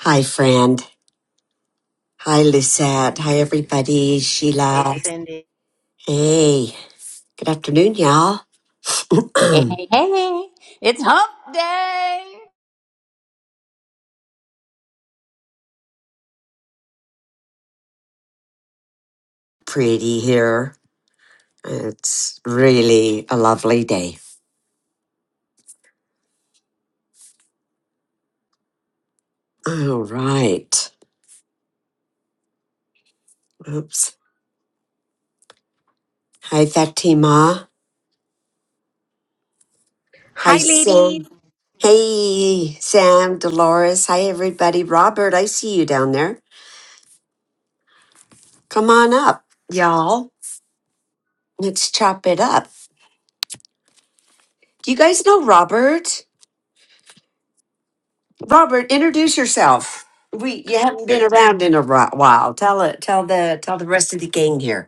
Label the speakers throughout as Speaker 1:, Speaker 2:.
Speaker 1: Hi, friend. Hi, Lucette. Hi, everybody.
Speaker 2: Hey,
Speaker 1: Sheila.
Speaker 2: Cindy.
Speaker 1: Hey, good afternoon, y'all.
Speaker 3: Hey, hey, hey. It's hump day.
Speaker 1: Pretty here. It's really a lovely day. All right. Oops. Hi, Fatima. Hi,
Speaker 4: Hi, ladies.
Speaker 1: Sam. Hey, Sam, Dolores. Hi, everybody. Robert, I see you down there. Come on up, y'all. Let's chop it up. Do you guys know Robert? Robert, introduce yourself. We you haven't been
Speaker 5: Hey,
Speaker 1: around in a ri- while. Tell it. Tell the tell the rest of the gang here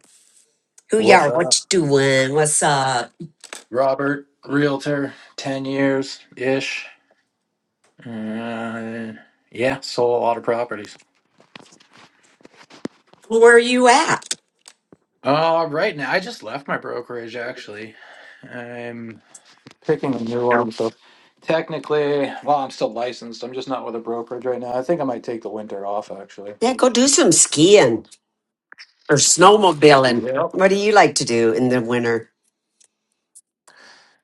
Speaker 1: who
Speaker 5: what's
Speaker 1: y'all. What
Speaker 5: up,
Speaker 1: you doing? What's up?
Speaker 5: Robert? Realtor, ten years ish. Uh, yeah, sold a lot of properties.
Speaker 1: Where are you at?
Speaker 5: Uh, right now, I just left my brokerage. Actually, I'm picking a new one. So technically, well, I'm still licensed. I'm just not with a brokerage right now. I think I might take the winter off. Actually,
Speaker 1: Yeah, go do some skiing or snowmobiling.
Speaker 5: yep.
Speaker 1: What do you like to do in the winter?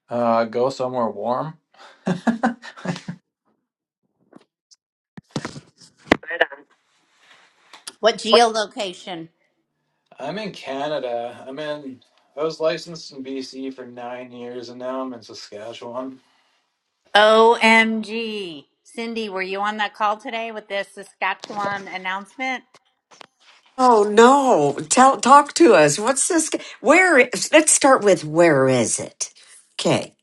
Speaker 5: Uh, go somewhere warm.
Speaker 3: What geolocation?
Speaker 5: I'm in Canada. I'm in. I was licensed in BC for nine years, and now I'm in Saskatchewan.
Speaker 3: OMG. Cindy, were you on that call today with this Saskatchewan announcement?
Speaker 1: Oh no! Tell talk to us. What's this? g- Where? i- Let's start with where is it? Okay.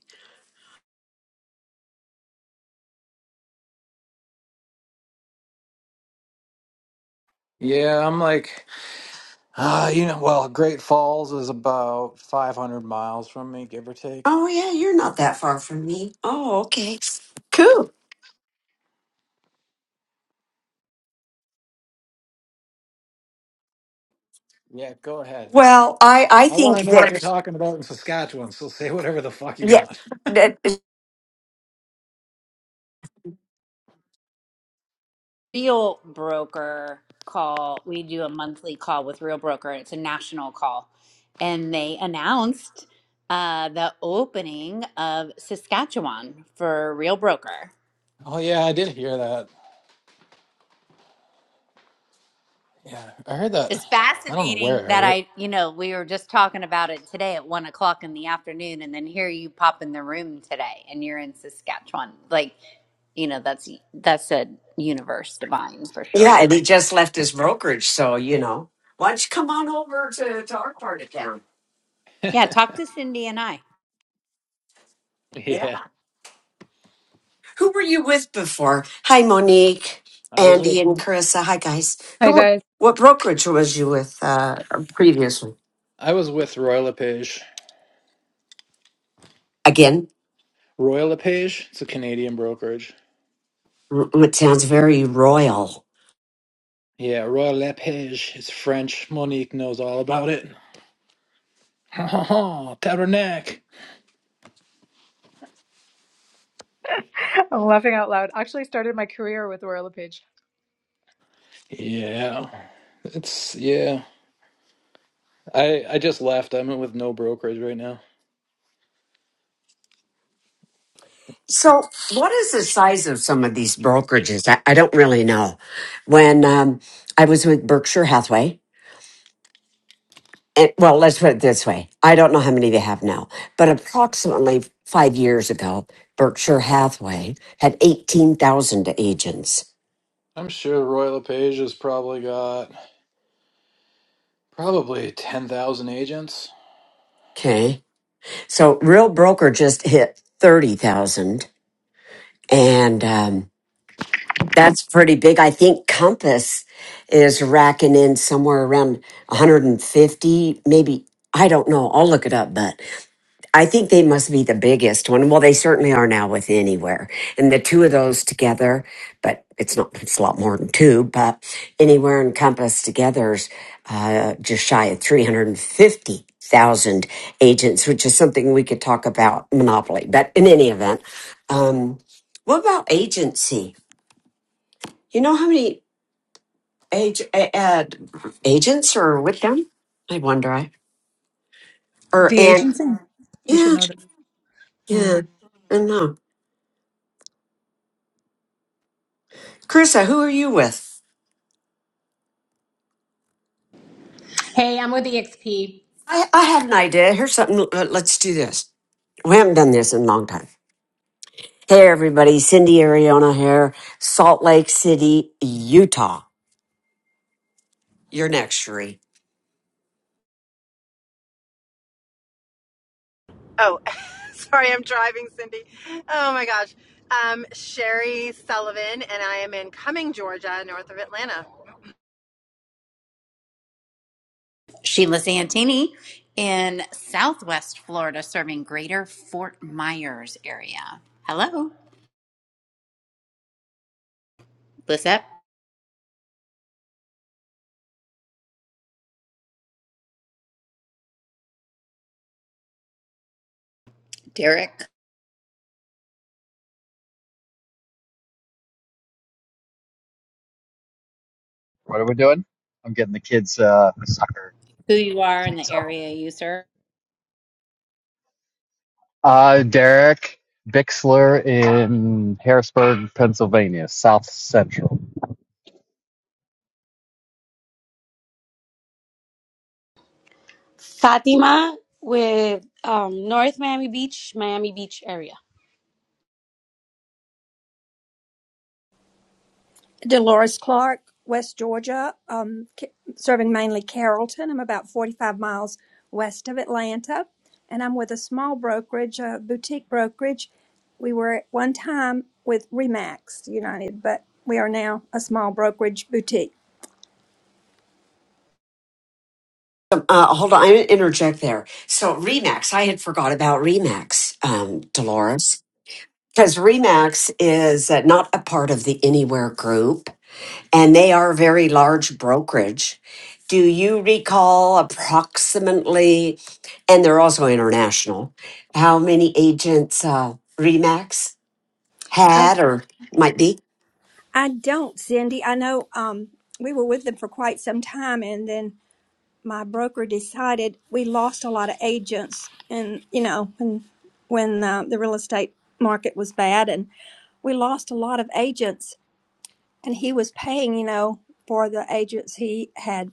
Speaker 5: Yeah, I'm like Uh, you know, well, Great Falls is about 500 miles from me, give or take.
Speaker 1: Oh yeah, you're not that far from me. Oh okay. Cool.
Speaker 5: Yeah, go ahead.
Speaker 1: Well, I I
Speaker 5: I want
Speaker 1: think
Speaker 5: to know what you're
Speaker 1: that
Speaker 5: talking about in Saskatchewan, so say whatever the fuck you want.
Speaker 1: yeah.
Speaker 3: Real Broker call. We do a monthly call with Real Broker. It's a national call. And they announced uh, the opening of Saskatchewan for Real Broker.
Speaker 5: Oh, yeah, I did hear that. Yeah, I heard that.
Speaker 3: It's
Speaker 5: I don't know where I
Speaker 3: fascinating that
Speaker 5: heard it.
Speaker 3: I, you know, we were just talking about it today at one o'clock in the afternoon, and then here you pop in the room today, and you're in Saskatchewan. Like, you know, that's that's a universe divine for
Speaker 1: Yeah,
Speaker 3: sure.
Speaker 1: and he just left his brokerage, so you know. Why don't you come on over to, to our part of town?
Speaker 3: Yeah, talk to Cindy and I.
Speaker 1: Yeah.
Speaker 5: Yeah,
Speaker 1: Who were you with before? Hi, Monique,
Speaker 5: I was with
Speaker 1: Andy, and Carissa. Hi, guys.
Speaker 6: Hi
Speaker 1: Who were?
Speaker 6: guys.
Speaker 1: What brokerage was you with uh, previously?
Speaker 5: I was with Royal LePage.
Speaker 1: Again,
Speaker 5: Royal LePage, it's a Canadian brokerage.
Speaker 1: mm, mm, it sounds very royal.
Speaker 5: Yeah, Royal LePage, it's French. Monique knows all about it. Oh, Tabernac.
Speaker 6: I'm laughing out loud. Actually, I started my career with Royal LePage.
Speaker 5: Yeah. It's yeah. I I just left. I'm with no brokerage right now.
Speaker 1: So, what is the size of some of these brokerages? I, I don't really know. When um, I was with Berkshire Hathaway, and well, let's put it this way. I don't know how many they have now, but approximately five years ago, Berkshire Hathaway had 18,000 agents.
Speaker 5: I'm sure Roy LePage has probably got probably 10,000 agents.
Speaker 1: Okay. So real broker just hit 30,000. And um, that's pretty big. I think Compass is racking in somewhere around 150, maybe. I don't know. I'll look it up, but I think they must be the biggest one. Well, they certainly are now with Anywhere. And the two of those together, but it's not, it's a lot more than two, but Anywhere and Compass together's uh, just shy of 350,000 agents, which is something we could talk about monopoly. But in any event, um, what about agency? You know how many age, uh, ad, agents are with them? I wonder. I, or,
Speaker 6: The
Speaker 1: and,
Speaker 6: agency? We should
Speaker 1: yeah,
Speaker 6: know them. Hmm.
Speaker 1: yeah, I don't know. Carissa, who are you with?
Speaker 7: Hey, I'm with EXP.
Speaker 1: I, I had an idea. Here's something. l- Let's do this. We haven't done this in a long time. Hey, everybody. Cindy Ariona here, Salt Lake City, Utah. You're next, Sheree.
Speaker 2: Oh, sorry, I'm driving, Cindy. Oh my gosh. Um, Sherry Sullivan, and I am in Cumming, Georgia, north of Atlanta.
Speaker 3: Sheila Santini in Southwest Florida, serving Greater Fort Myers area. Hello, what's up, Derek?
Speaker 8: What are we doing? I'm getting the kids uh, soccer
Speaker 3: Who you are in
Speaker 8: cleats
Speaker 3: the
Speaker 8: on.
Speaker 3: area you serve?
Speaker 8: Uh, Derek Bixler in Harrisburg, Pennsylvania, South Central.
Speaker 4: Sara with
Speaker 9: Dolores Clark, West Georgia, um, ca- serving mainly Carrollton. I'm about 45 miles west of Atlanta, and I'm with a small brokerage, a boutique brokerage. We were at one time with Remax United, but we are now a small brokerage boutique.
Speaker 1: Um, uh, hold on. I'm going to interject there. So, Remax, I had forgot about Remax, um, Dolores, because Remax is uh, not a part of the Anywhere group. and they are a very large brokerage. Do you recall approximately, and they're also international, how many agents uh, Remax
Speaker 9: I,
Speaker 1: had or might be?
Speaker 9: I don't, Cindy. I know um, we were with them for quite some time, and then my broker decided we lost a lot of agents and you know when when uh, the real estate market was bad and we lost a lot of agents and he was paying you know for the agents he had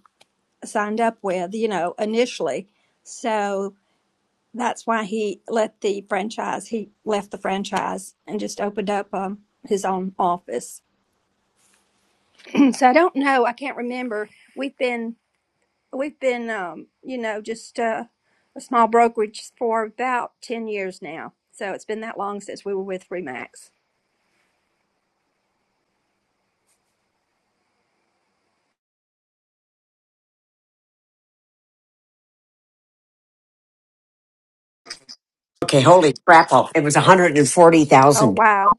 Speaker 9: signed up with you know initially so that's why he let the franchise he left the franchise and just opened up um, his own office so i don't know i can't remember we've been We've been, um, you know, just uh, a small brokerage for about 10 years now. So it's been that long since we were with Remax.
Speaker 1: Okay, holy crap! oh, It was one hundred and forty
Speaker 9: Oh,
Speaker 1: thousand.
Speaker 9: wow.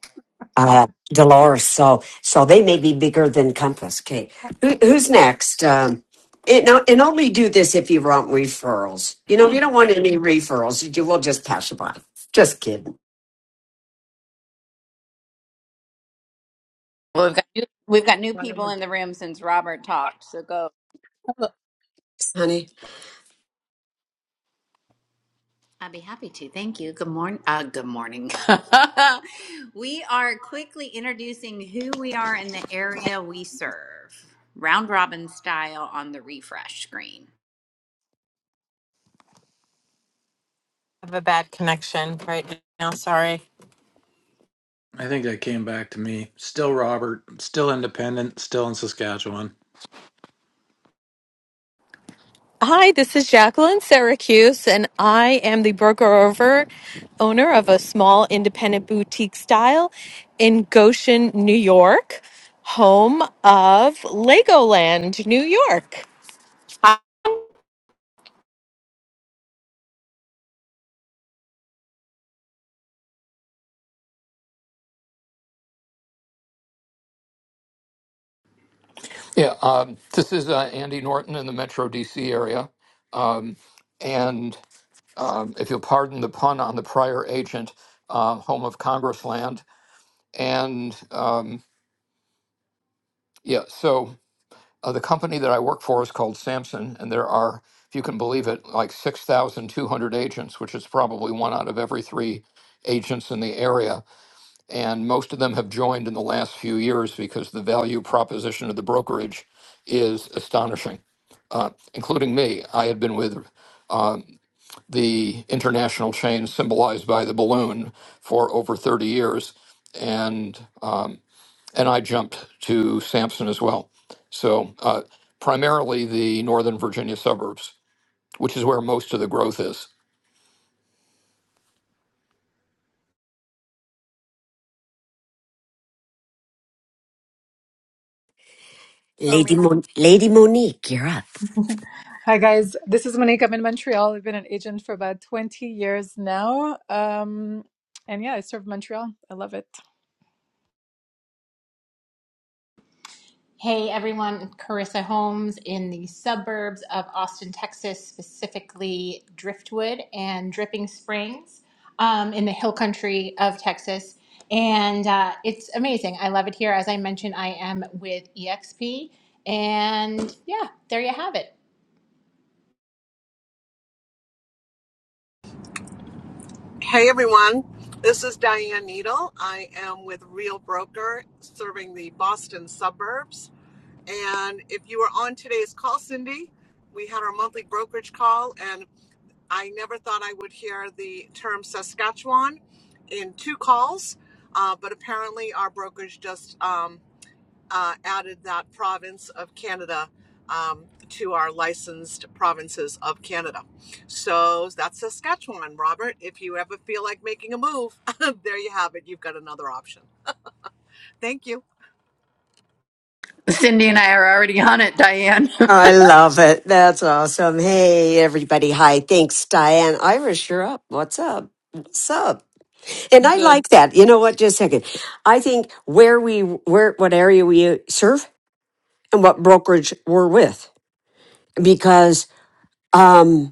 Speaker 1: Uh, Dolores, so so they may be bigger than Compass. Okay, Who, who's next? Um, it, no, and only do this if you want referrals. You know, if you don't want any referrals, you will just pass it by. Just kidding,
Speaker 3: Well, We've got new, we've got new
Speaker 10: Well,
Speaker 3: people in the room since Robert talked. So go.
Speaker 1: honey.
Speaker 3: I'd be happy to. Thank you. Good morning. Uh, good morning. we are quickly introducing who we are in the area we serve, round robin style on the refresh screen.
Speaker 5: I think that came back to me. Still Robert, still independent, still in Saskatchewan.
Speaker 11: Hi, this is Jacqueline Syracuse, and I am the broker over owner of a small independent boutique style in Goshen, New York, home of Legoland, New York.
Speaker 12: Yeah, um, this is uh, Andy Norton in the Metro DC area. Um, and um, if you'll pardon the pun on the prior agent, uh, home of Congressland. And um, yeah, so uh, the company that I work for is called Samson, and there are, if you can believe it, like 6,200 agents, which is probably one out of every three agents in the area and most of them have joined in the last few years because the value proposition of the brokerage is astonishing, uh, including me. I had been with um, the international chain symbolized by the balloon for over 30 years, and um, and I jumped to Sampson as well. So uh, primarily the Northern Virginia suburbs, which is where most of the growth is.
Speaker 6: Oh,
Speaker 1: Lady
Speaker 6: me.
Speaker 1: Mon- Lady Monique, you're up.
Speaker 6: Hi guys. This is Monique. I'm in Montreal. I've been an agent for about 20 years now. Um, and yeah, I serve Montreal. I love it.
Speaker 7: Hey, everyone. Carissa Holmes in the suburbs of Austin, Texas, specifically Driftwood and Dripping Springs um, in the hill country of Texas. And uh, it's amazing. I love it here. As I mentioned, I am with EXP. And yeah, there you have it.
Speaker 13: Hey everyone, this is Diane Needle. I am with Real Broker serving the Boston suburbs. And if you were on today's call, Cindy, we had our monthly brokerage call, and I never thought I would hear the term Saskatchewan in two calls, uh, but apparently our brokerage just um, uh, added that province of Canada um, to our licensed provinces of Canada. So that's Saskatchewan, Robert. If you ever feel like making a move, there you have it. You've got another option. Thank you.
Speaker 3: Cindy and I are already on it, Diane.
Speaker 1: I love it. That's awesome. Hey, everybody. Hi. Thanks, Diane Irish. You're up. What's up? What's up? And I
Speaker 10: Good,
Speaker 1: like that. You know what? Just a second. I think where we, where, what area we serve and what brokerage we're with, because, um,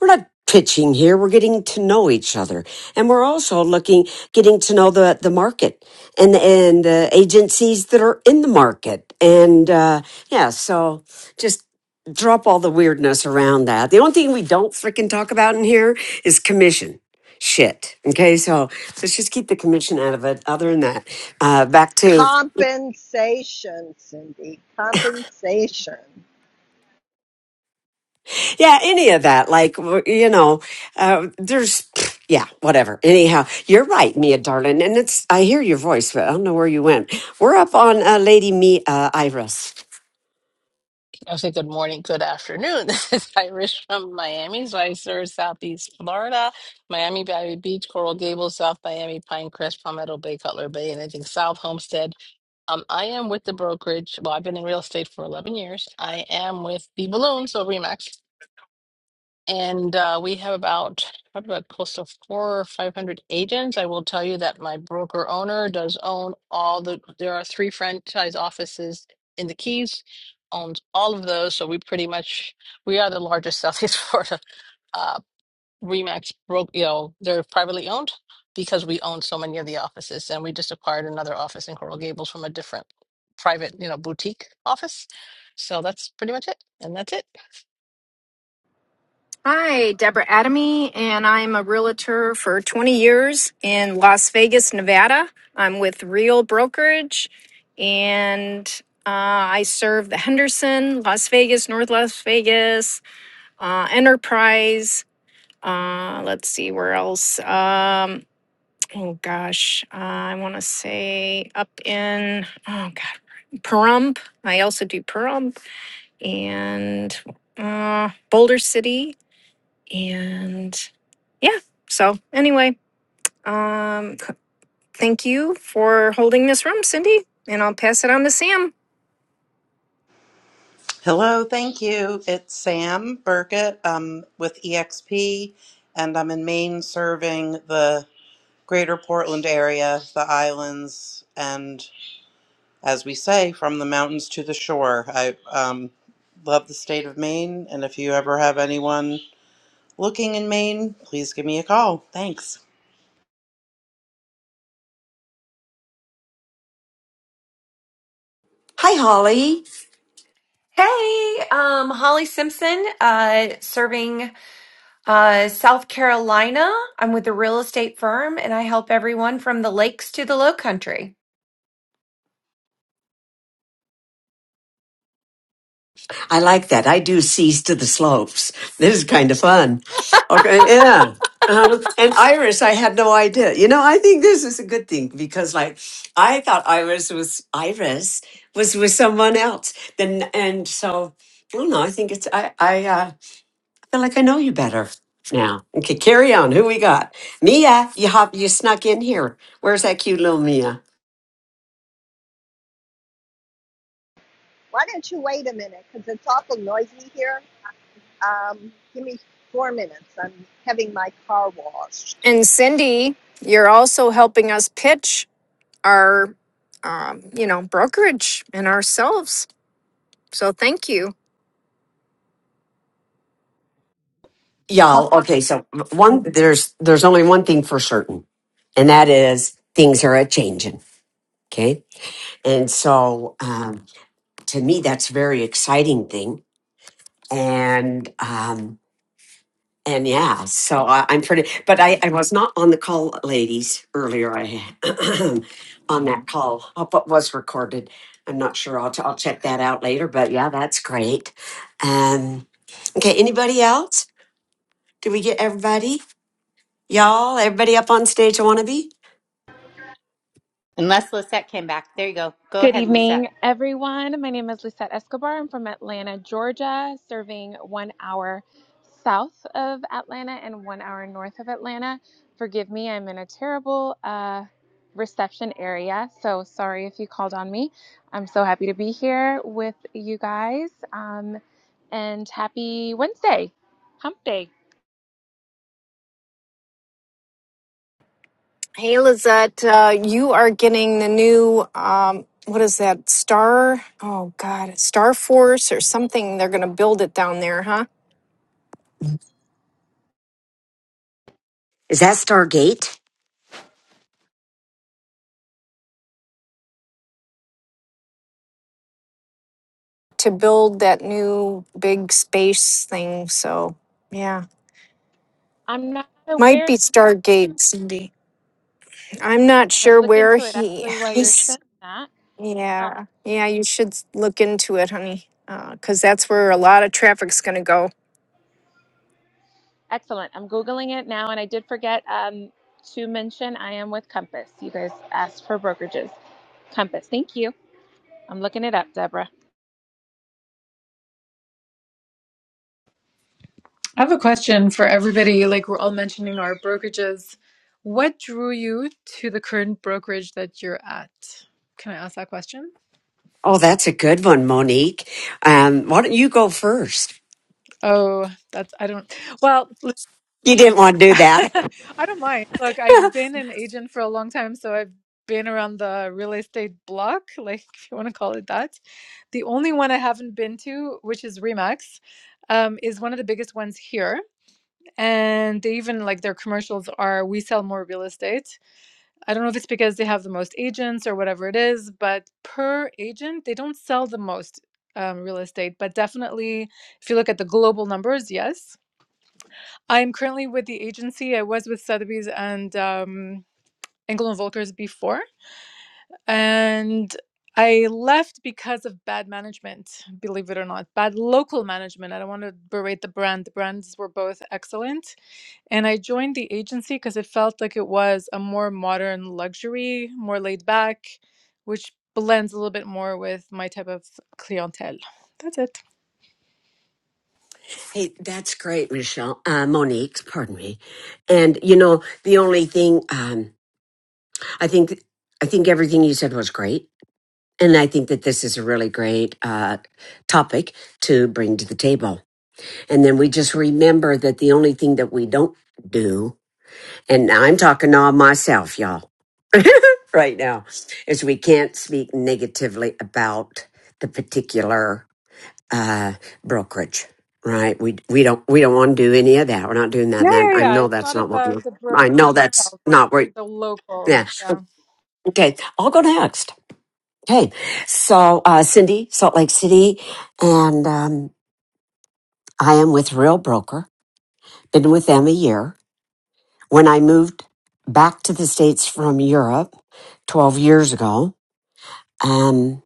Speaker 1: We're not pitching here. We're getting to know each other. And we're also looking, getting to know the, the market and, and the agencies that are in the market. And, uh, yeah, so just drop all the weirdness around that. The only thing we don't freaking talk about in here is commission. Shit. Okay, so let's just keep the commission out of it. Other than that, uh, back to
Speaker 14: Compensation, Cindy. Compensation.
Speaker 1: Yeah, any of that. Like, w- you know, uh, there's, yeah, whatever. Anyhow, you're right, Mia, darling. And it's, I hear your voice, but I don't know where you went. We're up on uh, Lady Mia uh, Iris.
Speaker 10: I say good morning, good afternoon. This is Irish from Miami, so I serve Southeast Florida, Miami Valley Beach, Coral Gables, South Miami, Pinecrest, Palmetto Bay, Cutler Bay, and I think South Homestead. Um, I am with the brokerage. Well, I've been in real estate for 11 years. I am with the Balloon, so Remax. And uh, we have about probably about close to four or five hundred agents. I will tell you that my broker owner does own all the. There are three franchise offices in the Keys, owns all of those. So we pretty much we are the largest Southeast Florida uh, Remax broke. You know, they're privately owned because we own so many of the offices, and we just acquired another office in Coral Gables from a different private, you know, boutique office. So that's pretty much it, and that's it.
Speaker 15: Hi, Deborah Adamy, and I'm a realtor for 20 years in Las Vegas, Nevada. I'm with Real Brokerage, and uh, I serve the Henderson, Las Vegas, North Las Vegas, uh, Enterprise. Uh, let's see where else. Um, oh gosh, uh, I want to say up in oh god, Pahrump. I also do Pahrump and uh, Boulder City and yeah so anyway um c- thank you for holding this room cindy and i'll pass it on to sam
Speaker 16: Hello, thank you. It's Sam Burkett um, with EXP, and I'm in Maine serving the greater Portland area, the islands, and as we say, from the mountains to the shore. I um, love the state of Maine, and if you ever have anyone looking in Maine, please give me a call. Thanks.
Speaker 1: Hi, Holly.
Speaker 17: Hey, um, Holly Simpson, uh, serving uh, South Carolina. I'm with a real estate firm and I help everyone from the lakes to the low country.
Speaker 1: I like that. I do seas to the slopes. This is kind of fun. Okay. Yeah. Um, and Iris, I had no idea. You know, I think this is a good thing because, like, I thought Iris was Iris was with someone else. Then, and so I don't know. I think it's I. I. Uh, feel like I know you better now. Okay, carry on. Who we got? Mia, you hop, you snuck in here. Where's that cute little Mia?
Speaker 14: Why don't you wait a minute? Because it's awful noisy here. Um, give me four minutes. I'm having my car washed.
Speaker 15: and cindy you're also helping us pitch our um, you know brokerage and ourselves so thank you
Speaker 1: Y'all, okay, so one
Speaker 6: Um,
Speaker 1: there's there's only one thing for certain, and that is things are a changing. Okay. And so um to me that's a very exciting thing. And um And yeah, so I, I'm pretty, but I, I was not on the call, ladies, earlier. I on that call, uh, but was recorded. I'm not sure. I'll, t- I'll check that out later. But yeah, that's great. Um, okay, anybody else? Did we get everybody? Y'all, everybody up on stage? I want to be.
Speaker 3: Unless Lisette came back. There you go. Go
Speaker 18: Good
Speaker 3: ahead, Lisette.
Speaker 18: evening, everyone. My name is Lisette Escobar. I'm from Atlanta, Georgia, serving one hour south of Atlanta and one hour north of Atlanta. Forgive me, I'm in a terrible uh, reception area, so sorry if you called on me. I'm so happy to be here with you guys, um, and happy Wednesday, Hump Day.
Speaker 15: hey lizette uh, you are getting the new um, what is that star oh god star force or something they're going to build it down there huh
Speaker 1: Is that Stargate?
Speaker 15: to build that new big space thing. So, yeah,
Speaker 18: I'm not
Speaker 15: might be
Speaker 18: aware.
Speaker 15: Stargate, Cindy. I'm not
Speaker 18: I
Speaker 15: sure
Speaker 18: look
Speaker 15: where
Speaker 18: into it
Speaker 15: he
Speaker 18: actually while you're
Speaker 15: he's.
Speaker 18: saying that.
Speaker 15: Yeah, yeah, you should s- look into it, honey, because that's where a lot of traffic's gonna go.
Speaker 18: Excellent. I'm Googling it now, and I did forget um, to mention I am with Compass. You guys asked for brokerages. Compass, thank you. I'm looking it up, Deborah.
Speaker 6: I have a question for everybody. Like we're all mentioning our brokerages. What drew you to the current brokerage that you're at? Can I ask that question?
Speaker 1: Oh, that's a good one, Monique. Um, why don't you go first?
Speaker 6: Oh, that's I don't. Well,
Speaker 1: You didn't want to do that.
Speaker 6: I don't mind. Look, I've been an agent for a long time, so I've been around the real estate block, like if you want to call it that. The only one I haven't been to, which is Remax, um, is one of the biggest ones here. And they even like their commercials are we sell more real estate. I don't know if it's because they have the most agents or whatever it is, but per agent, they don't sell the most um, real estate. But definitely, if you look at the global numbers, yes. I am currently with the agency. I was with Sotheby's and um, Engel and Volkers before, and I left because of bad management. Believe it or not, bad local management. I don't want to berate the brand. The brands were both excellent, and I joined the agency because it felt like it was a more modern luxury, more laid back, which blends a little bit more with my type of clientele. That's it.
Speaker 1: Hey, that's great, Michelle. Uh, Monique, pardon me. And you know, the only thing um, I think, I think everything you said was great, and I think that this is a really great uh, topic to bring to the table. And then we just remember that the only thing that we don't do, and I'm talking all myself, y'all, right now, is we can't speak negatively about the particular uh, brokerage, right? We we don't we don't want to do any of that. We're not doing that.
Speaker 6: Yeah,
Speaker 1: That
Speaker 6: yeah,
Speaker 1: I
Speaker 6: yeah.
Speaker 1: know
Speaker 6: It's
Speaker 1: that's
Speaker 6: not
Speaker 1: not what we're,
Speaker 6: about the
Speaker 1: I know
Speaker 6: brokerage
Speaker 1: that's
Speaker 6: itself.
Speaker 1: not where.
Speaker 6: The local.
Speaker 1: Yeah.
Speaker 6: Yeah.
Speaker 1: Okay, I'll go next. Okay, so uh, Cindy, Salt Lake City, and um, I am with Real Broker. Been with them a year. When I moved back to the states from Europe twelve years ago, um,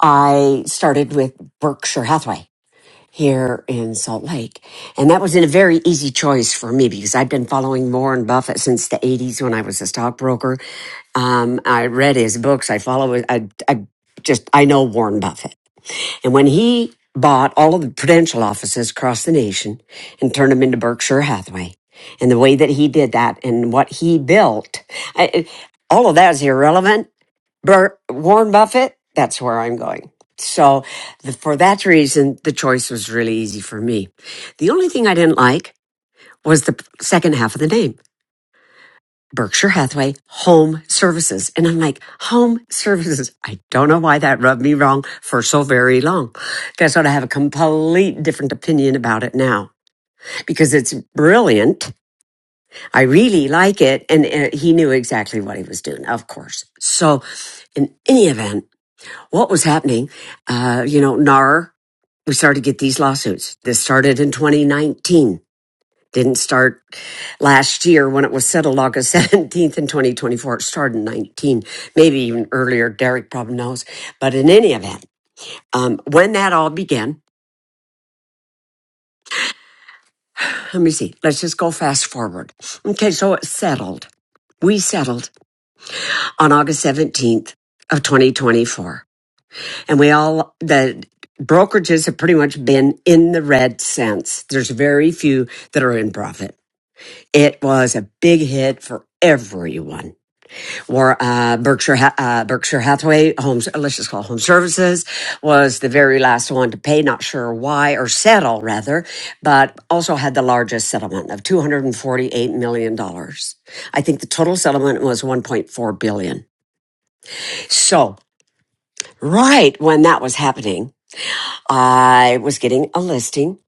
Speaker 1: I started with Berkshire Hathaway here in Salt Lake. And that was a very easy choice for me because I'd been following Warren Buffett since the 80s when I was a stockbroker. Um, I read his books. I follow, I, I just, I know Warren Buffett. And when he bought all of the prudential offices across the nation and turned them into Berkshire Hathaway and the way that he did that and what he built, I, it- all of that is irrelevant Bur- Warren Buffett, that's where I'm going. So, the, for that reason, the choice was really easy for me. The only thing I didn't like was the p- second half of the name, Berkshire Hathaway Home Services. And I'm like, Home Services. I don't know why that rubbed me wrong for so very long. Guess what? I have a complete different opinion about it now because it's brilliant. I really like it. And uh, he knew exactly what he was doing, of course. So, in any event, what was happening, uh, you know, NAR, we started to get these lawsuits. This started in 2019. Didn't start last year when it was settled August 17th in 2024. It started in 19, maybe even earlier. Derek probably knows. But in any event, um, when that all began, let me see. Let's just go fast forward. Okay, so it settled. We settled on August 17th of 2024. And we all, the brokerages have pretty much been in the red since. There's very few that are in profit. It was a big hit for everyone. Or uh, Berkshire Ha- uh, Berkshire Hathaway Homes, uh, let's just call it Home Services, was the very last one to pay. Not sure why or settle rather, but also had the largest settlement of two hundred and forty-eight million dollars. I think the total settlement was one point four billion. So right when that was happening I was getting a listing.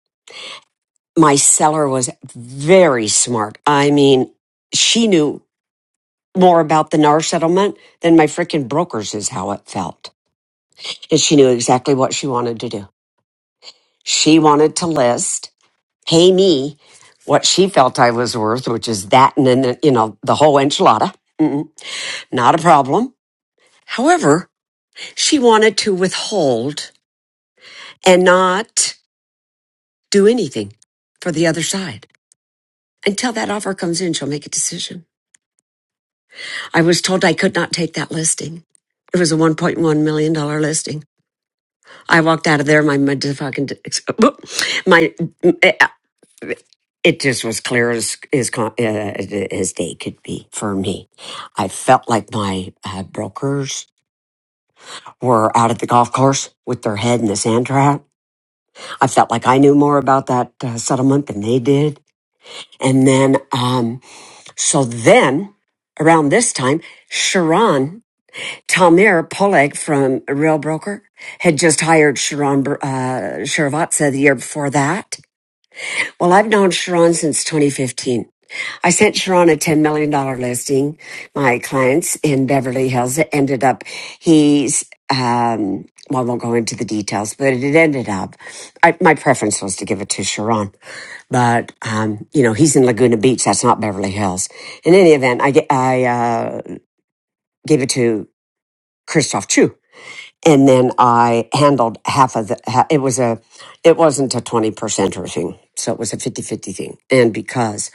Speaker 1: My seller was very smart. I mean, she knew more about the NAR settlement than my freaking brokers is how it felt. And she knew exactly what she wanted to do. She wanted to list, pay me what she felt I was worth, which is that and then, you know, the whole enchilada. Mm-mm, not a problem. However, she wanted to withhold and not do anything for the other side. Until that offer comes in, she'll make a decision. I was told I could not take that listing. It was a $1.1 million dollars listing. I walked out of there. My motherfucking, my, uh, it just was clear as, as, uh, as day could be for me. I felt like my uh, brokers were out at the golf course with their head in the sand trap. I felt like I knew more about that uh, settlement than they did. And then, um, so then around this time, Sharon Talmir Polak from Real Broker had just hired Sharon Br- uh, Shrivatsa the year before that. Well, I've known Sharon since 2015. I sent Sharon a $10 million dollars listing. My clients in Beverly Hills it ended up, he's, um, well, I won't go into the details, but it ended up, I, my preference was to give it to Sharon. But, um, you know, he's in Laguna Beach. That's not Beverly Hills. In any event, I, ge- I uh, gave it to Christoph Chu and then I handled half of the. ha- It was a, it wasn't a twenty percenter thing, so it was a fifty fifty thing. And because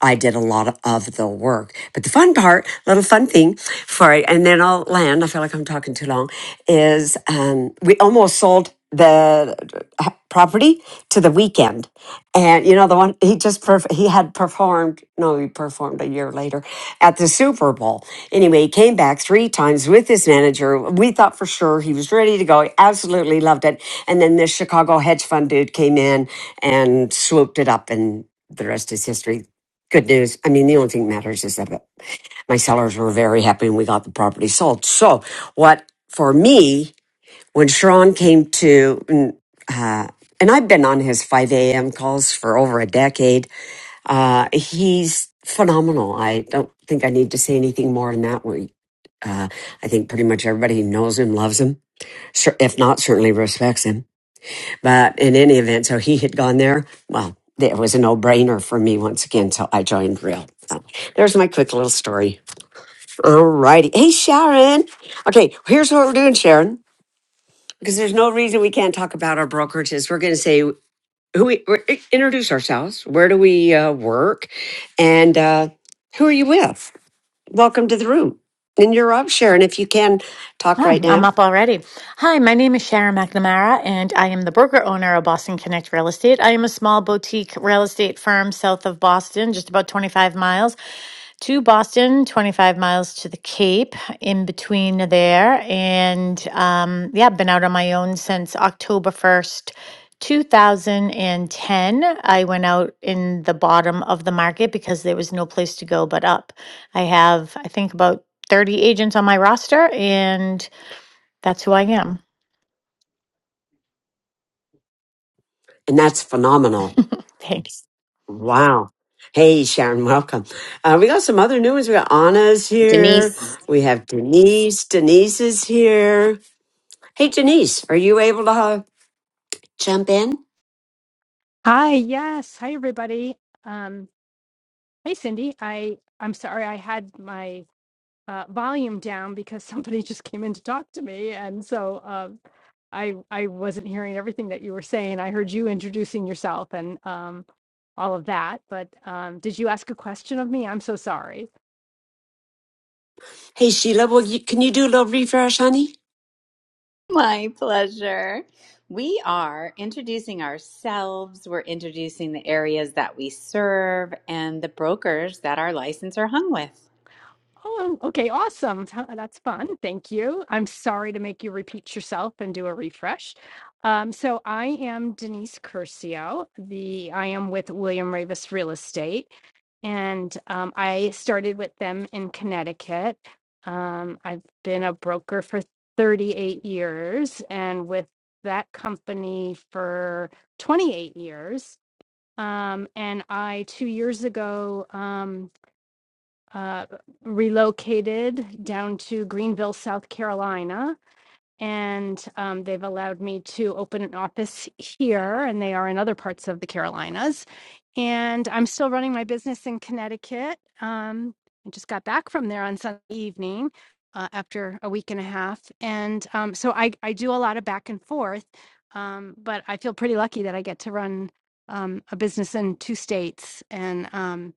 Speaker 1: I did a lot of, of the work, but the fun part, little fun thing for it, and then I'll land. I feel like I'm talking too long. Is um, we almost sold the uh, property to the weekend and you know the one he just perf- he had performed no he performed a year later at the super bowl anyway he came back three times with his manager we thought for sure he was ready to go he absolutely loved it and then this chicago hedge fund dude came in and swooped it up and the rest is history good news i mean the only thing that matters is that my sellers were very happy and we got the property sold so what for me when Sharon came to, and, uh, and I've been on his 5 a.m. calls for over a decade, uh, he's phenomenal. I don't think I need to say anything more than that. We, uh, I think pretty much everybody who knows him, loves him. Cer- If not, certainly respects him. But in any event, so he had gone there. Well, it was a no brainer for me once again. So I joined Real. So there's my quick little story. All righty. Hey, Sharon. Okay, here's what we're doing, Sharon. because there's no reason we can't talk about our brokerages. We're going to say who we we're, introduce ourselves, where do we uh, work, and uh, who are you with? Welcome to the room. And you're up, Sharon, if you can talk
Speaker 19: Oh,
Speaker 1: right
Speaker 19: I'm
Speaker 1: now.
Speaker 19: up already. Hi, my name is Sharon McNamara, and I am the broker owner of Boston Connect Real Estate. I am a small boutique real estate firm south of Boston, just about 25 miles to Boston, 25 miles to the Cape, in between there. And um, yeah, I've been out on my own since October 1st. 2010, I went out in the bottom of the market because there was no place to go but up. I have, I think, about 30 agents on my roster, and that's who I am.
Speaker 1: And that's phenomenal.
Speaker 19: Thanks.
Speaker 1: Wow. Hey, Sharon, welcome. Uh, we got some other new ones. We got Anna's here.
Speaker 3: Denise.
Speaker 1: We have Denise. Denise is here. Hey, Denise, are you able to uh, jump in?
Speaker 20: Hi, yes. Hi, everybody. Um, hey, Cindy. I I'm sorry I had my uh, volume down because somebody just came in to talk to me, and so um, I I wasn't hearing everything that you were saying. I heard you introducing yourself and um, all of that, but um, did you ask a question of me? I'm so sorry.
Speaker 1: Hey, Sheila, will you, can you do a little refresh, honey?
Speaker 3: My pleasure. We are introducing ourselves. We're introducing the areas that we serve and the brokers that our license are hung with.
Speaker 20: Oh, okay, awesome. Huh, That's fun. Thank you. I'm sorry to make you repeat yourself and do a refresh. Um, so I am Denise Curcio. The I am with William Ravis Real Estate, and um, I started with them in Connecticut. Um, I've been a broker for 38 years, and with that company for 28 years. Um, and I two years ago. Um, uh, relocated down to Greenville, South Carolina. And um, they've allowed me to open an office here, and they are in other parts of the Carolinas and I'm still running my business in Connecticut. Um, I just got back from there on Sunday evening uh, after a week and a half, and um, so I I do a lot of back and forth. Um, but I feel pretty lucky that I get to run um, a business in two states, and um,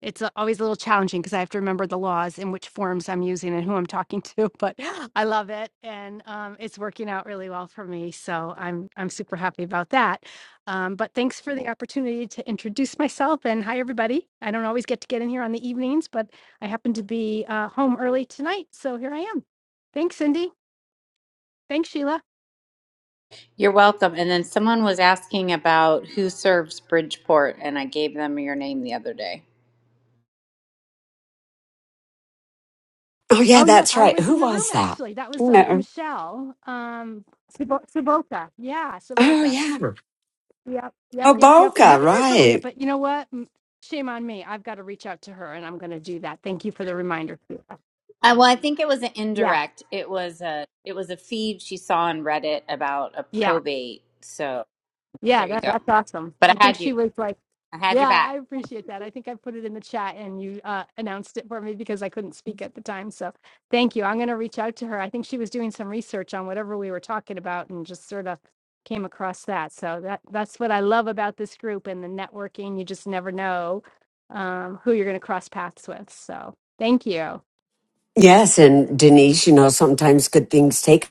Speaker 20: it's a- always a little challenging because I have to remember the laws and which forms I'm using and who I'm talking to. But I love it, and um, it's working out really well for me. So I'm I'm super happy about that. Um, but thanks for the opportunity to introduce myself and hi, everybody. I don't always get to get in here on the evenings, but I happen to be uh, home early tonight. So here I am. Thanks, Cindy. Thanks, Sheila.
Speaker 3: You're welcome. And then someone was asking about who serves Bridgeport, and I gave them your name the other day.
Speaker 1: Oh yeah,
Speaker 20: Oh, yeah,
Speaker 1: that's
Speaker 20: I
Speaker 1: right.
Speaker 20: was
Speaker 1: Who
Speaker 20: in the room
Speaker 1: was that?
Speaker 20: actually. That was um,
Speaker 1: No.
Speaker 20: Michelle um, Sabo- Saboka. Yeah,
Speaker 1: Oh
Speaker 20: Saboka.
Speaker 1: yeah.
Speaker 20: Yep, yep,
Speaker 1: Oh
Speaker 20: yep, yep. I
Speaker 1: Boca,
Speaker 20: haven't heard from her yet,
Speaker 1: right.
Speaker 20: but you know what? M- Shame on me. I've got to reach out to her and I'm going to do that. Thank you for the reminder. Sheila.
Speaker 3: Uh, well, I think it was an
Speaker 20: Yeah,
Speaker 3: indirect. It was a it was a feed she saw on Reddit about a
Speaker 20: yeah.
Speaker 3: probate. So
Speaker 20: Yeah,
Speaker 3: there you
Speaker 20: that,
Speaker 3: go.
Speaker 20: that's awesome.
Speaker 3: But
Speaker 20: I
Speaker 3: I
Speaker 20: think
Speaker 3: had
Speaker 20: she
Speaker 3: you.
Speaker 20: was like,
Speaker 3: I had your
Speaker 20: yeah, I
Speaker 3: back.
Speaker 20: appreciate that. I think I put it in the chat and you uh, announced it for me because I couldn't speak at the time. So thank you. I'm going to reach out to her. I think she was doing some research on whatever we were talking about and just sort of came across that. So that that's what I love about this group and the networking. You just never know um, who you're going to cross paths with. So thank you.
Speaker 1: Yes, and Denise, you know, sometimes good things take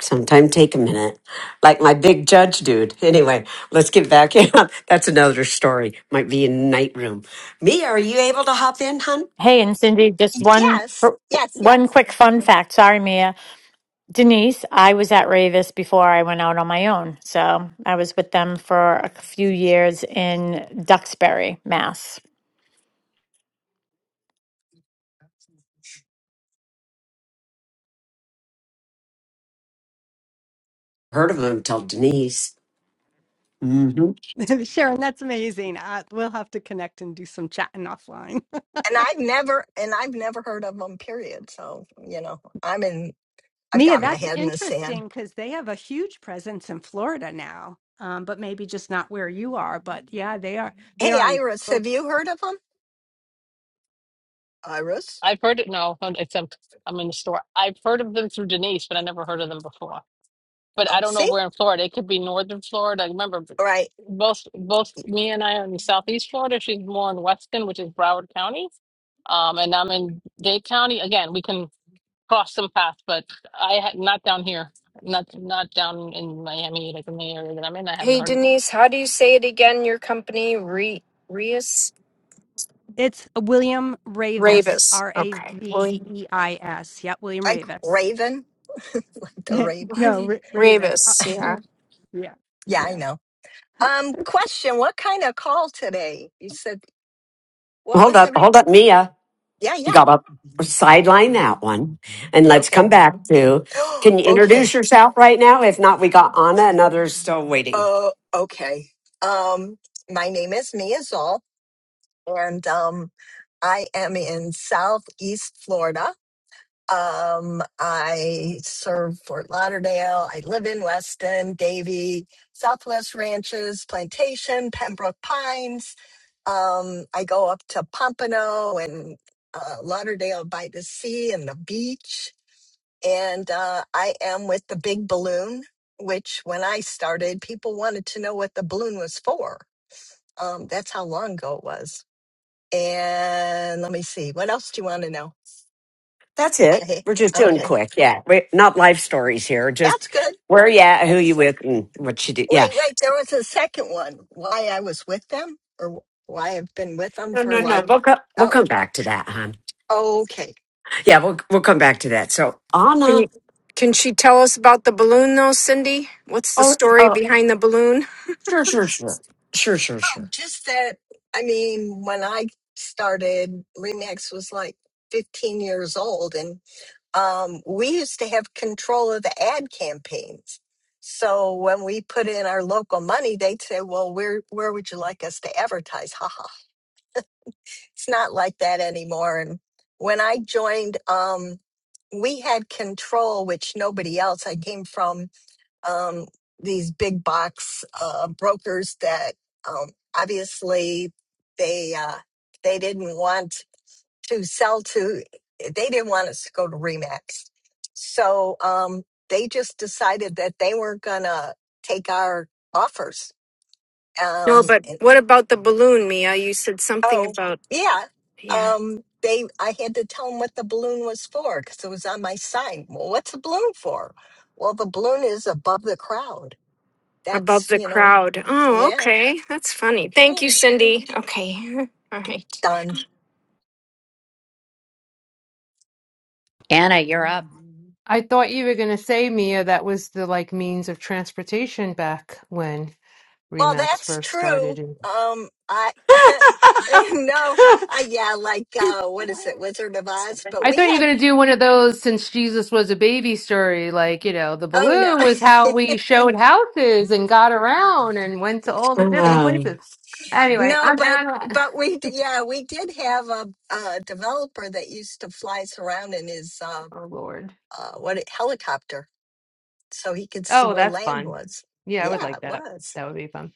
Speaker 1: sometimes take a minute. Like my big judge dude. Anyway, let's get back in. That's another story. Might be in night room. Mia, are you able to hop in, hun?
Speaker 19: Hey, and Cindy, just one
Speaker 14: Yes, yes,
Speaker 19: one
Speaker 14: yes.
Speaker 19: quick fun fact. Sorry, Mia. Denise, I was at Ravis before I went out on my own. So I was with them for a few years in Duxbury, Mass.
Speaker 1: Heard of him till Denise. hmm
Speaker 20: Sharon, that's amazing. Uh, we'll have to connect and do some chatting offline.
Speaker 14: And I've never and I've never heard of them. Period. So you know, I'm in. I've
Speaker 20: Mia, that's
Speaker 14: gotten the sand.
Speaker 20: interesting because they have a huge presence in Florida now, um, but maybe just not where you are. But yeah, they are. They
Speaker 14: Hey,
Speaker 20: are on.
Speaker 14: Iris,
Speaker 20: both-
Speaker 14: have you heard of them? Iris.
Speaker 10: I've heard it. No, um, except I'm in the store. I've heard of them through Denise, but I never heard of them before. But I
Speaker 14: Oh,
Speaker 10: don't know
Speaker 14: see,
Speaker 10: where in Florida. It could be northern Florida. I remember b-
Speaker 14: right,
Speaker 10: both both me and I are in southeast Florida. She's more in Weston, which is Broward County, um, and I'm in Dade County. Again, we can cross some paths, but I ha not down here, not not down in Miami, like in the area that I'm in. I haven't
Speaker 15: Hey,
Speaker 10: heard of them.
Speaker 15: Denise, how do you say it again? Your company, Re Reus
Speaker 20: It's William Ravis,
Speaker 15: Ravis.
Speaker 20: R A
Speaker 15: Okay,
Speaker 20: V
Speaker 15: William
Speaker 20: E I S. Yeah, William
Speaker 14: like
Speaker 20: Ravis.
Speaker 14: Raven, like the Raven.
Speaker 20: no, Ra- Ravis.
Speaker 15: Ravis. Yeah.
Speaker 20: Uh, yeah,
Speaker 14: Yeah, I
Speaker 20: yeah.
Speaker 14: know. Um, question: What kind of call today? You said What
Speaker 1: Hold
Speaker 14: was
Speaker 1: up,
Speaker 14: every?
Speaker 1: hold up, Mia.
Speaker 14: Yeah,
Speaker 1: You
Speaker 14: yeah.
Speaker 1: got up. Sideline that one, and let's
Speaker 14: Okay.
Speaker 1: come back to. Can you
Speaker 14: okay.
Speaker 1: introduce yourself right now? If not, we got Anna and others still waiting.
Speaker 14: Oh, okay. Um, my name is Mia Zoll, and um, I am in Southeast Florida. Um, I serve Fort Lauderdale. I live in Weston, Davie, Southwest Ranches, Plantation, Pembroke Pines. Um, I go up to Pompano and uh, Lauderdale by the sea and the beach. and uh, I am with the big balloon, which when I started, people wanted to know what the balloon was for. Um, that's how long ago it was. And let me see, what else do you want to know?
Speaker 1: That's it.
Speaker 14: Okay,
Speaker 1: We're just doing
Speaker 14: okay,
Speaker 1: quick. Yeah, we, not life stories here. Just
Speaker 14: that's good.
Speaker 1: where you at, who you
Speaker 14: That's
Speaker 1: with, and what you do. Yeah.
Speaker 14: wait, wait. There was a second one. Why I was with them, or why I've been with them
Speaker 1: No, no,
Speaker 14: for
Speaker 1: no.
Speaker 14: like,
Speaker 1: We'll co- we'll
Speaker 14: oh,
Speaker 1: come back to that, hon.
Speaker 14: okay.
Speaker 1: Yeah, we'll we'll come back to that. So
Speaker 15: Can you?
Speaker 1: Anna.
Speaker 15: Can she tell us about the balloon, though, Cindy? What's the
Speaker 1: Oh,
Speaker 15: story
Speaker 1: oh,
Speaker 15: behind the balloon?
Speaker 1: sure, sure, sure, sure, sure,
Speaker 14: Oh,
Speaker 1: sure.
Speaker 14: just that. I mean, when I started, Remax was like 15 years old, and um, we used to have control of the ad campaigns. So when we put in our local money, they'd say, "Well, where where would you like us to advertise?" Ha ha. It's not like that anymore. And when I joined, um, we had control, which nobody else. I came from um, these big box uh, brokers that um, obviously they uh, they didn't want to sell to they didn't want us to go to remax so um they just decided that they weren't gonna take our offers
Speaker 15: No,
Speaker 14: um
Speaker 15: but
Speaker 14: and,
Speaker 15: what about the balloon, Mia? You said something
Speaker 14: oh
Speaker 15: about,
Speaker 14: yeah
Speaker 15: yeah,
Speaker 14: um they i had to tell them what the balloon was for because it was on my sign well what's a balloon for well the balloon is above the crowd
Speaker 15: above
Speaker 14: that's
Speaker 15: the
Speaker 14: you know
Speaker 15: crowd. Oh,
Speaker 14: yeah
Speaker 15: okay. That's funny. Thank you,
Speaker 14: yeah
Speaker 15: Cindy. Okay. All right.
Speaker 14: done
Speaker 3: Anna, you're up.
Speaker 21: I thought you were going to say, Mia, that was the like means of transportation back when
Speaker 14: Well,
Speaker 21: Remax
Speaker 14: that's
Speaker 21: first started.
Speaker 14: true.
Speaker 21: And
Speaker 14: Um, I no, I yeah, like uh, what is it, Wizard of Oz? But
Speaker 21: I
Speaker 14: we
Speaker 21: thought you were
Speaker 14: had
Speaker 21: going to do one of those since Jesus was a baby story. Like, you know, the
Speaker 14: oh
Speaker 21: balloon was how
Speaker 14: no,
Speaker 21: we showed houses and got around and went to all the different
Speaker 1: Um,
Speaker 21: places. Anyway,
Speaker 14: no,
Speaker 21: I'm
Speaker 14: but
Speaker 21: Anna.
Speaker 14: but we d- yeah we did have a, a developer that used to fly us around in his uh,
Speaker 21: Oh, Lord.
Speaker 14: uh what it- helicopter so he could see
Speaker 21: Oh,
Speaker 14: where
Speaker 21: that's
Speaker 14: land
Speaker 21: fun.
Speaker 14: was.
Speaker 21: Yeah, I would
Speaker 14: Yeah,
Speaker 21: like
Speaker 14: it
Speaker 21: that.
Speaker 14: was.
Speaker 21: That would be fun.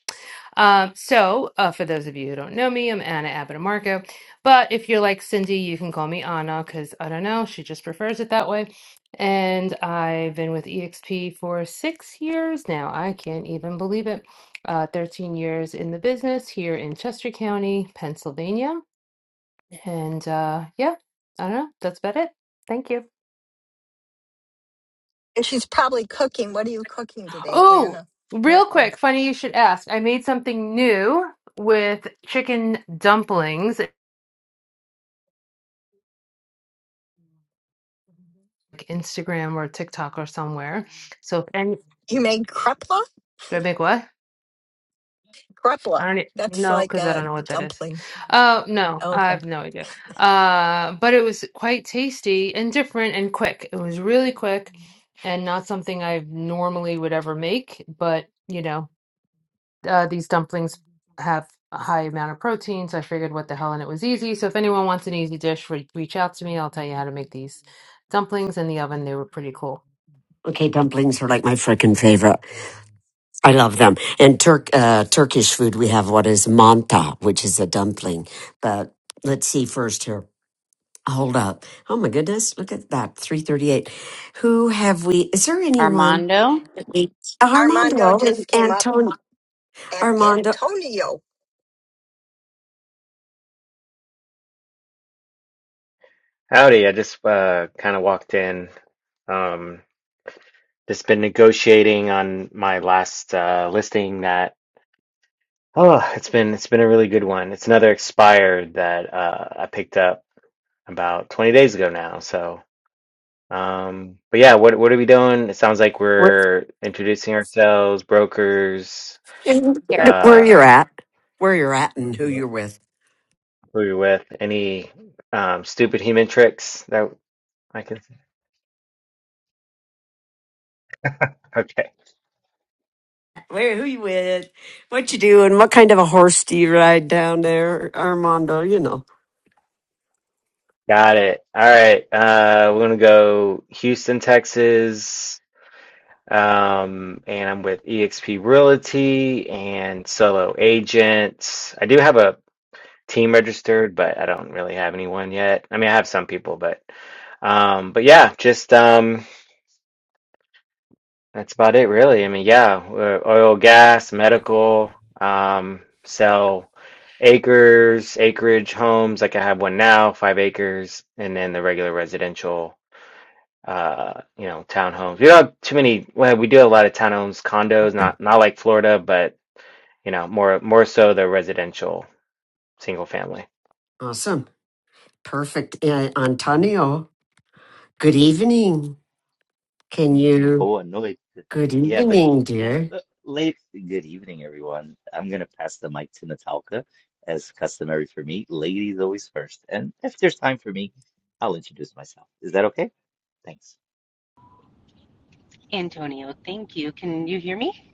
Speaker 21: Um, so, uh, for those of you who don't know me, I'm Anna Abitamarco. But if you're like Cindy, you can call me Anna because I don't know, she just prefers it that way. And I've been with EXP for six years now. I can't even believe it. Uh, 13 years in the business here in Chester County, Pennsylvania. And uh, yeah, I don't know. That's about it. Thank you.
Speaker 14: And she's probably cooking. What are you cooking today,
Speaker 21: Oh,
Speaker 14: Anna? Real
Speaker 21: real
Speaker 14: quick,
Speaker 21: quick, funny you should ask. I made something new with chicken dumplings Instagram or TikTok or somewhere. So if any,
Speaker 14: you made krepla.
Speaker 21: do I make what? I
Speaker 14: Krepla.
Speaker 21: don't e-
Speaker 14: That's
Speaker 21: know
Speaker 14: like
Speaker 21: because I don't
Speaker 14: a
Speaker 21: know what that is.
Speaker 14: dumpling.
Speaker 21: Oh no,
Speaker 14: Okay.
Speaker 21: I have no idea. Uh, but it was quite tasty and different and quick. It was really quick and not something I normally would ever make, but you know. uh, these dumplings have a high amount of protein, so I figured what the hell, and it was easy. So if anyone wants an easy dish, re- reach out to me. I'll tell you how to make these dumplings in the oven. They were pretty cool.
Speaker 1: okay, dumplings are like my freaking favorite. I love them. And Turk uh, Turkish food, we have what is manta, which is a dumpling. But let's see first here. Hold up. Oh my goodness, look at that. 338. Who have we is there anyone?
Speaker 3: Armando
Speaker 1: that we-
Speaker 14: Armando
Speaker 1: Armando and
Speaker 14: just came up
Speaker 1: Antonio.
Speaker 14: and
Speaker 1: Armando,
Speaker 14: Antonio.
Speaker 22: Howdy, I just uh, kind of walked in. Um, just been negotiating on my last uh, listing that oh, it's been it's been a really good one. It's another expired that uh, I picked up about 20 days ago now. So, um, but yeah, what what are we doing? It sounds like
Speaker 1: where
Speaker 22: we're introducing ourselves, brokers,
Speaker 1: where
Speaker 3: territory.
Speaker 1: you're
Speaker 22: uh,
Speaker 1: at. Where you're at and who you're with.
Speaker 22: who you're with, any um, stupid human tricks that I can.
Speaker 1: Where who you with? What you doing? What kind of a horse do you ride down there, Armando? You know.
Speaker 22: Got it. All right. Uh, we're gonna go Houston, Texas. Um, and I'm with eXp Realty and Solo Agents. I do have a team registered, but I don't really have anyone yet. I mean, I have some people, but um, but yeah, just um, that's about it, really. I mean, yeah, uh, oil, gas, medical. Um, sell acres, acreage homes. Like I have one now, five acres, and then the regular residential uh, you know, townhomes. We don't have too many. Well, we do have a lot of townhomes, condos, not not like Florida, but you know, more more so the residential single family.
Speaker 1: Awesome. Perfect. Uh,
Speaker 22: Mhm.
Speaker 1: Antonio. Good evening. Can you?
Speaker 23: Boa noite.
Speaker 1: Good
Speaker 23: Yeah, but
Speaker 1: evening,
Speaker 23: well,
Speaker 1: dear.
Speaker 23: uh, late good evening, everyone. I'm gonna pass the mic to Natalka, as customary for me. Ladies always first, and if there's time for me, I'll introduce myself. Is that okay? Thanks.
Speaker 24: Antonio, thank you. Can you hear me?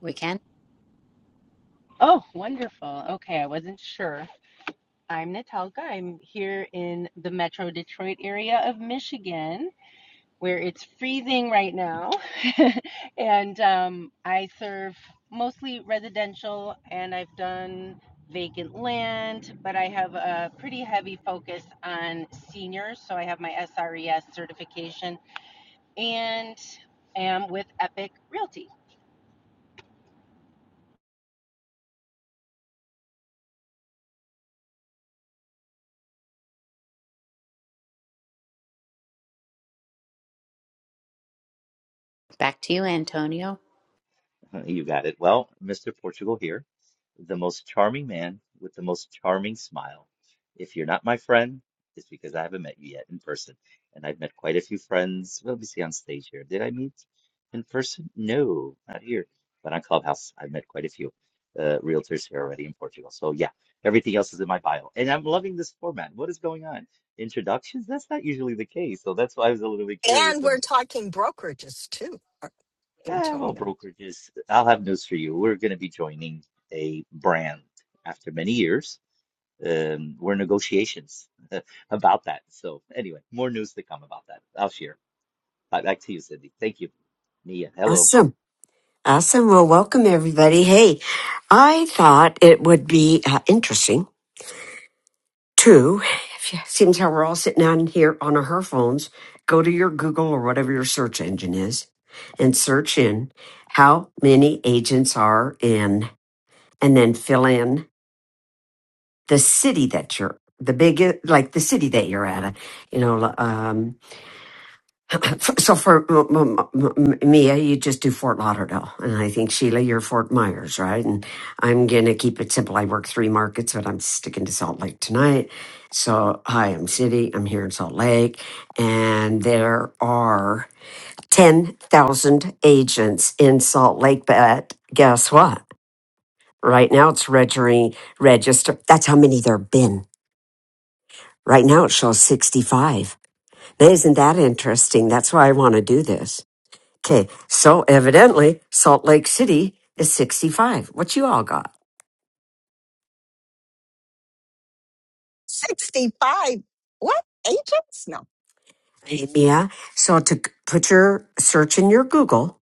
Speaker 3: We can.
Speaker 24: Oh, wonderful. Okay, I wasn't sure. I'm Natalka. I'm here in the Metro Detroit area of Michigan, where it's freezing right now. and um, I serve mostly residential, and I've done vacant land, but I have a pretty heavy focus on seniors. So I have my SRES certification and am with Epic Realty.
Speaker 3: Back to you, Antonio.
Speaker 23: You got it. Well, Mr. Portugal here, the most charming man with the most charming smile. If you're not my friend, it's because I haven't met you yet in person. And I've met quite a few friends. Well, Let me see on stage here. Did I meet in person? No, not here, but on Clubhouse. I've met quite a few uh, realtors here already in Portugal. So yeah, everything else is in my bio. And I'm loving this format. What is going on? Introductions? That's not usually the case. So that's why I was a little bit curious
Speaker 14: And
Speaker 23: when
Speaker 14: we're talking brokerages too, Ar-
Speaker 23: Eh, well,
Speaker 14: Antonio.
Speaker 23: brokerages, I'll have news for you. We're going to be joining a brand after many years. Um, we're in negotiations about that. So, anyway, more news to come about that. I'll share. Back back to you, Cindy. Thank you. Mia, hello.
Speaker 1: Awesome. Awesome. Well, welcome everybody. Hey, I thought it would be uh, interesting to, if you- seems how we're all sitting on here on our phones, go to your Google or whatever your search engine is and search in how many agents are in and then fill in the city that you're, the big, like the city that you're at. You know, um, So for m- m- m- Mia, you just do Fort Lauderdale, and I think Sheila, you're Fort Myers, right? And I'm gonna keep it simple. I work three markets, but I'm sticking to Salt Lake tonight. So hi, I'm City. I'm here in Salt Lake, and there are ten thousand agents in Salt Lake. But guess what? Right now, it's registering. Register. That's how many there've been. Right now, it shows sixty-five. Now, isn't that interesting? That's why I want to do this. Okay, so evidently Salt Lake City is 65. What you all got?
Speaker 14: 65. What? Agents? No.
Speaker 1: Yeah. So to c- put your search in your Google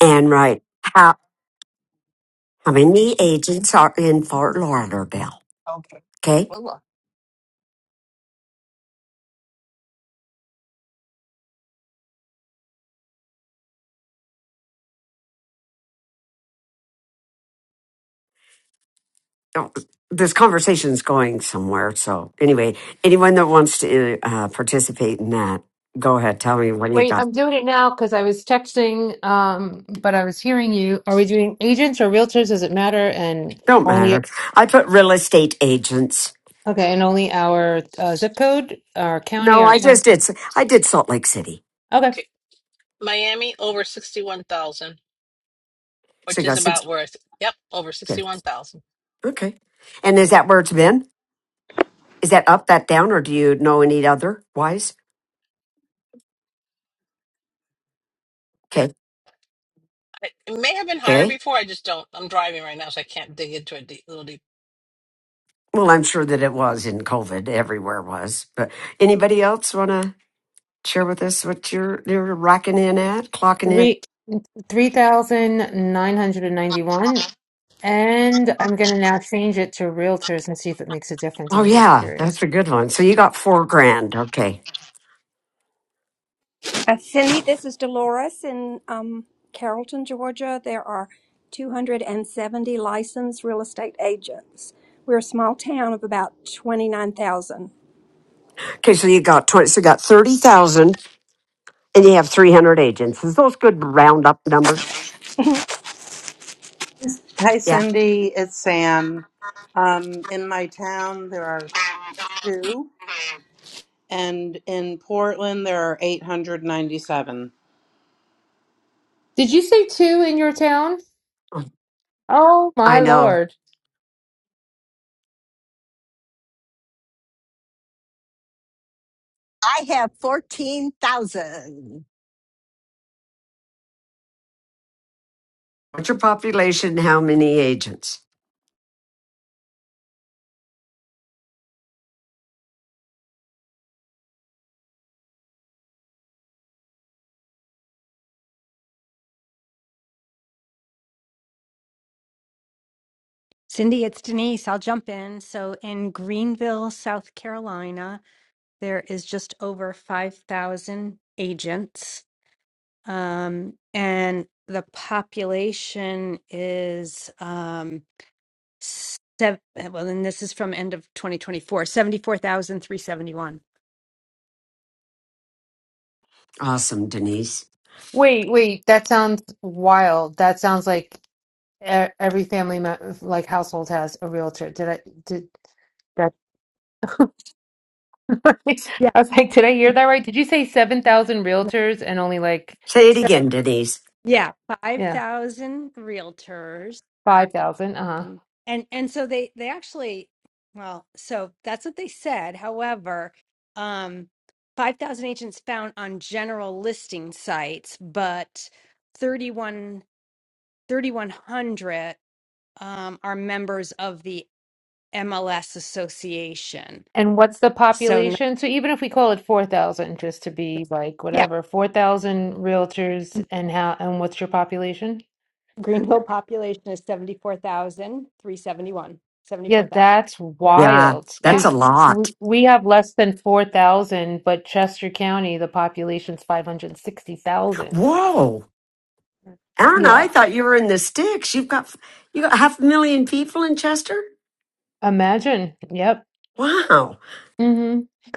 Speaker 1: and write how how many agents are in
Speaker 14: Mhm.
Speaker 1: Fort Lauderdale?
Speaker 14: Okay.
Speaker 1: Okay.
Speaker 14: Well, look.
Speaker 1: Oh, This conversation is going somewhere. So anyway, anyone that wants to uh, participate in that, go ahead. Tell me what you
Speaker 21: Wait,
Speaker 1: got.
Speaker 21: I'm doing it now because I was texting, um, but I was hearing you. Are we doing agents or realtors? Does it matter? And
Speaker 1: Don't
Speaker 21: only
Speaker 1: matter. I put real estate agents.
Speaker 21: okay, and only our uh, zip code, our county,
Speaker 1: No,
Speaker 21: our
Speaker 1: I
Speaker 21: town.
Speaker 1: just did. s- I did Salt Lake City.
Speaker 21: Okay,
Speaker 10: Okay, Miami over sixty one thousand,
Speaker 1: So
Speaker 10: which
Speaker 1: you
Speaker 10: is
Speaker 1: got six.
Speaker 10: about where I. Th- Yep, over sixty
Speaker 1: Okay.
Speaker 10: one thousand.
Speaker 1: Okay. And is that where it's been? Is that up, that down, or do you know any other wise? Okay.
Speaker 10: It it may have been higher
Speaker 1: Okay.
Speaker 10: before. I just don't. I'm driving right now, so I can't dig into it deep, little deep.
Speaker 1: Well, I'm sure that it was in COVID. Everywhere was. But anybody else want to share with us what you're you're rocking in at, clocking in?
Speaker 21: three. 3,991. And I'm going to now change it to realtors and see if it makes a difference.
Speaker 1: Oh
Speaker 21: I'm just
Speaker 1: yeah,
Speaker 21: curious.
Speaker 1: that's a good one. So you got four grand. Okay.
Speaker 9: Uh, Cindy, this is Dolores in um, Carrollton, Georgia. There are 270 licensed real estate agents. We're a small town of about 29,000.
Speaker 1: Okay. So you got twenty. So you got thirty thousand, and you have three hundred agents. Is those good round up numbers?
Speaker 16: Hi,
Speaker 1: Yeah.
Speaker 16: Cindy. It's Sam. Um, in my town, there are two, and in Portland, there are 897.
Speaker 21: Did you say two in your town? Oh
Speaker 1: I
Speaker 21: my
Speaker 1: know.
Speaker 21: Lord.
Speaker 14: I have 14,000.
Speaker 1: What's your population? How many agents?
Speaker 20: Cindy, it's Denise. I'll jump in. So in Greenville, South Carolina, there is just over five thousand agents Um, and the population is um, seven, well, and this is from end of twenty twenty four seventy four thousand three seventy one.
Speaker 1: Awesome, Denise.
Speaker 21: Wait, wait, that sounds wild. That sounds like e- every family me- like household has a realtor. Did I did that? I was like, did I hear that right? Did you say 7,000
Speaker 20: Yeah.
Speaker 21: realtors and only like
Speaker 1: Say it
Speaker 20: So
Speaker 1: again, Denise.
Speaker 20: yeah,
Speaker 21: yeah,
Speaker 20: 5,000 realtors.
Speaker 21: 5,000? Uh-huh.
Speaker 20: Um, and and so they they actually well so that's what they said however um 5000 agents found on general listing sites but thirty one thirty one hundred um are members of the MLS association
Speaker 21: And what's the
Speaker 20: so n-
Speaker 21: population? So even if we call it 4,000, just to be like
Speaker 20: yeah
Speaker 21: whatever, 4,000 realtors and how and what's your population?
Speaker 20: Greenville population is 74,371
Speaker 21: Yeah,
Speaker 20: 74,000
Speaker 21: that's
Speaker 20: yeah
Speaker 1: Yeah,
Speaker 21: wild
Speaker 20: yeah
Speaker 1: that's a
Speaker 21: because we,
Speaker 1: lot.
Speaker 21: we have less than 4,000, but Chester County, the population's 560,000.
Speaker 1: Whoa. Anna, I
Speaker 21: Yeah.
Speaker 1: thought you were in the sticks. You've got you got half a million people in Chester?
Speaker 21: Imagine. Yep.
Speaker 1: Wow.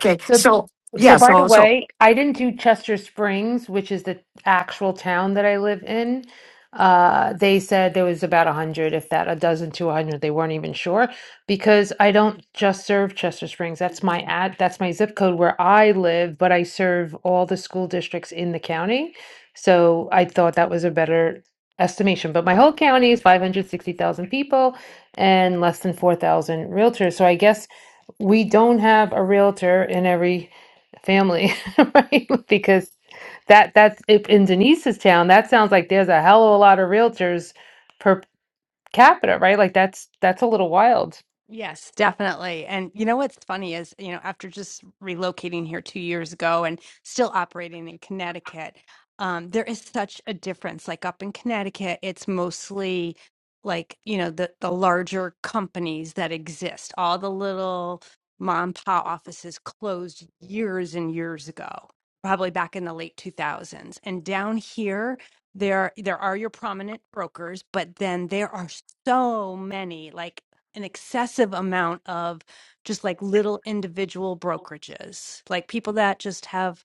Speaker 1: Okay.
Speaker 21: So,
Speaker 1: So
Speaker 21: so
Speaker 1: yeah,
Speaker 21: by the
Speaker 1: so so
Speaker 21: way, I didn't do Chester Springs, which is the actual town that I live in. Uh, they said there was about a hundred, if that, a dozen to a hundred. They weren't even sure because I don't just serve Chester Springs. That's my ad, that's my zip code where I live, but I serve all the school districts in the county. So I thought that was a better estimation. But my whole county is 560,000 people and less than 4,000 realtors. So I guess we don't have a realtor in every family, right? Because that that's if in Denise's town, that sounds like there's a hell of a lot of realtors per capita, right? Like that's that's a little wild.
Speaker 20: Yes, definitely. And you know what's funny is, you know, after just relocating here two years ago and still operating in Connecticut, um, there is such a difference. Like up in Connecticut, it's mostly like, you know, the the larger companies that exist. All the little mom and pop offices closed years and years ago, probably back in the late 2000s. And down here, there there are your prominent brokers, but then there are so many. Like an excessive amount of just like little individual brokerages, like people that just have,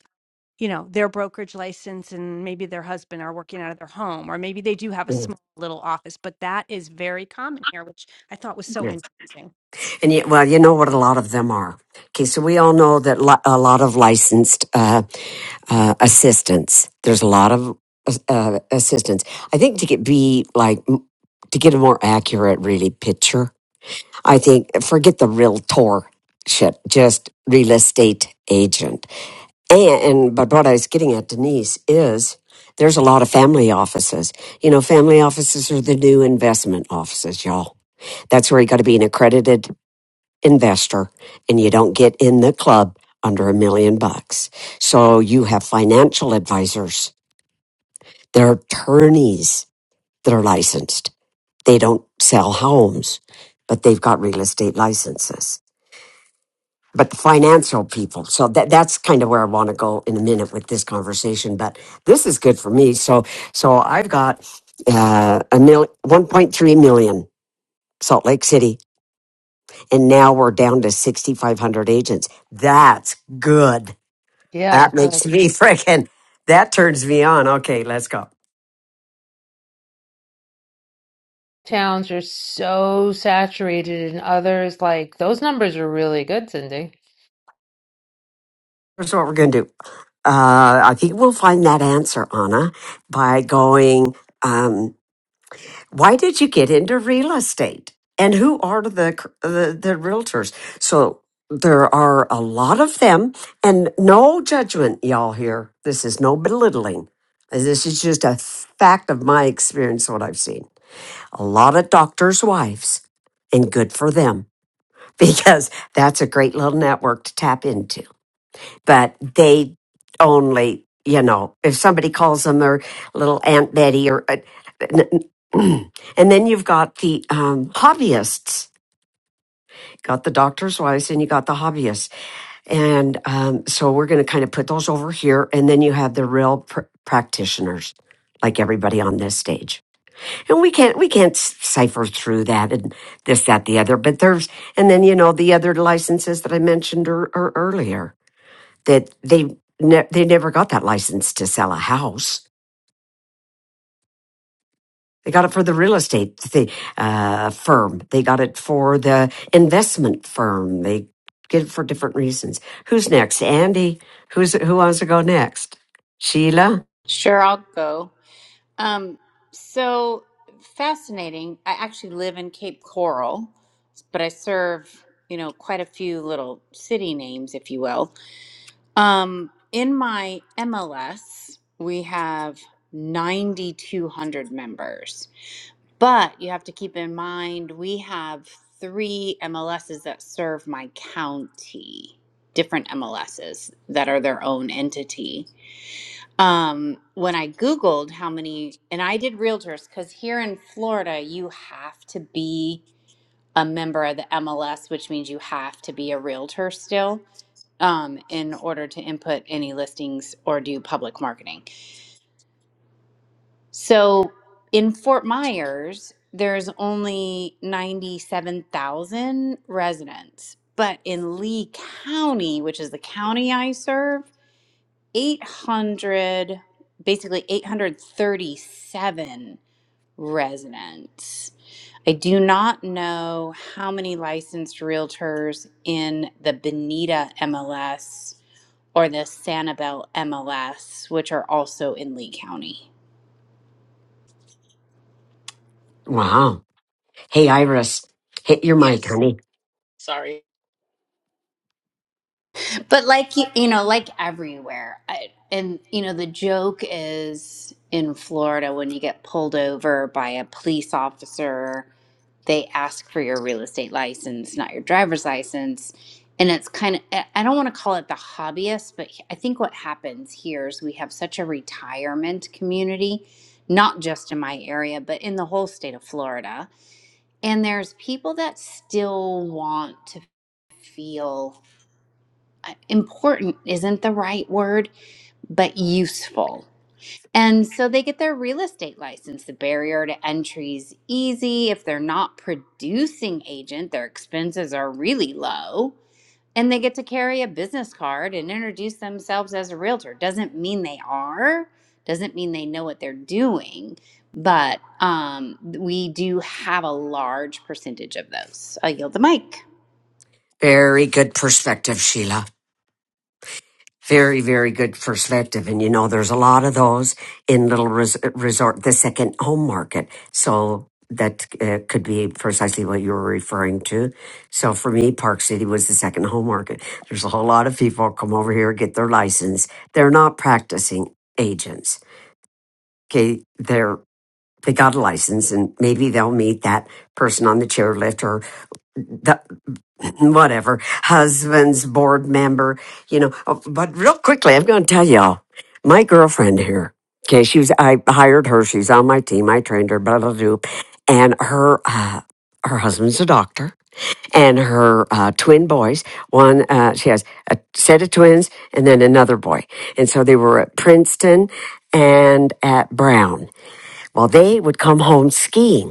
Speaker 20: you know, their brokerage license and maybe their husband are working out of their home, or maybe they do have a
Speaker 1: yeah.
Speaker 20: small little office, but that is very common here, which I thought was so interesting.
Speaker 1: And yet, well, you know what a lot of them are. Okay, so we all know that li- a lot of licensed uh, uh, assistants. There's a lot of uh, assistants. I think to get be like m- to get a more accurate, really picture. I think forget the realtor shit. Just real estate agent. And, and but what I was getting at, Denise, is there's a lot of family offices. You know, family offices are the new investment offices, y'all. That's where you got to be an accredited investor and you don't get in the club under a million bucks. So you have financial advisors. They're attorneys that are licensed. They don't sell homes, but they've got real estate licenses. But the financial people. So that, that's kind of where I want to go in a minute with this conversation. But this is good for me. So, so I've got, uh, a mil, 1.3 million Salt Lake City. And now we're down to 6,500 agents. That's good
Speaker 21: Yeah.
Speaker 1: That makes
Speaker 21: Yes.
Speaker 1: me freaking, that turns me on. Okay, let's go.
Speaker 21: Towns are so saturated and others like those numbers are really good, Cindy.
Speaker 1: Here's what we're going to do. Uh, I think we'll find that answer, Anna, by going, um, why did you get into real estate? And who are the, the, the realtors? So there are a lot of them and no judgment, y'all here. This is no belittling. This is just a fact of my experience, what I've seen. A lot of doctors' wives and good for them because that's a great little network to tap into. But they only, you know, if somebody calls them their little Aunt Betty or, uh, and then you've got the um, hobbyists. Got the doctor's wives and you got the hobbyists. And um, so we're going to kind of put those over here. And then you have the real pr- practitioners, like everybody on this stage and we can't we can't cipher through that and this that the other but there's and then you know the other licenses that i mentioned er, er, earlier that they ne- they never got that license to sell a house they got it for the real estate th- uh, firm they got it for the investment firm they get it for different reasons who's next andy who's who wants to go next sheila
Speaker 3: Sure, I'll go. Um, so fascinating. I actually live in Cape Coral, but I serve, you know, quite a few little city names, if you will. Um, in my MLS, we have 9,200 members, but you have to keep in mind we have three MLSs that serve my county, different MLSs that are their own entity um when i googled how many and i did realtors because here in florida you have to be a member of the mls which means you have to be a realtor still um, in order to input any listings or do public marketing so in fort myers there's only 97000 residents but in lee county which is the county i serve 800 basically 837 residents i do not know how many licensed realtors in the benita mls or the sanibel mls which are also in lee county
Speaker 1: wow hey iris hit your mic honey
Speaker 10: Sorry.
Speaker 3: But like you you know, like everywhere, I, and you know, the joke is in Florida when you get pulled over by a police officer, they ask for your real estate license, not your driver's license. And it's kind of, I I don't want to call it the hobbyist, but I think what happens here is we have such a retirement community, not just in my area, but in the whole state of Florida. And there's people that still want to feel uh, important isn't the right word, but useful. And so they get their real estate license. The barrier to entry is easy. If they're not producing agent, their expenses are really low. And they get to carry a business card and introduce themselves as a realtor. Doesn't mean they are, doesn't mean they know what they're doing, but um, we do have a large percentage of those. I yield the mic.
Speaker 1: very good perspective sheila Very, very good perspective. And you know, there's a lot of those in Little res- Resort, the second home market. So that uh, could be precisely what you were referring to. So for me, Park City was the second home market. There's a whole lot of people come over here, get their license. They're not practicing agents. Okay. They're, they got a license and maybe they'll meet that person on the chairlift or the whatever, husband's board member, you know. Oh, But real quickly, I'm going to tell y'all my girlfriend here, okay, she was, I hired her, she's on my team, I trained her, blah, blah, blah. And her, uh, her husband's a doctor, and her uh, twin boys. One, uh, she has a set of twins, and then another boy. And so they were at Princeton and at Brown. Well, they would come home skiing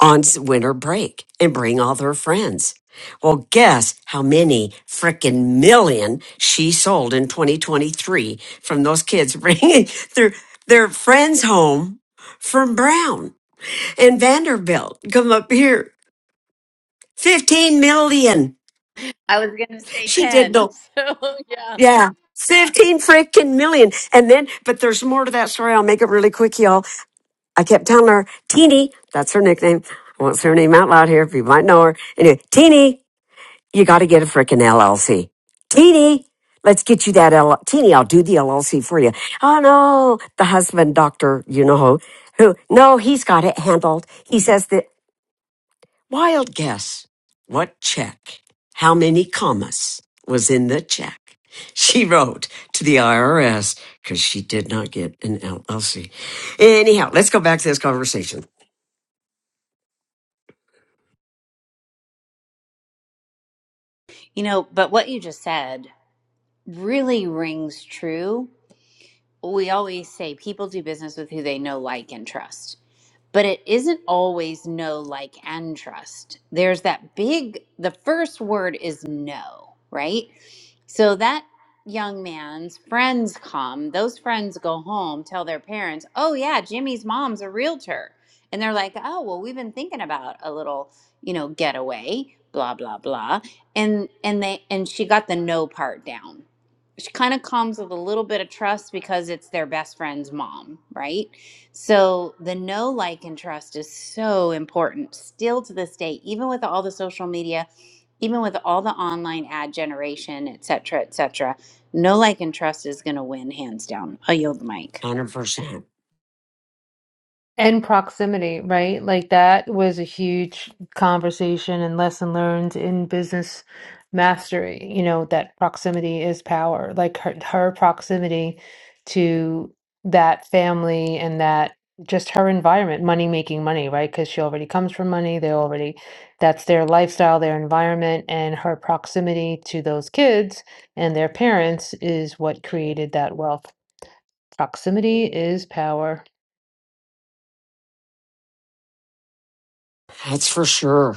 Speaker 1: on s- winter break and bring all their friends. Well, guess how many frickin' million she sold in 2023 from those kids bringing their, their friends home from Brown and Vanderbilt. Come up here. 15 million.
Speaker 3: I was going to say
Speaker 1: She did
Speaker 3: 10.
Speaker 1: no,
Speaker 3: So, yeah.
Speaker 1: yeah. 15 frickin' million. And then, but there's more to that story. I'll make it really quick, y'all. I kept telling her, Teeny, that's her nickname. I won't say her name out loud here, but you might know her. Anyway, Teeny, You got to get a freaking LLC. Teeny, let's get you that LLC. Teeny, I'll do the LLC for you. Oh no, the husband, doctor, you know who, who? No, he's got it handled. He says that wild guess. What check? How many commas was in the check? She wrote to the IRS because she did not get an LLC. Anyhow, let's go back to this conversation.
Speaker 3: You know, but what you just said really rings true. We always say people do business with who they know, like, and trust but it isn't always no like and trust there's that big the first word is no right so that young man's friends come those friends go home tell their parents oh yeah jimmy's mom's a realtor and they're like oh well we've been thinking about a little you know getaway blah blah blah and and they and she got the no part down she kind of comes with a little bit of trust because it's their best friend's mom right so the know, like, and trust is so important still to this day, even with all the social media, even with all the online ad generation, et cetera, et cetera. Know, like, and trust is going to win hands down. I yield the mic.
Speaker 1: 100%.
Speaker 21: And proximity, right? Like that was a huge conversation and lesson learned in business mastery, you know, that proximity is power. Like her, her proximity to that family and that just her environment, money making money, right? Because she already comes from money. They already, that's their lifestyle, their environment, and her proximity to those kids and their parents is what created that wealth. Proximity is power.
Speaker 1: That's for sure.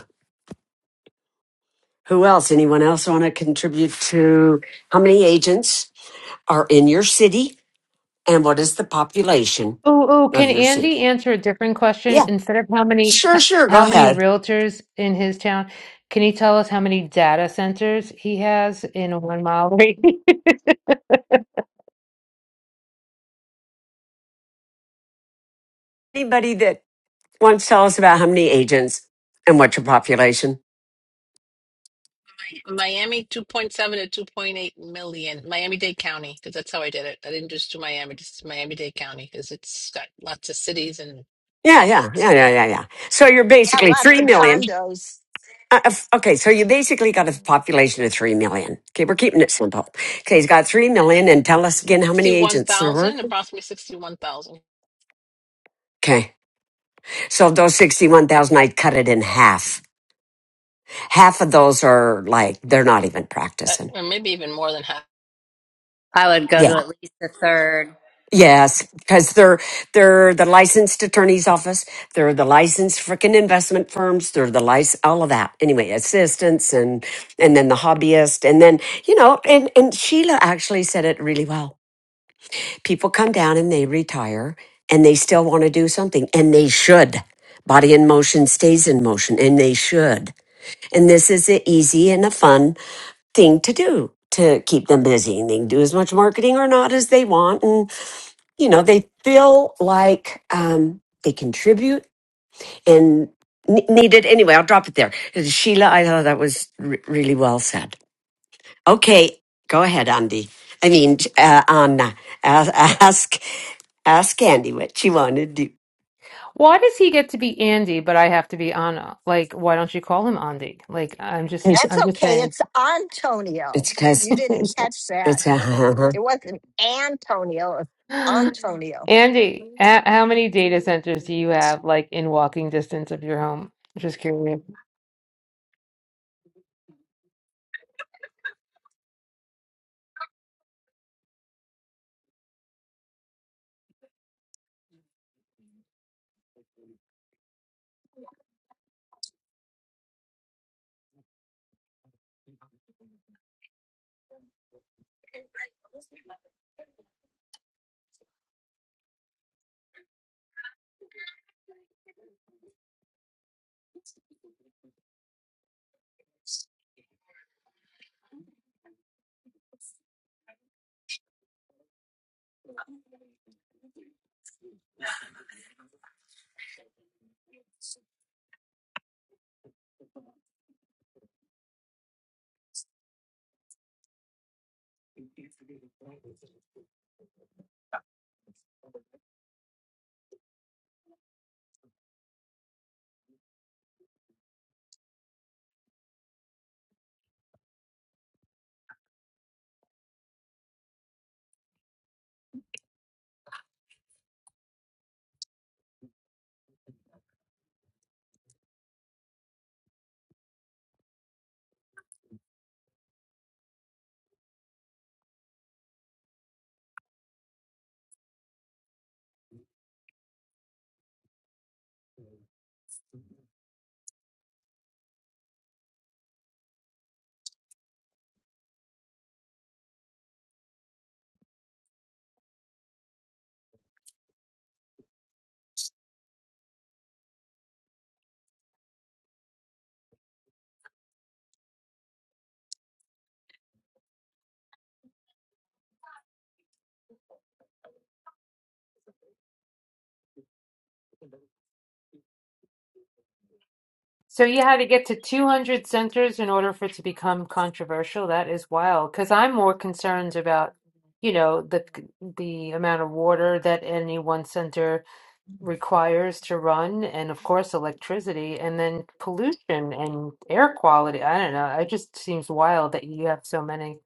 Speaker 1: Who else? Anyone else want to contribute to how many agents are in your city and what is the population
Speaker 21: Oh, oh, can
Speaker 1: of your
Speaker 21: Andy
Speaker 1: city?
Speaker 21: answer a different question?
Speaker 1: Yeah,
Speaker 21: Instead of how many
Speaker 1: sure, sure. Go
Speaker 21: how many
Speaker 1: ahead.
Speaker 21: realtors in his town, can he tell us how many data centers he has in one mile radius?
Speaker 1: Anybody that wants to tell us about how many agents and what's your population?
Speaker 10: Miami, 2.7 to 2.8 million. Miami-Dade County, because that's how I did it. I didn't just do Miami, just Miami-Dade County, because it's got lots of cities and
Speaker 1: Yeah,
Speaker 10: all that.
Speaker 1: yeah, yeah,
Speaker 10: So
Speaker 1: yeah, yeah, yeah. So you're
Speaker 14: I
Speaker 1: basically
Speaker 14: left
Speaker 1: 3
Speaker 14: the
Speaker 1: million.
Speaker 14: condos.
Speaker 1: Uh, if- okay, so you basically got a population of 3 million. Okay, we're keeping it simple. Okay, he's got 3 million and tell us again how many agents there were.
Speaker 10: 61,000, approximately 61,000,
Speaker 1: Okay, so those 61,000, I cut it in half half of those are like they're not even
Speaker 10: uh,
Speaker 1: practicing
Speaker 10: or maybe even more than half.
Speaker 1: yeah yes because they're they're the licensed attorney's office they're the licensed freaking investment firms they're the license all of that anyway assistants and and then the hobbyist and then you know and and sheila actually said it really well people come down and they retire and they still want to do something and they should body in motion stays in motion and they should and this is a easy and a fun thing to do to keep them busy and they can do as much marketing or not as they want and you know they feel like um, they contribute and n- needed anyway i'll drop it there sheila i thought that was re- really well said okay go ahead andy i mean uh, anna ask, ask ask andy what she wanted to do
Speaker 21: Why does he get to be Andy, but I have to be Anna? Like, why don't you call him Andy? Like, I'm just
Speaker 1: it's
Speaker 14: That's
Speaker 21: I'm just
Speaker 14: okay.
Speaker 21: saying.
Speaker 14: It's Antonio.
Speaker 1: it's because
Speaker 14: You didn't
Speaker 21: It's-
Speaker 14: catch that.
Speaker 1: it's uh,
Speaker 14: It wasn't Antonio, it's Antonio.
Speaker 21: Andy, h- how many data centers do you have like in walking distance of your home? Just curious. So you had to get to 200 centers in order for it to become controversial. That is wild. Because I'm more concerned about, you know, the the amount of water that any one center requires to run, and of course electricity, and then pollution and air quality. I don't know. It just seems wild that you have so many.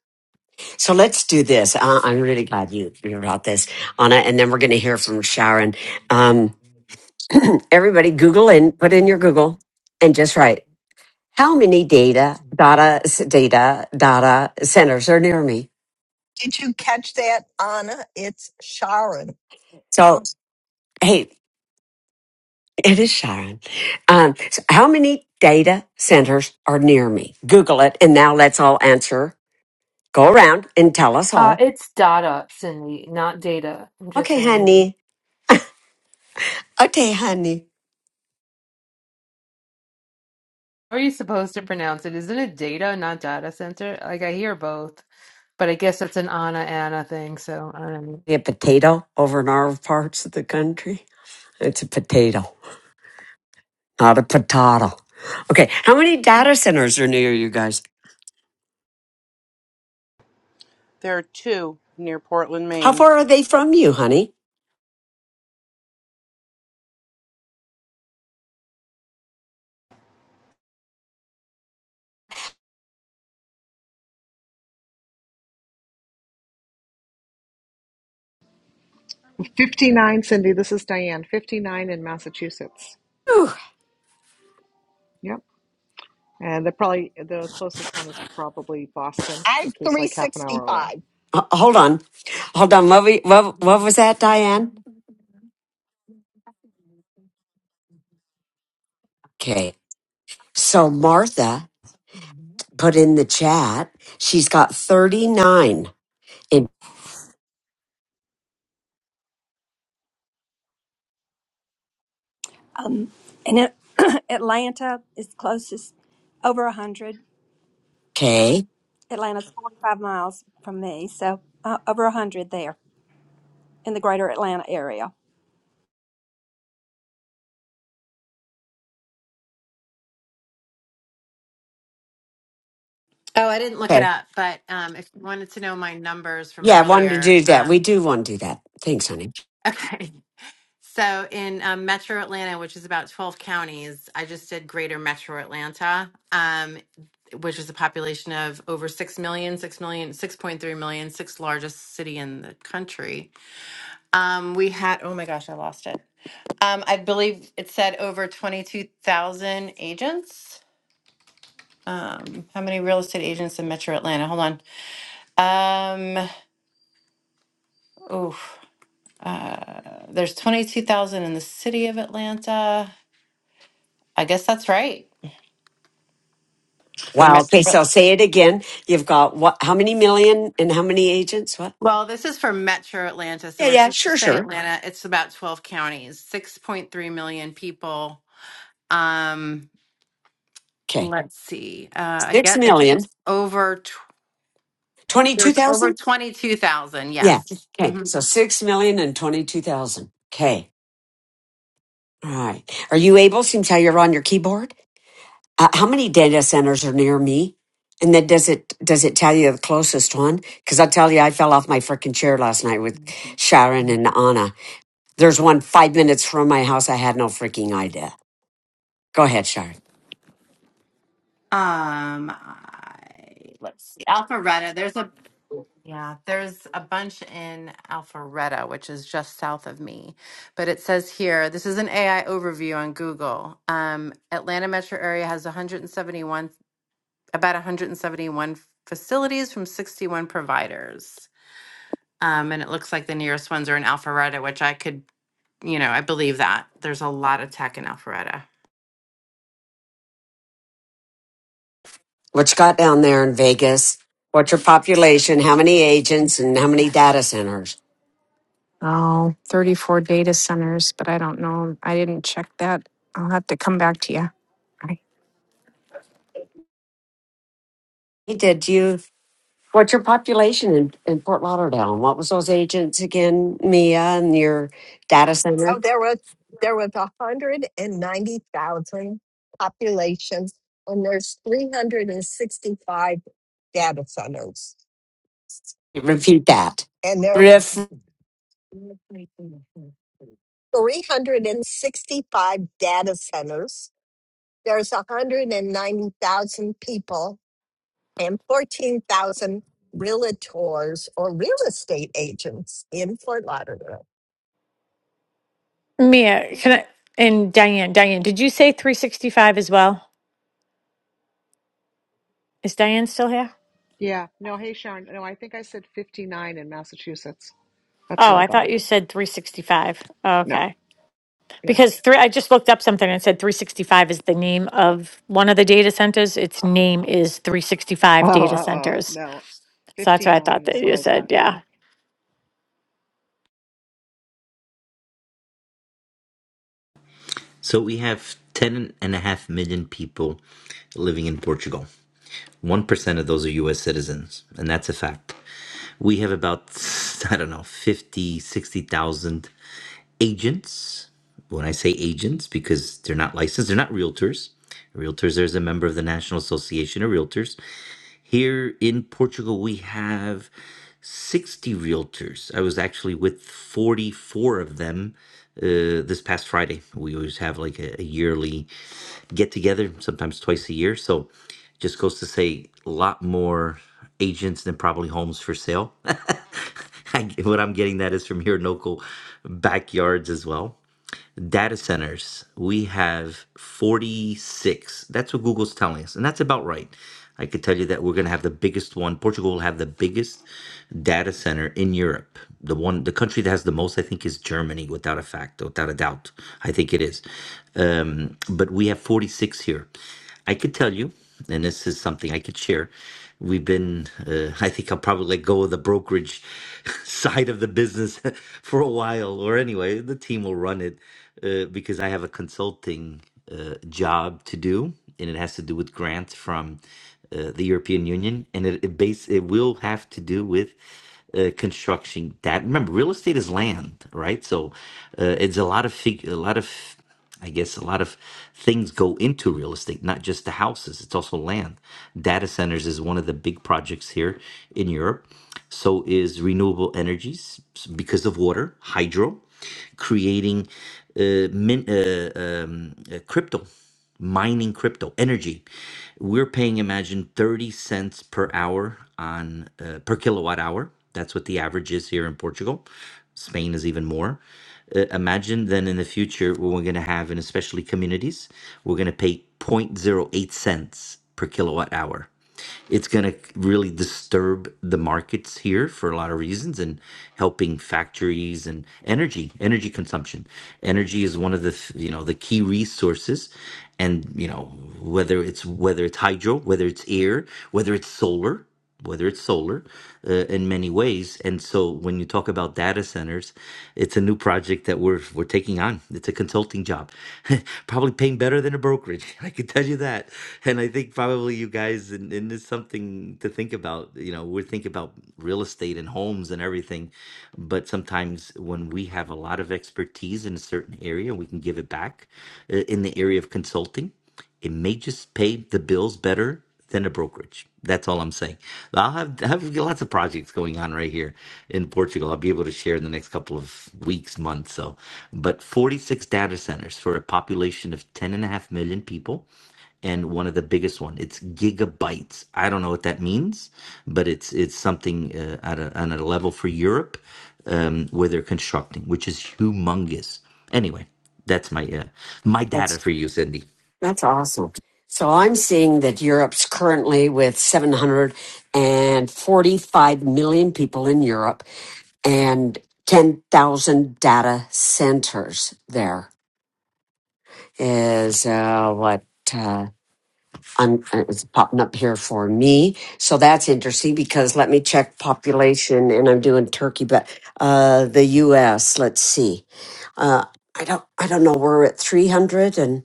Speaker 1: so let's do this uh, i'm really glad you, you brought this anna and then we're going to hear from sharon um, everybody Google and put in your Google and just write how many data data s- data data centers are near me.
Speaker 14: Did you catch that, Anna? It's Sharon.
Speaker 1: So hey, it is Sharon. Um, so how many data centers are near me? Google it, and now let's all answer. Go around and tell us
Speaker 21: Uh,
Speaker 1: all.
Speaker 21: it's data, Cindy, not data. I'm just
Speaker 1: Okay,
Speaker 21: saying.
Speaker 1: honey. Okay, honey.
Speaker 21: How Are you supposed to pronounce it? Isn't it data, not data center? Like I hear both. but I guess it's an Anna Anna thing. So I
Speaker 1: A potato over in our parts of the country. It's a potato, not a potato. Okay, how many data centers are near you guys?
Speaker 16: There are two near Portland,
Speaker 1: How
Speaker 16: Maine.
Speaker 1: far are they from you, honey?
Speaker 13: 59, Cindy. This is Diane. 59 in Massachusetts.
Speaker 1: Whew.
Speaker 13: Yep. And the probably the closest one is probably Boston,
Speaker 14: I have
Speaker 13: which was like half an hour away.
Speaker 14: 365.
Speaker 1: Uh, hold on. Hold on. What, we, what, what was that, Diane? Okay. So Martha put in the chat. She's got 39. In,
Speaker 9: And it, Atlanta is closest, over 100.
Speaker 1: okay.
Speaker 9: Atlanta's 45 miles from me, so uh, over 100 there in the greater Atlanta area.
Speaker 2: Oh, I didn't look it
Speaker 1: Okay.
Speaker 2: up, but um, if you wanted to know my numbers from
Speaker 1: Yeah, I wanted to
Speaker 2: earlier,
Speaker 1: do that.
Speaker 2: uh,
Speaker 1: We do want to do that. Thanks, honey.
Speaker 2: okay. So in um, Metro Atlanta, which is about 12 counties, I just did Greater Metro Atlanta, um, which is a population of over six million, six million, six point three million, sixth largest city in the country. Um, we had, oh my gosh, I lost it. Um, I believe it said over 22,000 agents. Um, how many real estate agents in Metro Atlanta? Hold on. Um, oof, uh, there's 22,000 in the city of Atlanta. I guess that's right for
Speaker 1: Wow. Okay.
Speaker 2: Metro.
Speaker 1: So say it again. You've got what? How many million and how many agents? What?
Speaker 2: Well, this is for Metro Atlanta. So
Speaker 1: Yeah,
Speaker 2: when
Speaker 1: yeah.
Speaker 2: people
Speaker 1: Sure,
Speaker 2: say
Speaker 1: sure.
Speaker 2: Atlanta, it's about 12 counties, 6.3 million people. Um,
Speaker 1: Okay.
Speaker 2: let's see. Uh, I
Speaker 1: Six
Speaker 2: guess I think it
Speaker 1: million.
Speaker 2: was over There's over
Speaker 1: 22,000?
Speaker 2: 22,000,
Speaker 1: Yeah.
Speaker 2: yes.
Speaker 1: Okay.
Speaker 2: Mhm.
Speaker 1: So six million and twenty two thousand. Okay. All right. Are you able? Seems how you're on your keyboard. Uh, how many data centers are near me? And then does it does it tell you the closest one? Because I tell you, I fell off my freaking chair last night with Sharon and Anna. There's one five minutes from my house. I had no freaking idea. Go ahead, Sharon.
Speaker 2: Um, I, let's see, Alpharetta, there's a, yeah, there's a bunch in Alpharetta, which is just south of me. But it says here, this is an AI overview on Google. Um, Atlanta metro area has 171, about 171 facilities from 61 providers. Um, and it looks like the nearest ones are in Alpharetta, which I could, you know, I believe that. There's a lot of tech in Alpharetta.
Speaker 1: What you got down there in Vegas? What's your population? How many agents and how many data centers?
Speaker 15: Oh, thirty-four data centers, but I don't know. I didn't check that. I'll have to come back to you.
Speaker 1: Hey, did you? What's your population in, in Fort Lauderdale? And what was those agents again, Mia, and your data center?
Speaker 14: So there was there was 190,000 populations, and there's 365 data centers,
Speaker 1: Repeat that.
Speaker 14: and there
Speaker 1: Ref.
Speaker 14: 365 data centers. There's 190,000 people and 14,000 realtors or real estate agents in Fort Lauderdale.
Speaker 19: Mia,
Speaker 14: Mm.
Speaker 19: can I and Diane, Diane, did you say 365 as well? Is Diane still here?
Speaker 13: Yeah. No, hey Sharon. No, I think I said 59 in Massachusetts. That's
Speaker 19: Oh,
Speaker 13: what I
Speaker 19: I thought
Speaker 13: got.
Speaker 19: you said 365.
Speaker 13: No,
Speaker 19: Okay.
Speaker 13: yeah.
Speaker 19: Because three, I just looked up something and it said 365 is the name of one of the data centers. Its name is
Speaker 13: Oh,
Speaker 19: 365 Data
Speaker 13: oh, oh,
Speaker 19: Centers.
Speaker 13: no.
Speaker 19: So that's what I thought
Speaker 13: 59 is
Speaker 19: that
Speaker 13: what
Speaker 19: you
Speaker 13: I
Speaker 19: said.
Speaker 13: got.
Speaker 19: Yeah.
Speaker 13: Yeah.
Speaker 23: So we have 10.5 million people living in Portugal. 1% of those are US citizens, and that's a fact. We have about, I don't know, fifty, sixty thousand. agents. When I say agents, because they're not licensed, they're not realtors. Realtors, there's a member of the National Association of Realtors. Here in Portugal, we have 60 realtors. I was actually with 44 of them uh, this past Friday. We always have like a, a yearly get together, sometimes twice a year. So just goes to say a lot more agents than probably homes for sale. I, what I'm getting that is from your local backyards as well. Data centers, we have 46. That's what Google's telling us, and that's about right. I could tell you that we're going to have the biggest one. Portugal will have the biggest data center in Europe. The one, the country that has the most, I think, is Germany, without a fact, without a doubt. I think it is. Um, but we have 46 here. I could tell you, and this is something I could share. We've been, uh, I think I'll probably let go of the brokerage side of the business for a while, or anyway, the team will run it uh, because I have a consulting uh, job to do, and it has to do with grants from uh, the European Union, and it, it base it will have to do with uh, construction. That remember, real estate is land, right? So uh, it's a lot of fig, a lot of. I guess a lot of things go into real estate, not just the houses, it's also land. Data centers is one of the big projects here in Europe. So is renewable energies s- because of water, hydro, creating uh, min, uh, um, uh, crypto, mining crypto, energy we're paying Imagine 30 cents per hour on uh, per kilowatt hour. That's what the average is here in Portugal. Spain is even more. Uh, imagine then in the future what we're going to have, and especially communities, we're going to pay zero point zero 0.08 cents per kilowatt hour it's going to really disturb the markets here for a lot of reasons and helping factories and energy energy consumption energy is one of the you know the key resources and you know whether it's whether it's hydro whether it's air whether it's solar whether it's solar uh, in many ways and so when you talk about data centers it's a new project that we're we're taking on it's a consulting job probably paying better than a brokerage i can tell you that and I think probably you guys, and, and it's something to think about. You know, we think about real estate and homes and everything, but sometimes when we have a lot of expertise in a certain area, we can give it back uh, in the area of consulting. It may just pay the bills better than a brokerage. That's all I'm saying. I'll have have lots of projects going on right here in Portugal. I'll be able to share in the next couple of weeks, months. So, but 46 data centers for a population of 10 and a half million people and one of the biggest one. It's gigabytes. I don't know what that means, but it's it's something uh, at, a, at a level for Europe um, where they're constructing, which is humongous. Anyway, that's my uh, my
Speaker 1: That's,
Speaker 23: destiny.
Speaker 1: that's awesome. So I'm seeing that Europe's currently with 745 million people in Europe and 10,000 data centers there is uh, what uh, I'm, it's popping up here for me. So that's interesting because let me check population and I'm doing Turkey, but uh, the U.S., let's see. Uh, I don't, I don't know. We're at 300 and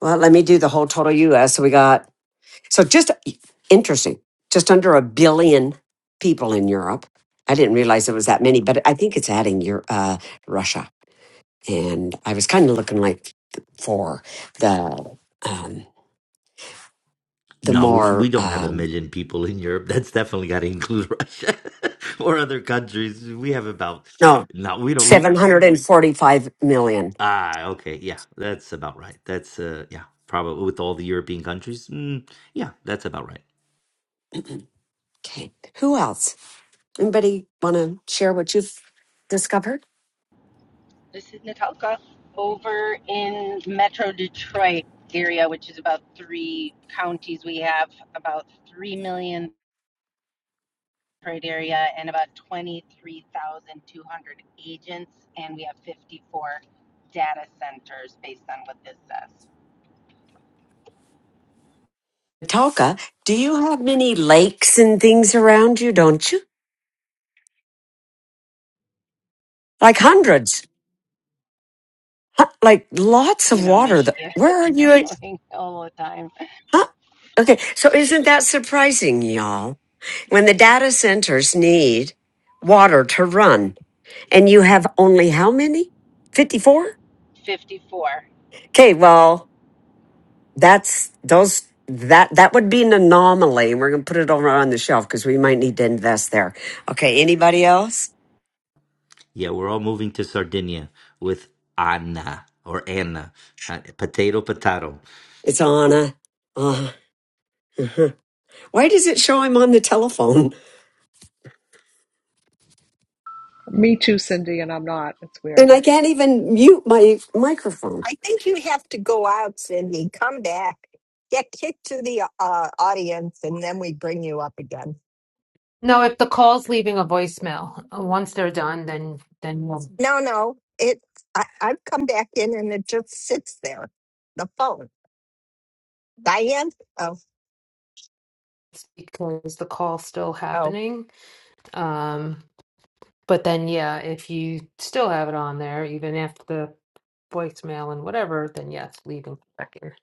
Speaker 1: Well, let me do the whole total US. So we got, so just interesting, just under a billion people in Europe. I didn't realize it was that many, but I think it's adding your, uh, Russia. And I was kind of looking like for the, um, the
Speaker 23: No, we, we
Speaker 1: more,
Speaker 23: don't have a
Speaker 1: um,
Speaker 23: million people in Europe. That's definitely got to include Russia or other countries. We have about
Speaker 1: no,
Speaker 23: no, we don't. We
Speaker 1: 745 million.
Speaker 23: ah okay, yeah, that's about right. That's uh yeah, probably with all the European countries. Mm, yeah, that's about right.
Speaker 1: Okay. Who else? Anybody want to share what you've discovered?
Speaker 24: This is Natalka over in Metro Detroit area, which is about three counties. We have about 3 million Detroit area and about 23,200 agents, and we have 54 data centers based on what this says.
Speaker 1: Talka, do you have many lakes and things around you? Don't you? Like hundreds. Huh, like lots
Speaker 24: You
Speaker 1: of
Speaker 24: know,
Speaker 1: water. The,
Speaker 24: Michigan
Speaker 1: where are
Speaker 24: is
Speaker 1: you? at-
Speaker 24: going all the time.
Speaker 1: Huh? Okay, so isn't that surprising, y'all? When the data centers need water to run, and you have only how many? Fifty-four.
Speaker 24: 54.
Speaker 1: Okay, well, that's those. That that would be an anomaly. We're gonna put it over on the shelf because we might need to invest there. Okay, anybody else?
Speaker 23: Yeah, we're all moving to Sardinia with Anna or Anna. Uh, Potato, potato.
Speaker 1: It's Anna. Uh, Why does it show I'm on the telephone
Speaker 13: Me too, Cindy, and I'm not. It's
Speaker 1: and
Speaker 13: weird.
Speaker 1: I can't even mute my microphone?
Speaker 14: I think you have to go out, Cindy. Come back. Get kicked to the uh, uh, audience, and then we bring you up again.
Speaker 21: No, if the call's leaving a voicemail, uh, once they're done, then then we will
Speaker 14: No, no. It. I, I've come back in, and it just sits there. The phone. Diane. Oh,
Speaker 21: speak because the call's still
Speaker 14: oh.
Speaker 21: happening. Um, but then yeah, if you still have it on there, even after the voicemail and whatever, then yes, leave them back here.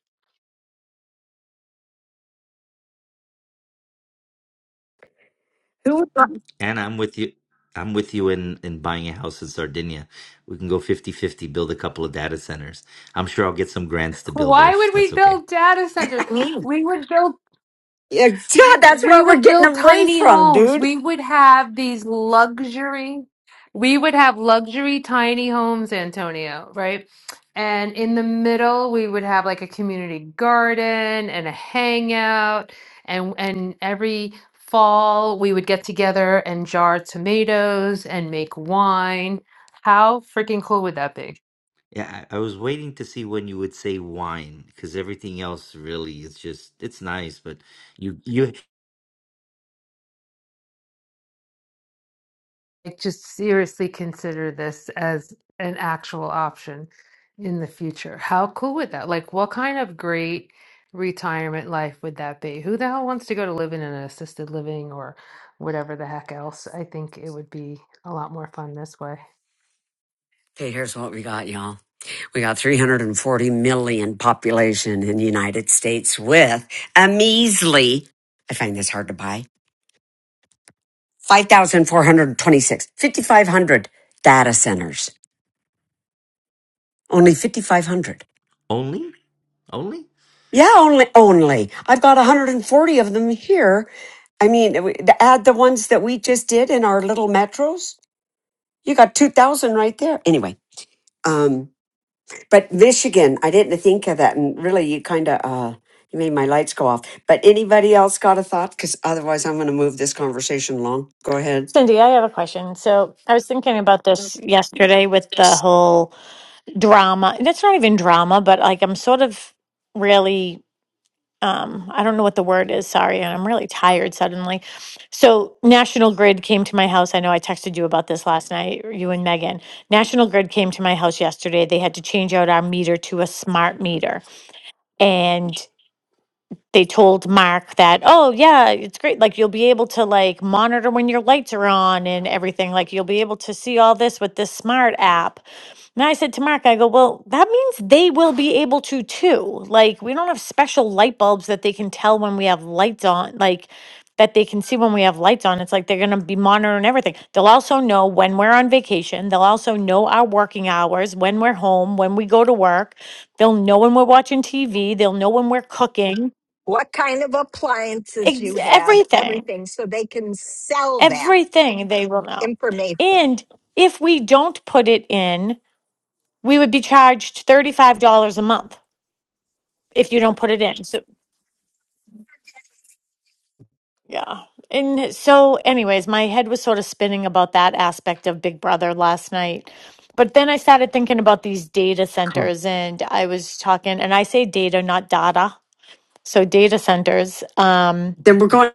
Speaker 1: Who? the
Speaker 23: Anna, I'm with you. I'm with you in, in buying a house in Sardinia. We can go fifty-fifty. build a couple of data centers. I'm sure I'll get some grants to build there
Speaker 21: Why
Speaker 23: if
Speaker 21: would
Speaker 23: that's
Speaker 21: we
Speaker 23: okay.
Speaker 21: build data centers?
Speaker 1: Me.
Speaker 21: We would build
Speaker 1: Yeah, God, that's
Speaker 21: We
Speaker 1: what we're
Speaker 21: would
Speaker 1: getting
Speaker 21: build
Speaker 1: away
Speaker 21: tiny
Speaker 1: from,
Speaker 21: homes.
Speaker 1: dude.
Speaker 21: We would have these luxury, we would have luxury tiny homes, Antonio, right? And in the middle, we would have like a community garden and a hangout. And and every fall, we would get together and jar tomatoes and make wine. How freaking cool would that be?
Speaker 23: Yeah, I, I was waiting to see when you would say wine because everything else really is just it's nice, but you you
Speaker 21: like just seriously consider this as an actual option in the future. How cool would that? Like, what kind of great retirement life would that be? Who the hell wants to go to live in an assisted living or whatever the heck else? I think it would be a lot more fun this way.
Speaker 1: Okay, here's what we got, y'all. We got 340 million population in the United States with a measly, I find this hard to buy, 5,426, 5,500 data centers. Only 5,500.
Speaker 23: only only?
Speaker 1: Yeah, only only. I've got 140 of them here. I mean, w- to add the ones that we just did in our little metros, you got 2,000 right there. Anyway, um, but Michigan, I didn't think of that, and really, you kind of uh, you made my lights go off. But anybody else got a thought? Because otherwise, I'm going to move this conversation along. Go ahead.
Speaker 19: Cindy, I have a question. So I was thinking about this yesterday with the whole drama. And it's not even drama, but like I'm sort of really. um, I don't know what the word is. Sorry, and I'm really tired suddenly. So, National Grid came to my house. I know I texted you about this last night, you and Megan. National Grid came to my house yesterday. They had to change out our meter to a smart meter. And they told Mark that, oh yeah, it's great. Like you'll be able to like monitor when your lights are on and everything. Like you'll be able to see all this with this smart app. And I said to Mark, I go, well, that means they will be able to too. Like we don't have special light bulbs that they can tell when we have lights on, like that they can see when we have lights on. It's like they're gonna be monitoring everything. They'll also know when we're on vacation. They'll also know our working hours, when we're home, when we go to work. They'll know when we're watching TV. They'll know when we're cooking.
Speaker 14: what kind of appliances
Speaker 19: Ex-
Speaker 14: you have,
Speaker 19: everything,
Speaker 14: everything, so they can sell that
Speaker 19: everything they will know.
Speaker 14: information.
Speaker 19: And if we don't put it in, we would be charged $35 a month if you don't put it in. So, yeah. And so, anyways, my head was sort of spinning about that aspect of Big Brother last night. But then I started thinking about these data
Speaker 1: Cool.
Speaker 19: centers, and I was talking, and I say data, not data. So, data centers. Um,
Speaker 1: Then we're going.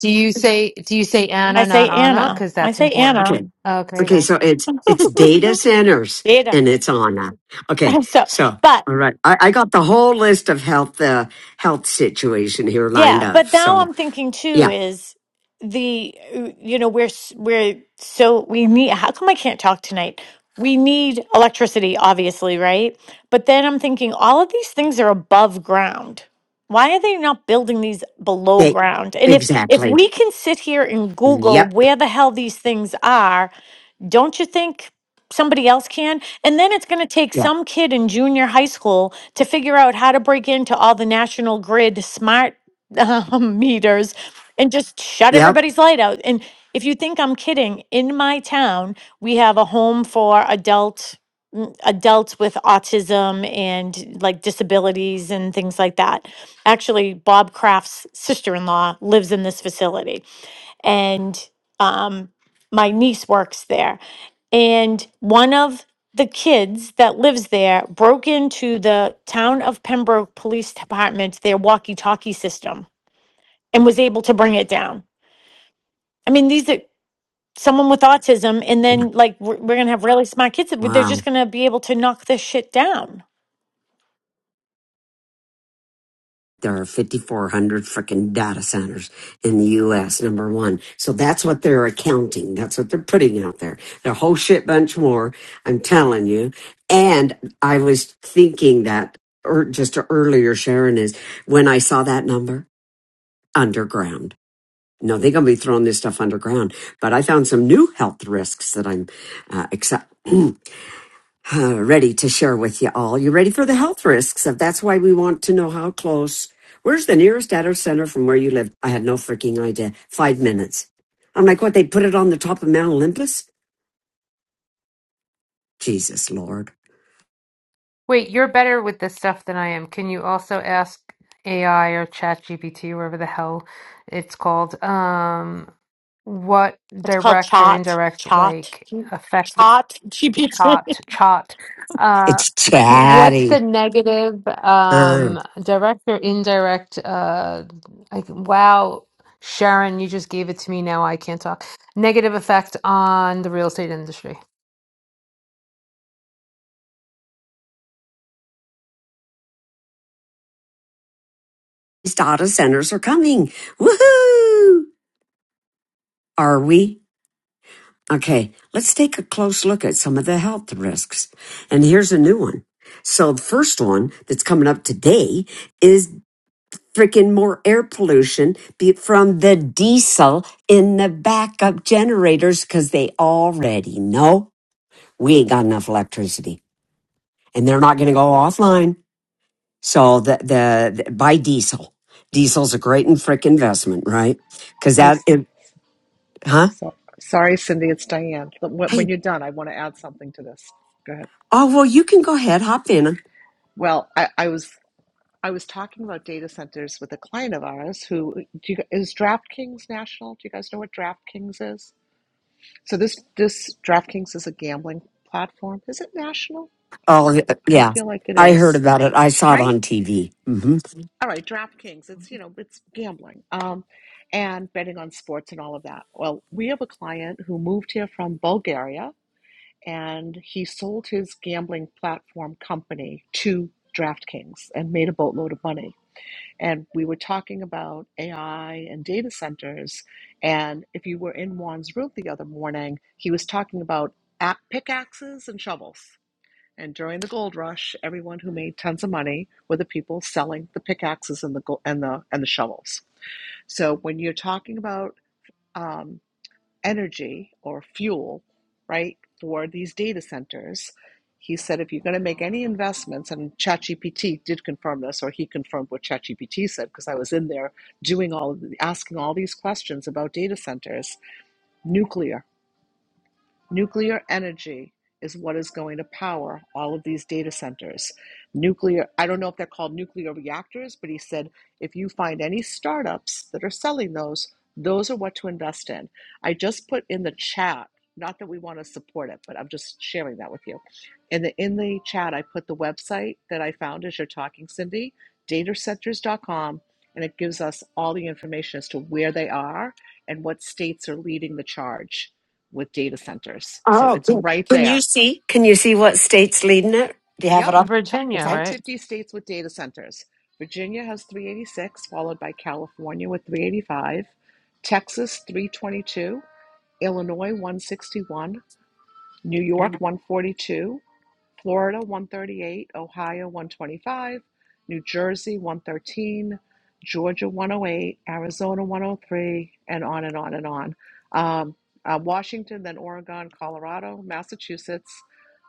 Speaker 21: Do you say do you say
Speaker 19: I
Speaker 21: Anna, not
Speaker 19: say
Speaker 21: Anna?
Speaker 19: Anna.
Speaker 21: Because
Speaker 19: I
Speaker 21: that's
Speaker 19: say
Speaker 21: important.
Speaker 19: Anna.
Speaker 1: Okay.
Speaker 21: Okay,
Speaker 1: Okay,
Speaker 21: then.
Speaker 1: so it's it's data centers
Speaker 19: Data.
Speaker 1: and it's on. uh, Okay,
Speaker 19: So,
Speaker 1: so
Speaker 19: but
Speaker 1: all right, I, I got the whole list of health uh, health situation here lined
Speaker 19: Yeah,
Speaker 1: up.
Speaker 19: but now
Speaker 1: So
Speaker 19: I'm thinking too
Speaker 1: yeah,
Speaker 19: is the uh, you know we're s- we're so we need how come I can't talk tonight? We need electricity obviously, right? But then I'm thinking all of these things are above ground. Why are they not building these below
Speaker 1: they,
Speaker 19: ground? And if if
Speaker 1: exactly.
Speaker 19: we can sit here and Google
Speaker 1: Yep.
Speaker 19: where the hell these things are don't you think somebody else can? And then it's going to take
Speaker 1: Yeah.
Speaker 19: some kid in junior high school to figure out how to break into all the national grid smart um, meters and just shut
Speaker 1: Yep.
Speaker 19: everybody's light out. And if you think I'm kidding, in my town, we have a home for adult mm, adults with autism and like disabilities and things like that. Actually, Bob Kraft's sister-in-law lives in this facility and um, my niece works there. And one of the kids that lives there broke into the town of Pembroke Police Department, their walkie talkie system, and was able to bring it down. I mean, these are someone with autism, and then like we're, we're going to have really smart kids. that They're
Speaker 1: Wow.
Speaker 19: just going to be able to knock this shit down.
Speaker 1: There are 5,400 freaking data centers in the US, number one. So that's what they're accounting. That's what they're putting out there. A whole shit bunch more, I'm telling you. And I was thinking that, or just earlier, Sharon, is when I saw that number, underground. No, they're going to be throwing this stuff underground. But I found some new health risks that I'm uh, accept. uh, ready to share with you all. You ready for the health risks? If that's why we want to know how close. Where's the nearest data center from where you live? I had no freaking idea. Five minutes. I'm like, what? They put it on the top of Mount Olympus? Jesus Lord.
Speaker 21: Wait, you're better with this stuff than I am. Can you also ask AI or ChatGPT, wherever the hell it's called, um, what
Speaker 19: It's called
Speaker 21: direct or
Speaker 19: Chat.
Speaker 21: indirect
Speaker 19: Chat.
Speaker 21: like effect
Speaker 19: Chat GPT.
Speaker 21: chot chot uh
Speaker 1: It's
Speaker 21: what's
Speaker 1: chatty.
Speaker 21: the negative
Speaker 1: Uh,
Speaker 21: um direct or indirect uh like wow Sharon you just gave it to me now I can't talk negative effect on the real estate industry
Speaker 1: these data centers are coming. Woohoo! Are we? Okay, let's take a close look at some of the health risks. And here's a new one. So the first one that's coming up today is. freaking more air pollution be- from the diesel in the backup generators because they already know we ain't got enough electricity and they're not going to go offline. So the, the, the buy diesel. Diesel's a great and frick investment, right? Because
Speaker 13: Hey,
Speaker 1: that,
Speaker 13: s-
Speaker 1: it, huh?
Speaker 13: so, sorry, Cindy, it's Diane. But When when
Speaker 1: Hey,
Speaker 13: you're done, I want to add something to this. Go ahead.
Speaker 1: oh, well, you can go ahead, hop in.
Speaker 13: Well, I, I was I was talking about data centers with a client of ours who do you, is DraftKings National. Do you guys know what DraftKings is? So this this DraftKings is a gambling platform. Is it national? I,
Speaker 1: Oh,
Speaker 13: I
Speaker 1: yeah.
Speaker 13: feel like it
Speaker 1: I heard
Speaker 13: is,
Speaker 1: about it. I saw it
Speaker 13: right?
Speaker 1: on TV. hmm
Speaker 13: All right, DraftKings, it's, you know, it's gambling um, and betting on sports and all of that. Well, we have a client who moved here from Bulgaria and he sold his gambling platform company to DraftKings and made a boatload of money. And we were talking about AI and data centers. And if you were in Juan's room the other morning, he was talking about app pickaxes and shovels. And during the gold rush, everyone who made tons of money were the people selling the pickaxes and the and the and the shovels. So when you're talking about um, energy or fuel, right, for these data centers, he said if you're going to make any investments, and ChatGPT did confirm this, or he confirmed what ChatGPT said because I was in there doing all of the, asking all these questions about data centers, nuclear Nuclear energy is what is going to power all of these data centers. Nuclear, I don't know if they're called nuclear reactors, but he said if you find any startups that are selling those, those are what to invest in. I just put in the chat, not that we want to support it, but I'm just sharing that with you. In the in the chat, I put the website that I found as you're talking, Cindy, datacenters.com, and it gives us all the information as to where they are and what states are leading the charge with data centers. So
Speaker 1: Oh,
Speaker 13: it's
Speaker 1: can
Speaker 13: right
Speaker 1: can you
Speaker 13: there.
Speaker 1: see? Can you see what state's leading it? Do you have it
Speaker 13: Yep,
Speaker 1: up?
Speaker 13: top,
Speaker 21: Virginia
Speaker 13: top
Speaker 1: Okay.
Speaker 21: right
Speaker 13: 50 states with data centers. Virginia has 386, followed by California with 385, Texas 322, Illinois 161, New York 142, Florida 138, Ohio 125, New Jersey 113, Georgia 108, Arizona 103, and on and on and on. Um, uh, Washington, then Oregon, Colorado, Massachusetts,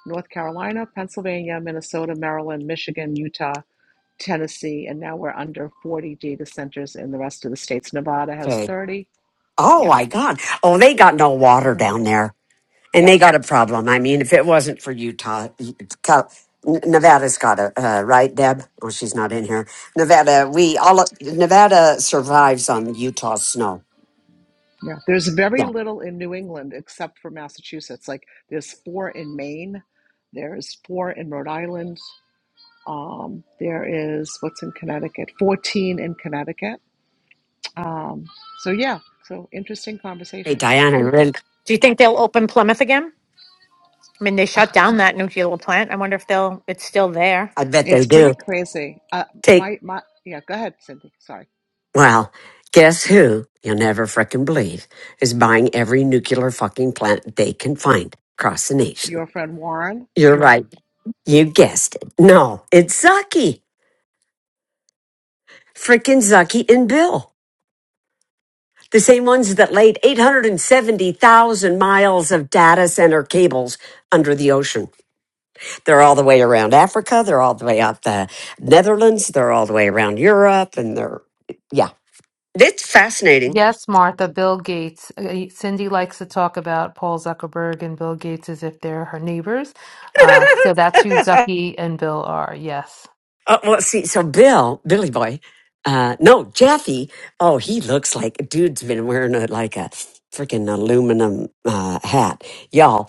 Speaker 13: North Carolina, Pennsylvania, Minnesota, Maryland, Michigan, Utah, Tennessee, and now we're under 40 data centers in the rest of the states. Nevada has 30.
Speaker 1: Oh
Speaker 13: Yeah.
Speaker 1: my God. Oh, they got no water
Speaker 13: mhm.
Speaker 1: down there and they got a problem. I mean, if it wasn't for Utah, Cal- Nevada's got a, uh, right, Deb? Oh, she's not in here. Nevada, we all, Nevada survives on Utah snow.
Speaker 13: Yeah, there's very
Speaker 1: Yeah.
Speaker 13: little in New England except for Massachusetts. Like there's four in Maine, there's four in Rhode Island, um, there is what's in Connecticut, 14 in Connecticut. Um, so yeah, so interesting
Speaker 1: Hey,
Speaker 13: conversation.
Speaker 1: Diana, I really-
Speaker 19: Do you think they'll open Plymouth again? I mean, they shut down that nuclear plant. I wonder if they'll. It's still there.
Speaker 1: I bet they
Speaker 13: It's pretty
Speaker 1: do.
Speaker 13: crazy. Uh,
Speaker 1: Take,
Speaker 13: my my yeah, go ahead, Cindy. Sorry,
Speaker 1: well, guess who you'll never frickin' believe is buying every nuclear fucking plant they can find across the nation.
Speaker 13: your friend Warren,
Speaker 1: You're right. You guessed it. No, it's Zucky. Frickin' Zucky and Bill. The same ones that laid 870,000 miles of data center cables under the ocean. They're all the way around Africa. They're all the way out the Netherlands. They're all the way around Europe. And they're, yeah, it's fascinating.
Speaker 21: Yes, Martha, Bill Gates. Uh, Cindy likes to talk about Paul Zuckerberg and Bill Gates as if they're her neighbors. Uh, so that's who Zucky and Bill are. Yes.
Speaker 1: Uh, well, see, so Bill, Billy Boy, uh, no, Jeffy. Oh, he looks like dude's been wearing a, like a freaking aluminum uh, hat. Y'all,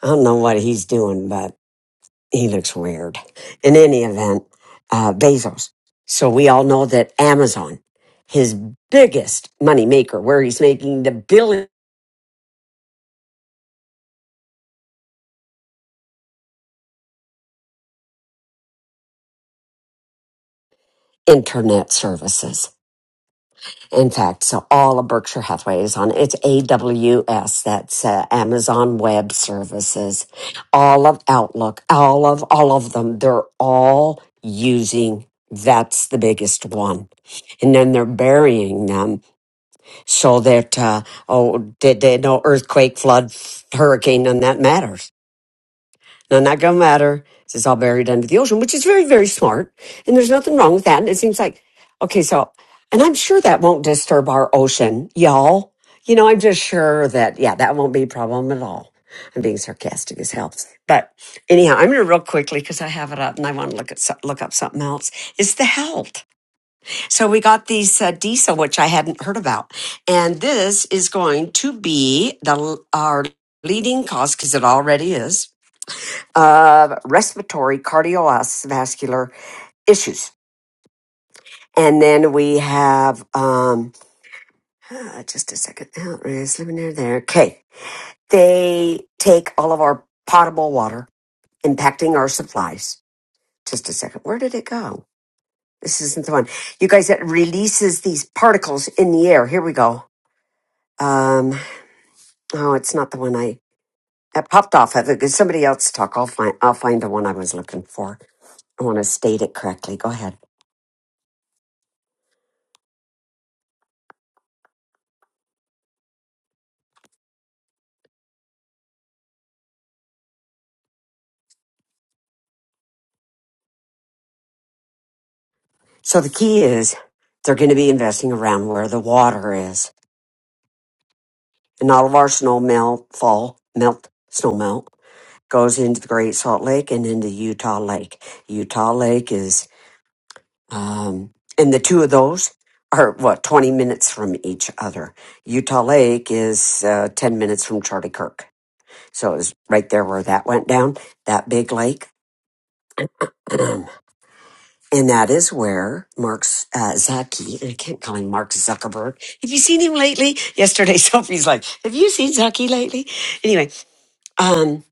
Speaker 1: I don't know what he's doing, but. he looks weird. In any event, uh, Bezos. So we all know that Amazon, his biggest money maker, where he's making the billion internet services. In fact, so all of Berkshire Hathaway is on it's AWS. That's uh, Amazon Web Services. All of Outlook, all of all of them, they're all using. That's the biggest one, and then they're burying them so that uh, oh did there no earthquake flood hurricane none of that matters none of that gonna matter it's just all buried under the ocean which is very very smart and there's nothing wrong with that and it seems like okay so and i'm sure that won't disturb our ocean y'all you know i'm just sure that yeah that won't be a problem at all i'm being sarcastic as hell but anyhow i'm gonna real quickly because i have it up and i want to look at so- look up something else it's the health so we got these uh, diesel, which I hadn't heard about, and this is going to be the our leading cause because it already is of respiratory cardiovascular issues. And then we have um, uh, just a second. Oh, it's living there. There. Okay, they take all of our potable water, impacting our supplies. Just a second. Where did it go? This isn't the one. You guys, it releases these particles in the air. Here we go. Um, Oh, it's not the one I that popped off of it. Could Somebody else talk. I'll find I'll find the one I was looking for. I want to state it correctly. Go ahead. So the key is they're going to be investing around where the water is, and all of our snow melt fall melt snow melt goes into the Great Salt Lake and into Utah Lake. Utah Lake is um, and the two of those are what twenty minutes from each other. Utah Lake is uh, ten minutes from Charlie Kirk So it was right there where that went down, that big lake. Um, and that is where Mark uh, Zaki, I can't call him Mark Zuckerberg. Have you seen him lately? Yesterday, Sophie's like, Have you seen Zaki lately? Anyway, um,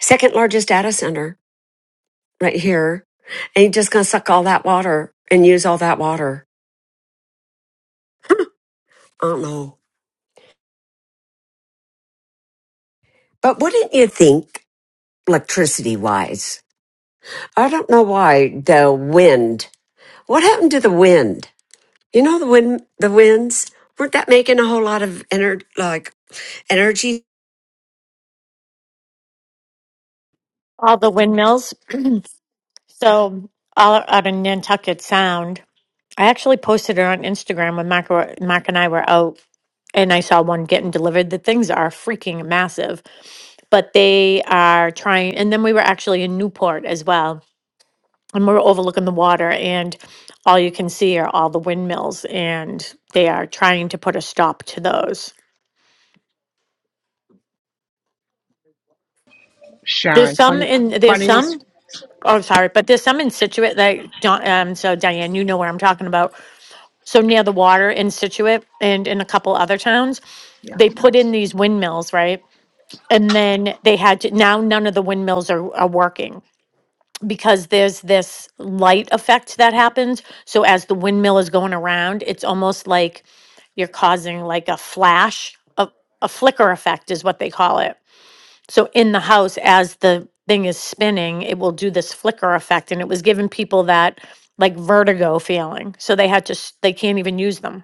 Speaker 1: second largest data center right here. And he's just going to suck all that water and use all that water. I don't know. But wouldn't you think, electricity wise? I don't know why the wind. What happened to the wind? You know the wind, the winds weren't that making a whole lot of ener- like energy.
Speaker 19: All the windmills. so all out of Nantucket Sound. I actually posted it on Instagram when Mark, were- Mark and I were out, and I saw one getting delivered. The things are freaking massive, but they are trying. And then we were actually in Newport as well, and we are overlooking the water, and all you can see are all the windmills, and they are trying to put a stop to those. There's
Speaker 13: Sharon.
Speaker 19: some
Speaker 13: Funny,
Speaker 19: in there's
Speaker 13: funny you.
Speaker 19: some. Oh, sorry, but there's some in Situate that don't. Um, so Diane, you know where I'm talking about so near the water in Situate and in a couple other towns,
Speaker 13: Yeah,
Speaker 19: they put in these windmills, right? And then they had to, now none of the windmills are, are working because there's this light effect that happens. So as the windmill is going around, it's almost like you're causing like a flash, a, a flicker effect is what they call it. So in the house, as the thing is spinning, it will do this flicker effect. And it was giving people that like vertigo feeling. So they had to, s- they can't even use them.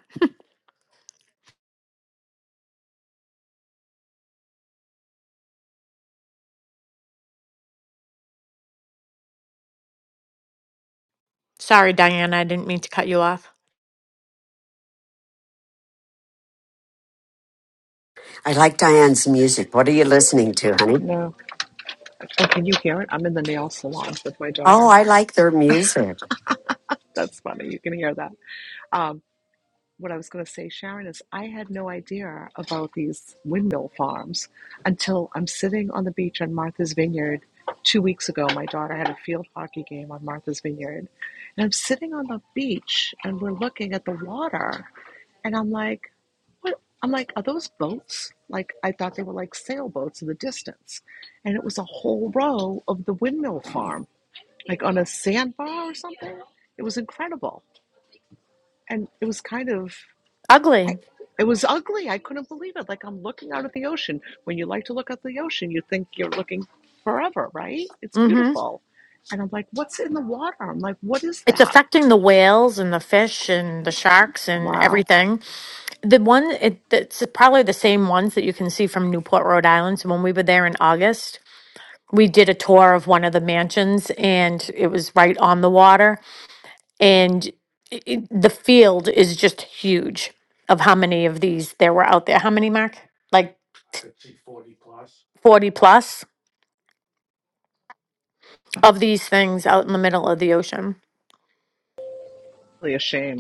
Speaker 19: Sorry, Diana, I didn't mean to cut you off.
Speaker 1: I like Diane's music. What are you listening to, honey?
Speaker 13: no. Oh, can you hear it? I'm in the nail salon with my
Speaker 1: Oh,
Speaker 13: daughter.
Speaker 1: I like their music.
Speaker 13: That's funny. You can hear that. Um, what I was going to say, Sharon, is I had no idea about these windmill farms until I'm sitting on the beach on Martha's Vineyard two weeks ago. My daughter had a field hockey game on Martha's Vineyard. And I'm sitting on the beach and we're looking at the water. And I'm like, what? I'm like, are those boats? Like, I thought they were like sailboats in the distance. And it was a whole row of the windmill farm, like on a sandbar or something. It was incredible. And it was kind of I,
Speaker 19: Ugly.
Speaker 13: it was ugly. I couldn't believe it. Like I'm looking out at the ocean. When you like to look at the ocean, you think you're looking forever, right? It's
Speaker 19: Mm-hmm.
Speaker 13: beautiful. And I'm like, what's in the water? I'm like, what is
Speaker 19: It's
Speaker 13: that?
Speaker 19: affecting the whales and the fish and the sharks and
Speaker 13: Wow.
Speaker 19: everything. The one, it, it's probably the same ones that you can see from Newport, Rhode Island. So when we were there in August, we did a tour of one of the mansions and it was right on the water. And it, it- the field is just huge of how many of these there were out there. How many, Mark? Like 40 plus? of these things out in the middle of the ocean.
Speaker 13: Really a shame.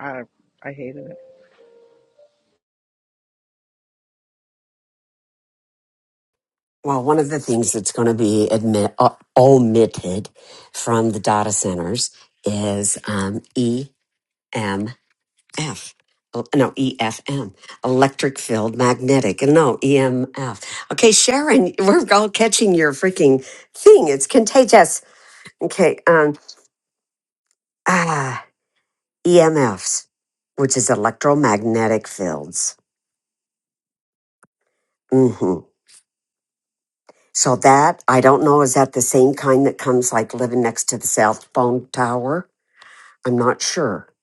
Speaker 13: I I hated it.
Speaker 1: Well, one of the things that's going to be admit, uh, omitted from the data centers is um, EMF. Oh, No, EFM, electric field magnetic. and No, EMF. Okay, Sharon, we're all catching your freaking thing. It's contagious. Okay, um, ah. EMFs, which is electromagnetic fields. hmm So that I don't know is that the same kind that comes like living next to the cell phone tower. I'm not sure,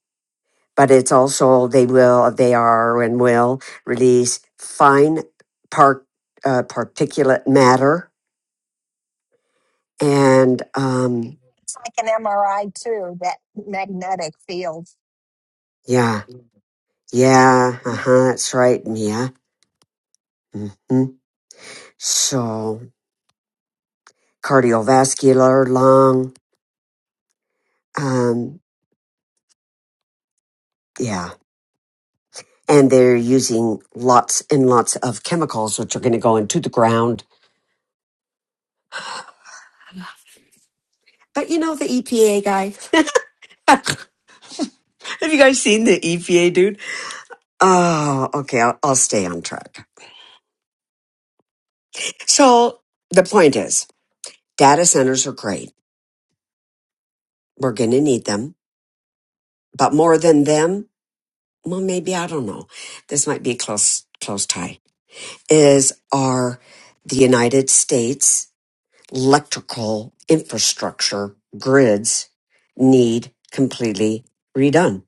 Speaker 1: but it's also they will they are and will release fine part uh, particulate matter and um
Speaker 14: It's like an MRI too, that magnetic field.
Speaker 1: yeah yeah uh-huh, that's right Mia. hmm So cardiovascular lung um yeah and they're using lots and lots of chemicals which are going to go into the ground. But you know the EPA guy. Have you guys seen the EPA dude? Oh, okay. I'll, I'll stay on track. So the point is, data centers are great. We're going to need them, but more than them, well, maybe I don't know. This might be a close close tie. Is are the United States electrical infrastructure grids need completely redone,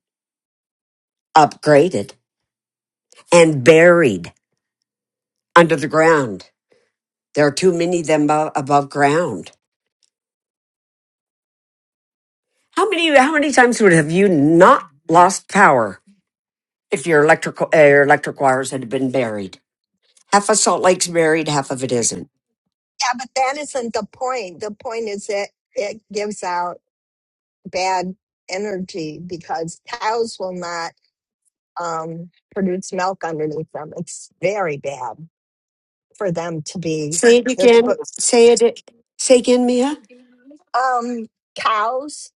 Speaker 1: upgraded, and buried under the ground. There are too many of them abo- above ground. How many? How many times would have you not lost power if your electrical uh, your electric wires had been buried? Half of Salt Lake's buried, half of it isn't.
Speaker 14: Yeah, but that isn't the point. The point is that it gives out bad energy because cows will not um, produce milk underneath them. It's very bad for them to be.
Speaker 1: Say it
Speaker 14: They're supposed.
Speaker 1: again. Say it. a- Say again, Mia.
Speaker 14: um cows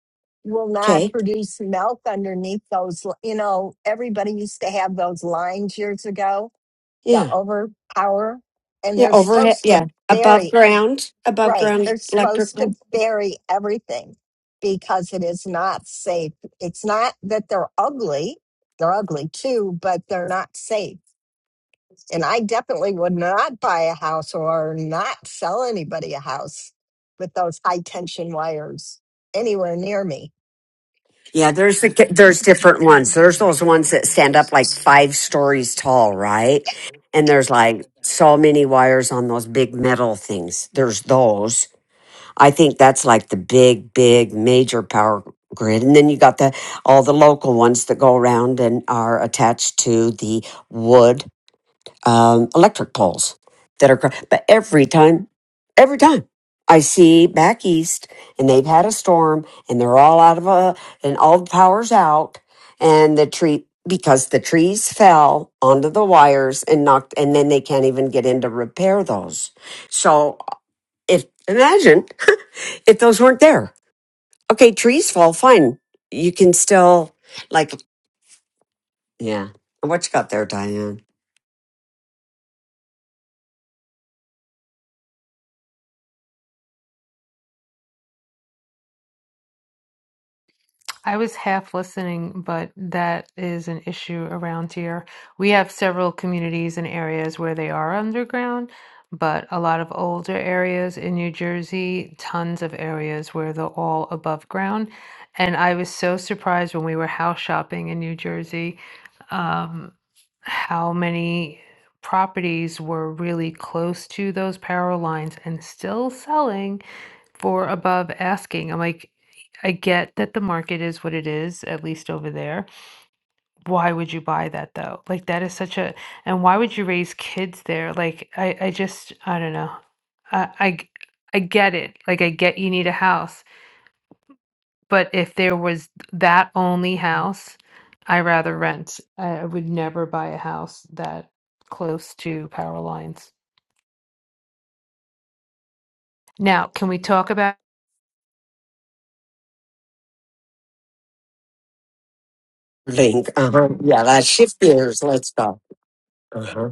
Speaker 14: will not
Speaker 1: Okay.
Speaker 14: produce milk underneath those l- you know everybody used to have those lines years ago the
Speaker 1: Yeah.
Speaker 14: overpower and
Speaker 1: Yeah.
Speaker 14: they're
Speaker 1: Overhead.
Speaker 14: supposed
Speaker 1: Yeah.
Speaker 14: to
Speaker 1: Above
Speaker 14: bury
Speaker 1: ground. Above
Speaker 14: right
Speaker 1: ground
Speaker 14: they're supposed
Speaker 1: electrical.
Speaker 14: to bury everything because it is not safe it's not that they're ugly they're ugly too but they're not safe and I definitely would not buy a house or not sell anybody a house with those high tension wires anywhere near me.
Speaker 1: Yeah, there's the, there's different ones. There's those ones that stand up like five stories tall, right? And there's like so many wires on those big metal things. There's those. I think that's like the big, big major power grid. And then you got the all the local ones that go around and are attached to the wood um, electric poles that are. cr- But every time, every time I see back east, and they've had a storm, and they're all out of a, and all the power's out, and the tree because the trees fell onto the wires and knocked, and then they can't even get in to repair those. So if imagine if those weren't there, okay, trees fall fine. You can still like yeah. What you got there, Diane?
Speaker 21: I was half listening, but that is an issue around here. We have several communities and areas where they are underground, but a lot of older areas in New Jersey, tons of areas where they're all above ground. And I was so surprised when we were house shopping in New Jersey, um, how many properties were really close to those power lines and still selling for above asking. I'm like, I get that the market is what it is, at least over there. Why would you buy that though? Like that is such a, and why would you raise kids there? Like I, I just, I don't know. I, I, g- I get it. Like I get you need a house, but if there was that only house, I rather rent. I, I would never buy a house that close to power lines. Now, can we talk about?
Speaker 1: Link. Uh-huh. Yeah, that's shift gears. Let's go. Uh-huh.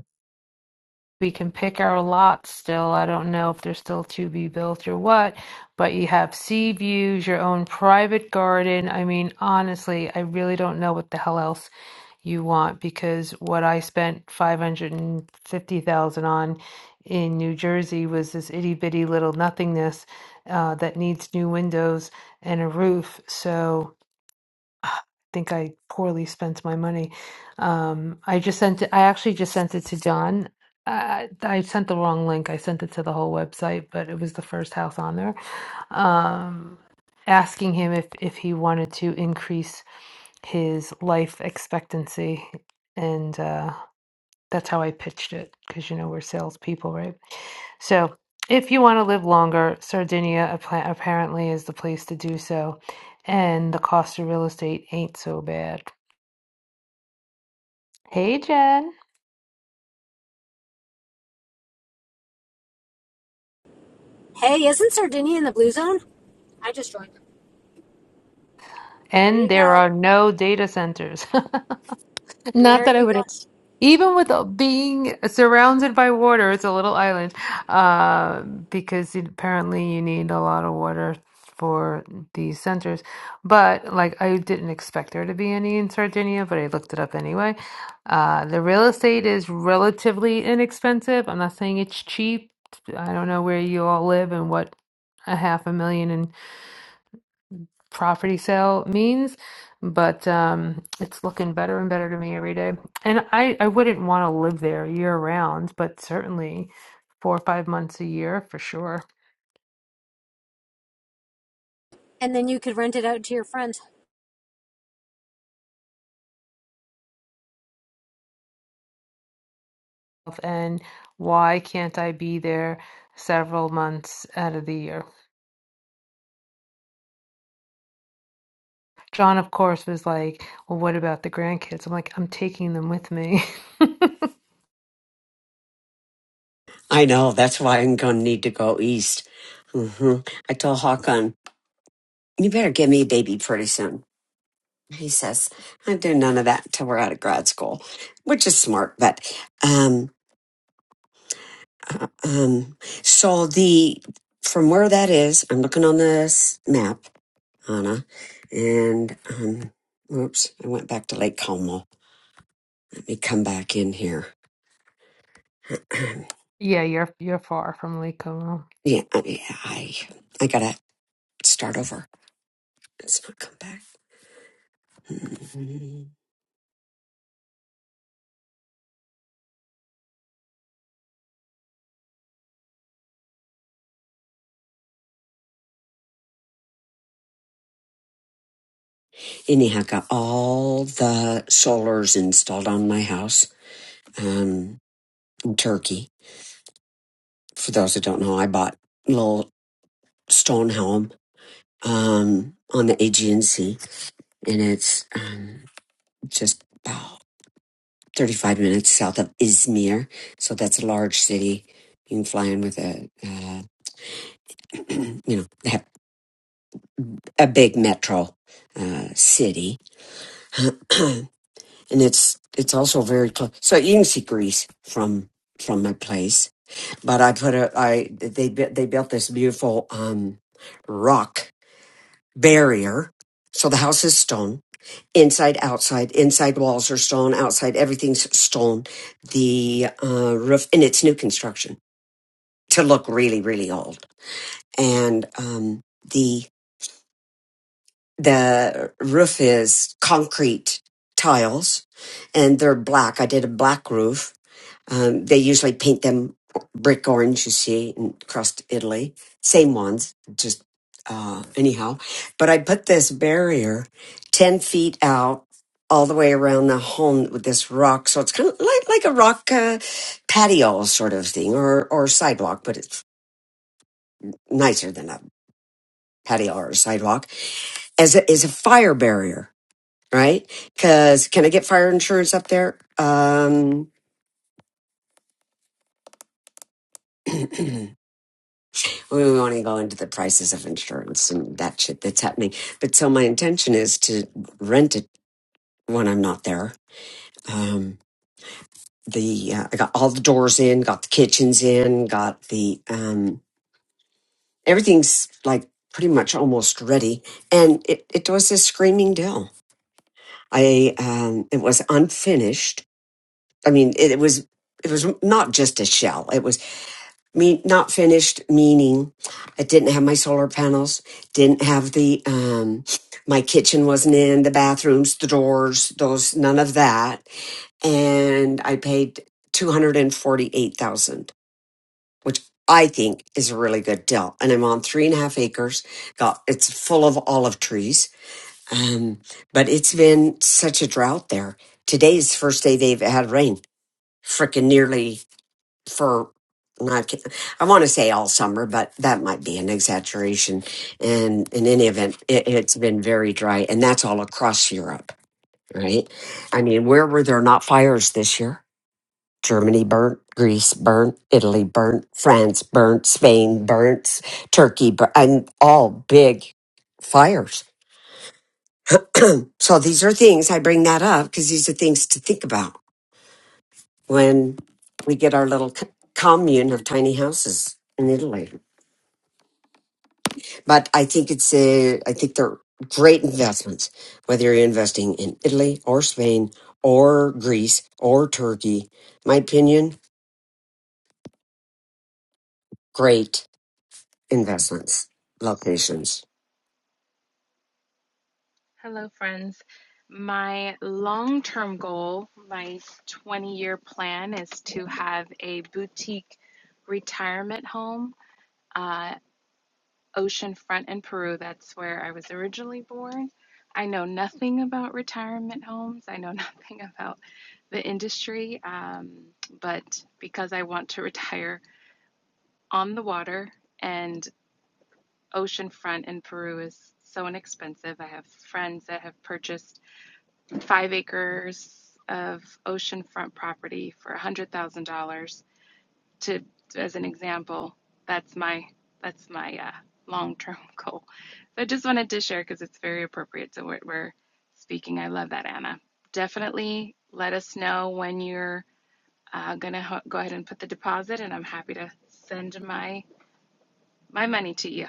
Speaker 21: we can pick our lot still. I don't know if they're still to be built or what, but you have sea views, your own private garden. I mean, honestly, I really don't know what the hell else you want because what I spent 550,000 on in New Jersey was this itty bitty little nothingness uh, that needs new windows and a roof. So, I think I poorly spent my money. Um, I just sent it, I actually just sent it to John. I, I sent the wrong link. I sent it to the whole website, but it was the first house on there. Um, asking him if, if he wanted to increase his life expectancy. And uh, that's how I pitched it because you know we're salespeople, right? So, if you want to live longer, Sardinia appa- apparently is the place to do so, and the cost of real estate ain't so bad. Hey, Jen.
Speaker 25: Hey, isn't Sardinia in the blue zone? I just joined. There
Speaker 21: And
Speaker 25: you
Speaker 21: there
Speaker 25: go.
Speaker 21: are no data centers. Not
Speaker 25: There
Speaker 21: that I
Speaker 25: you
Speaker 21: would,
Speaker 25: go.
Speaker 21: ex- even with uh, being surrounded by water, it's a little island, uh, because it- apparently you need a lot of water for these centers. But like, I didn't expect there to be any in Sardinia, but I looked it up anyway. Uh, the real estate is relatively inexpensive. I'm not saying it's cheap. I don't know where you all live and what a half a million in property sale means, but um, it's looking better and better to me every day. And I, I wouldn't want to live there year round, but certainly four or five months a year for sure.
Speaker 25: And then you could rent it out to your friends.
Speaker 21: And why can't I be there several months out of the year? John, of course, was like, "Well, what about the grandkids?" I'm like, "I'm taking them with me."
Speaker 1: I know. That's why I'm going to need to go east. hmm I told Hawkon, you better give me a baby pretty soon. He says, I do none of that till we're out of grad school, which is smart. But um, um, so the from where that is, I'm looking on this map, Anna, and um, oops, I went back to Lake Como. Let me come back in here. Um,
Speaker 21: yeah, you're you're far from Lake Como.
Speaker 1: yeah, I, yeah, I, I gotta start over. Let's not come back. Mm-hmm. anyhow, got all the solars installed on my house um, in Turkey. For those who don't know, I bought a little stone home um, on the Aegean Sea, and it's um, just about 35 minutes south of Izmir. So that's a large city. You can fly in with a, uh, you know, they have a big metro uh, city, and it's it's also very close. So you can see Greece from from my place but I put a I they bu- they built this beautiful um rock barrier. So the house is stone, inside, outside. Inside walls are stone, outside everything's stone. The uh, roof and it's new construction to look really really old. And um, the the roof is concrete tiles, and they're black. I did a black roof Um, they usually paint them brick orange, you see, in crust Italy. Same ones, just uh, anyhow. But I put this barrier 10 feet out all the way around the home with this rock. So it's kind of like, like a rock uh, patio sort of thing or, or sidewalk, but it's nicer than a patio or a sidewalk as a, as a fire barrier, right? Because can I get fire insurance up there? Um, we want to go into the prices of insurance and that shit that's happening. But so my intention is to rent it when I'm not there. Um, the uh, I got all the doors in, got the kitchens in, got the um, everything's like pretty much almost ready, and it it was a screaming deal. I um, it was unfinished. I mean, it, it was it was not just a shell. It was mean not finished meaning i didn't have my solar panels didn't have the um my kitchen wasn't in the bathrooms the doors those none of that and i paid 248000 which i think is a really good deal and i'm on three and a half acres got it's full of olive trees um but it's been such a drought there Today's the first day they've had rain freaking nearly for not I want to say all summer, but that might be an exaggeration. And in any event, it, it's been very dry, and that's all across Europe, right? I mean, where were there not fires this year? Germany burnt, Greece burnt, Italy burnt, France burnt, Spain burnt, Turkey burnt, and all big fires. So these are things I bring that up because these are things to think about when we get our little c- commune of tiny houses in Italy. But I think it's a, I think they're great investments, whether you're investing in Italy or Spain or Greece or Turkey. My opinion, great investments, locations.
Speaker 18: Hello, friends. My long term goal, my 20 year plan is to have a boutique retirement home. Uh, oceanfront in Peru. That's where I was originally born. I know nothing about retirement homes. I know nothing about the industry. Um, but because I want to retire on the water and oceanfront in Peru is so inexpensive, I have friends that have purchased five acres of oceanfront property for $100,000 to as an example that's my that's my uh, long-term goal so i just wanted to share because it's very appropriate to what we're speaking i love that anna definitely let us know when you're uh, gonna go ahead and put the deposit and i'm happy to send my my money to you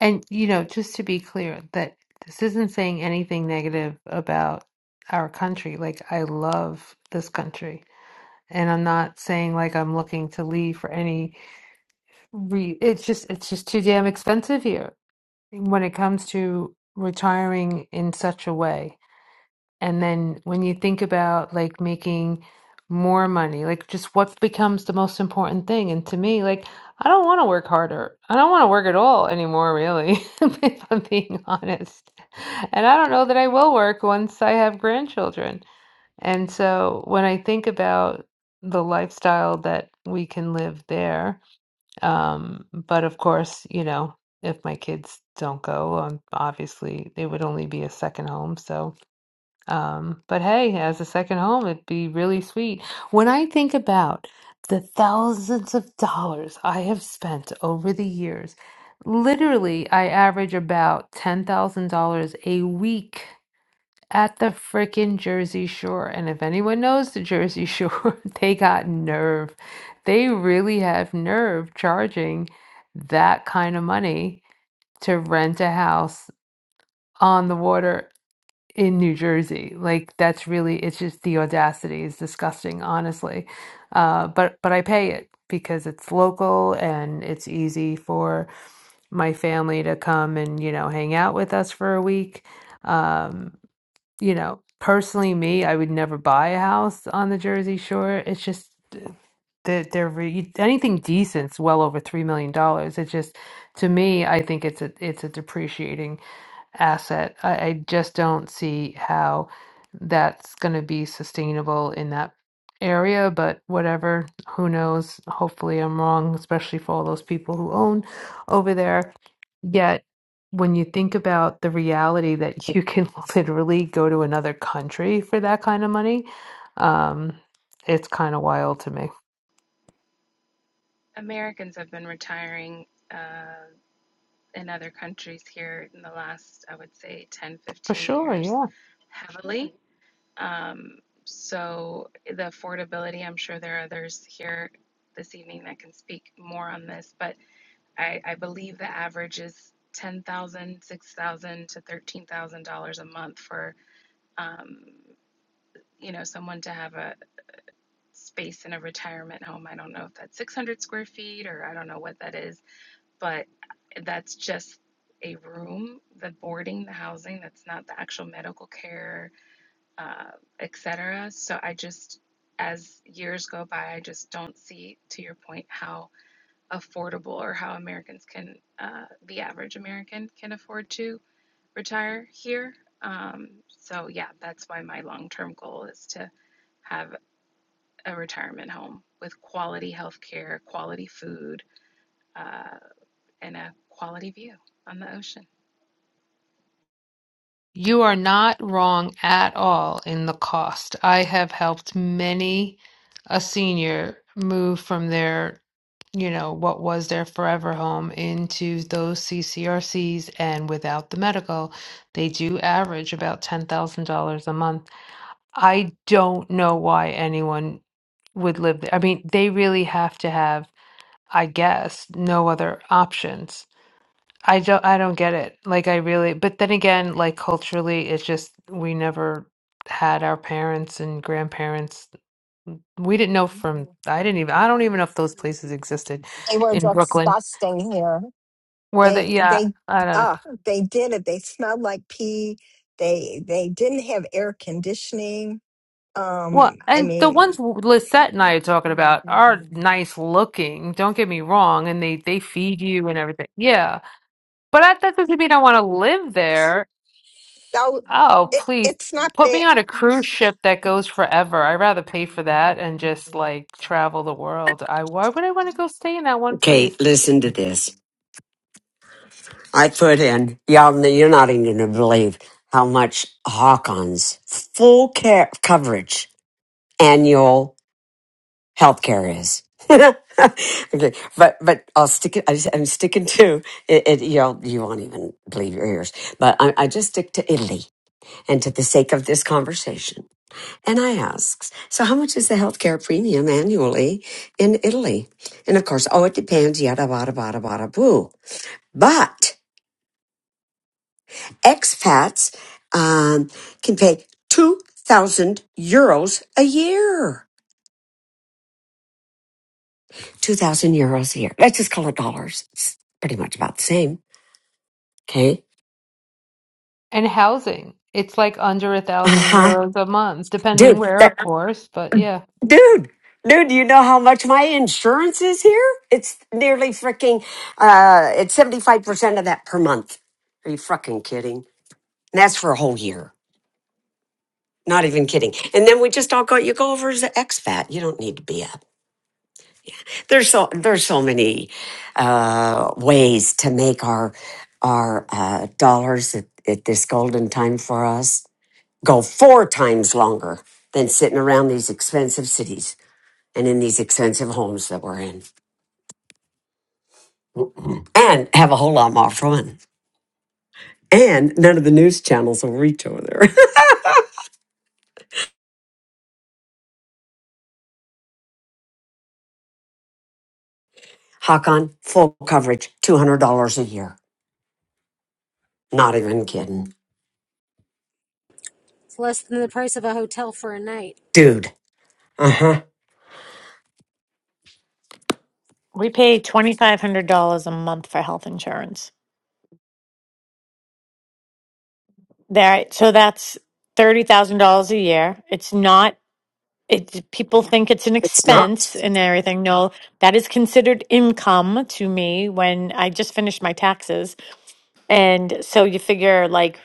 Speaker 21: And, you know, just to be clear, that this isn't saying anything negative about our country. Like, I love this country. And I'm not saying like I'm looking to leave for any re it's just it's just too damn expensive here when it comes to retiring in such a way. And then when you think about like making more money, like just what becomes the most important thing? And to me, like, I don't want to work harder. I don't want to work at all anymore, really, if I'm being honest. And I don't know that I will work once I have grandchildren. And so when I think about the lifestyle that we can live there, um, but of course, you know, if my kids don't go, um, obviously it would only be a second home. So, um, but hey, as a second home, it'd be really sweet. When I think about the thousands of dollars I have spent over the years, literally, I average about $10,000 a week at the frickin' Jersey Shore. And if anyone knows the Jersey Shore, they got nerve. They really have nerve charging that kind of money to rent a house on the water in New Jersey. Like that's really it's just the audacity is disgusting, honestly. Uh, but but I pay it because it's local and it's easy for my family to come and you know hang out with us for a week. Um, you know, personally, me, I would never buy a house on the Jersey Shore. It's just that they're re- anything decent's well over three million dollars. It just to me, I think it's a it's a depreciating asset. I, I just don't see how that's going to be sustainable in that area, but whatever, who knows? Hopefully, I'm wrong, especially for all those people who own over there. Yet, when you think about the reality that you can literally go to another country for that kind of money, um, it's kind of wild to me.
Speaker 18: americans have been retiring uh, in other countries here in the last i would say 10
Speaker 21: For
Speaker 18: 15
Speaker 21: sure,
Speaker 18: years
Speaker 21: yeah.
Speaker 18: heavily Um, so the affordability, I'm sure there are others here this evening that can speak more on this, but I, I believe the average is ten thousand, six thousand to thirteen thousand dollars a month for um, you know someone to have a space in a retirement home. I don't know if that's six hundred square feet or I don't know what that is, but that's just a room, the boarding, the housing. That's not the actual medical care uh, etc. So I just, as years go by, I just don't see, to your point, how affordable or how Americans can, uh, the average American can afford to retire here. Um, so yeah, that's why my long-term goal is to have a retirement home with quality health care, quality food, uh, and a quality view on the ocean.
Speaker 21: You are not wrong at all in the cost. I have helped many a senior move from their, you know, what was their forever home into those CCRCs, and without the medical, they do average about $10,000 a month. I don't know why anyone would live there. I mean, they really have to have, I guess, no other options I don't I don't get it. Like I really but then again, like culturally it's just we never had our parents and grandparents we didn't know from I didn't even I don't even know if those places existed
Speaker 14: They were
Speaker 21: in Brooklyn
Speaker 14: disgusting here.
Speaker 21: where the
Speaker 14: They
Speaker 21: yeah,
Speaker 14: they
Speaker 21: I don't know.
Speaker 14: uh they did it. They smelled like pee. They they didn't have air conditioning.
Speaker 21: Well,
Speaker 14: Um, I
Speaker 21: and the ones
Speaker 14: mean,
Speaker 21: Lisette and I are talking about are nice looking, don't get me wrong, and they they feed you and everything. Yeah. But I, that doesn't mean I want to live there.
Speaker 14: so
Speaker 21: Oh,
Speaker 14: it,
Speaker 21: please
Speaker 14: it's not
Speaker 21: put me
Speaker 14: bad.
Speaker 21: on a cruise ship that goes forever. I'd rather pay for that and just like travel the world. I why would I want to go stay in that one
Speaker 1: Okay,
Speaker 21: place?
Speaker 1: listen to this. I put in, y'all, you're not even going to believe how much Hawkins full care coverage annual healthcare is. okay, but but I'll stick it. I just, I'm sticking to it. it you know, you won't even believe your ears, but I, I just stick to Italy and to the sake of this conversation. And I asks, so how much is the healthcare premium annually in Italy? And of course, oh, it depends. Yada bada bada bada boo. But expats um, can pay two thousand euros a year. 2,000 euros a year. Let's just call it dollars. It's pretty much about the same. Okay.
Speaker 21: And housing. It's like under a
Speaker 1: Uh
Speaker 21: thousand
Speaker 1: huh.
Speaker 21: euros a month, depending
Speaker 1: Dude,
Speaker 21: where,
Speaker 1: that,
Speaker 21: of course, but yeah.
Speaker 1: dude, dude, do you know how much my insurance is here? It's nearly freaking, uh, it's 75% of that per month. Are you fucking kidding? And that's for a whole year. Not even kidding. And then we just all go, you go over as an expat. You don't need to be up. There's so, there's so many, uh, ways to make our, our, uh, dollars at, at this golden time for us go four times longer than sitting around these expensive cities and in these expensive homes that we're in and have a whole lot more fun. And none of the news channels will reach over there. Hakon, full coverage, $200 a year. Not even kidding.
Speaker 25: It's less than the price of a hotel for a night.
Speaker 1: Dude. Uh huh.
Speaker 19: We pay $2,500 a month for health insurance. There, so that's $30,000 a year. It's not, it, people think it's an
Speaker 1: It's not.
Speaker 19: expense and everything. No, that is considered income to me when I just finished my taxes. And so you figure like,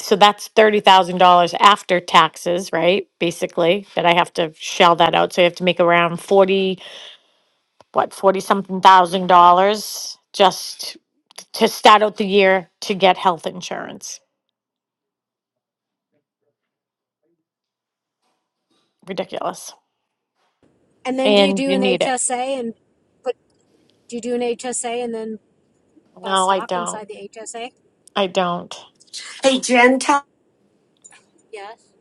Speaker 19: so that's $30,000 after taxes, right? Basically, that I have to shell that out. So you have to make around 40, what, 40 something thousand dollars just to start out the year to get health insurance. Ridiculous.
Speaker 25: And then do you
Speaker 19: And
Speaker 25: do
Speaker 19: you
Speaker 25: an
Speaker 19: need it.
Speaker 25: HSA and but do you do an HSA and then buy
Speaker 19: No, I
Speaker 25: stock
Speaker 19: don't.
Speaker 25: inside the HSA?
Speaker 19: I don't.
Speaker 1: Hey, Jen, tell.
Speaker 25: Yes.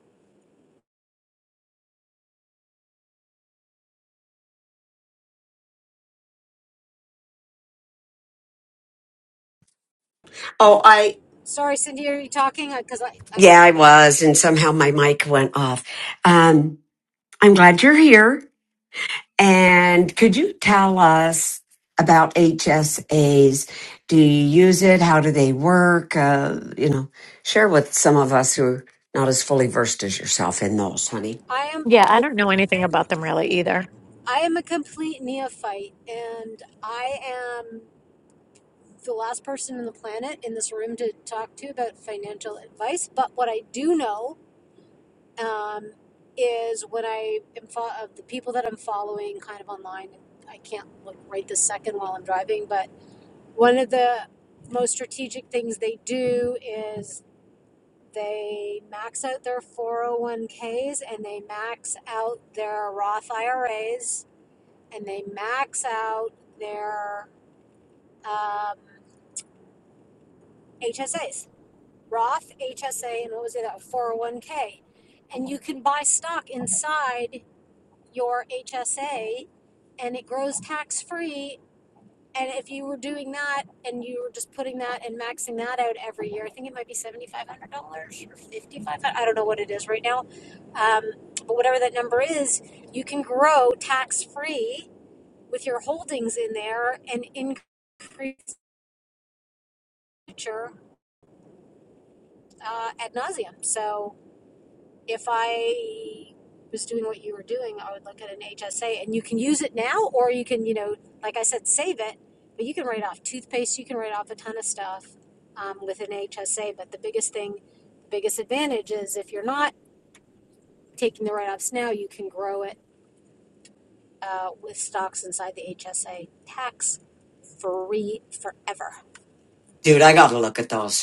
Speaker 1: Oh, I.
Speaker 25: Sorry, Cindy, are you talking? Because I, I got
Speaker 1: Yeah, I
Speaker 25: cut out.
Speaker 1: was. And somehow my mic went off. Um, I'm glad you're here. And could you tell us about HSAs? Do you use it? How do they work? Uh, you know, share with some of us who are not as fully versed as yourself in those, honey.
Speaker 25: I am
Speaker 19: Yeah, I don't know anything about them really either.
Speaker 25: I am a complete neophyte, and I am the last person on the planet in this room to talk to about financial advice. But what I do know um, is when I am fo- of the people that I'm following kind of online. I can't look right this second while I'm driving, but one of the most strategic things they do is they max out their 401ks and they max out their Roth IRAs and they max out their um, HSAs, Roth, HSA, and what was it, 401k. And you can buy stock inside your HSA and it grows tax free. And if you were doing that and you were just putting that and maxing that out every year, I think it might be seventy five hundred dollars or fifty five. I don't know what it is right now, um, but whatever that number is, you can grow tax free with your holdings in there and increase the future uh, ad nauseum. So if I was doing what you were doing, I would look at an HSA and you can use it now or you can, you know, like I said, save it, but you can write off toothpaste, you can write off a ton of stuff um, with an HSA. But the biggest thing, the biggest advantage is if you're not taking the write offs now, you can grow it uh, with stocks inside the HSA tax free forever.
Speaker 1: Dude, I got to look at those.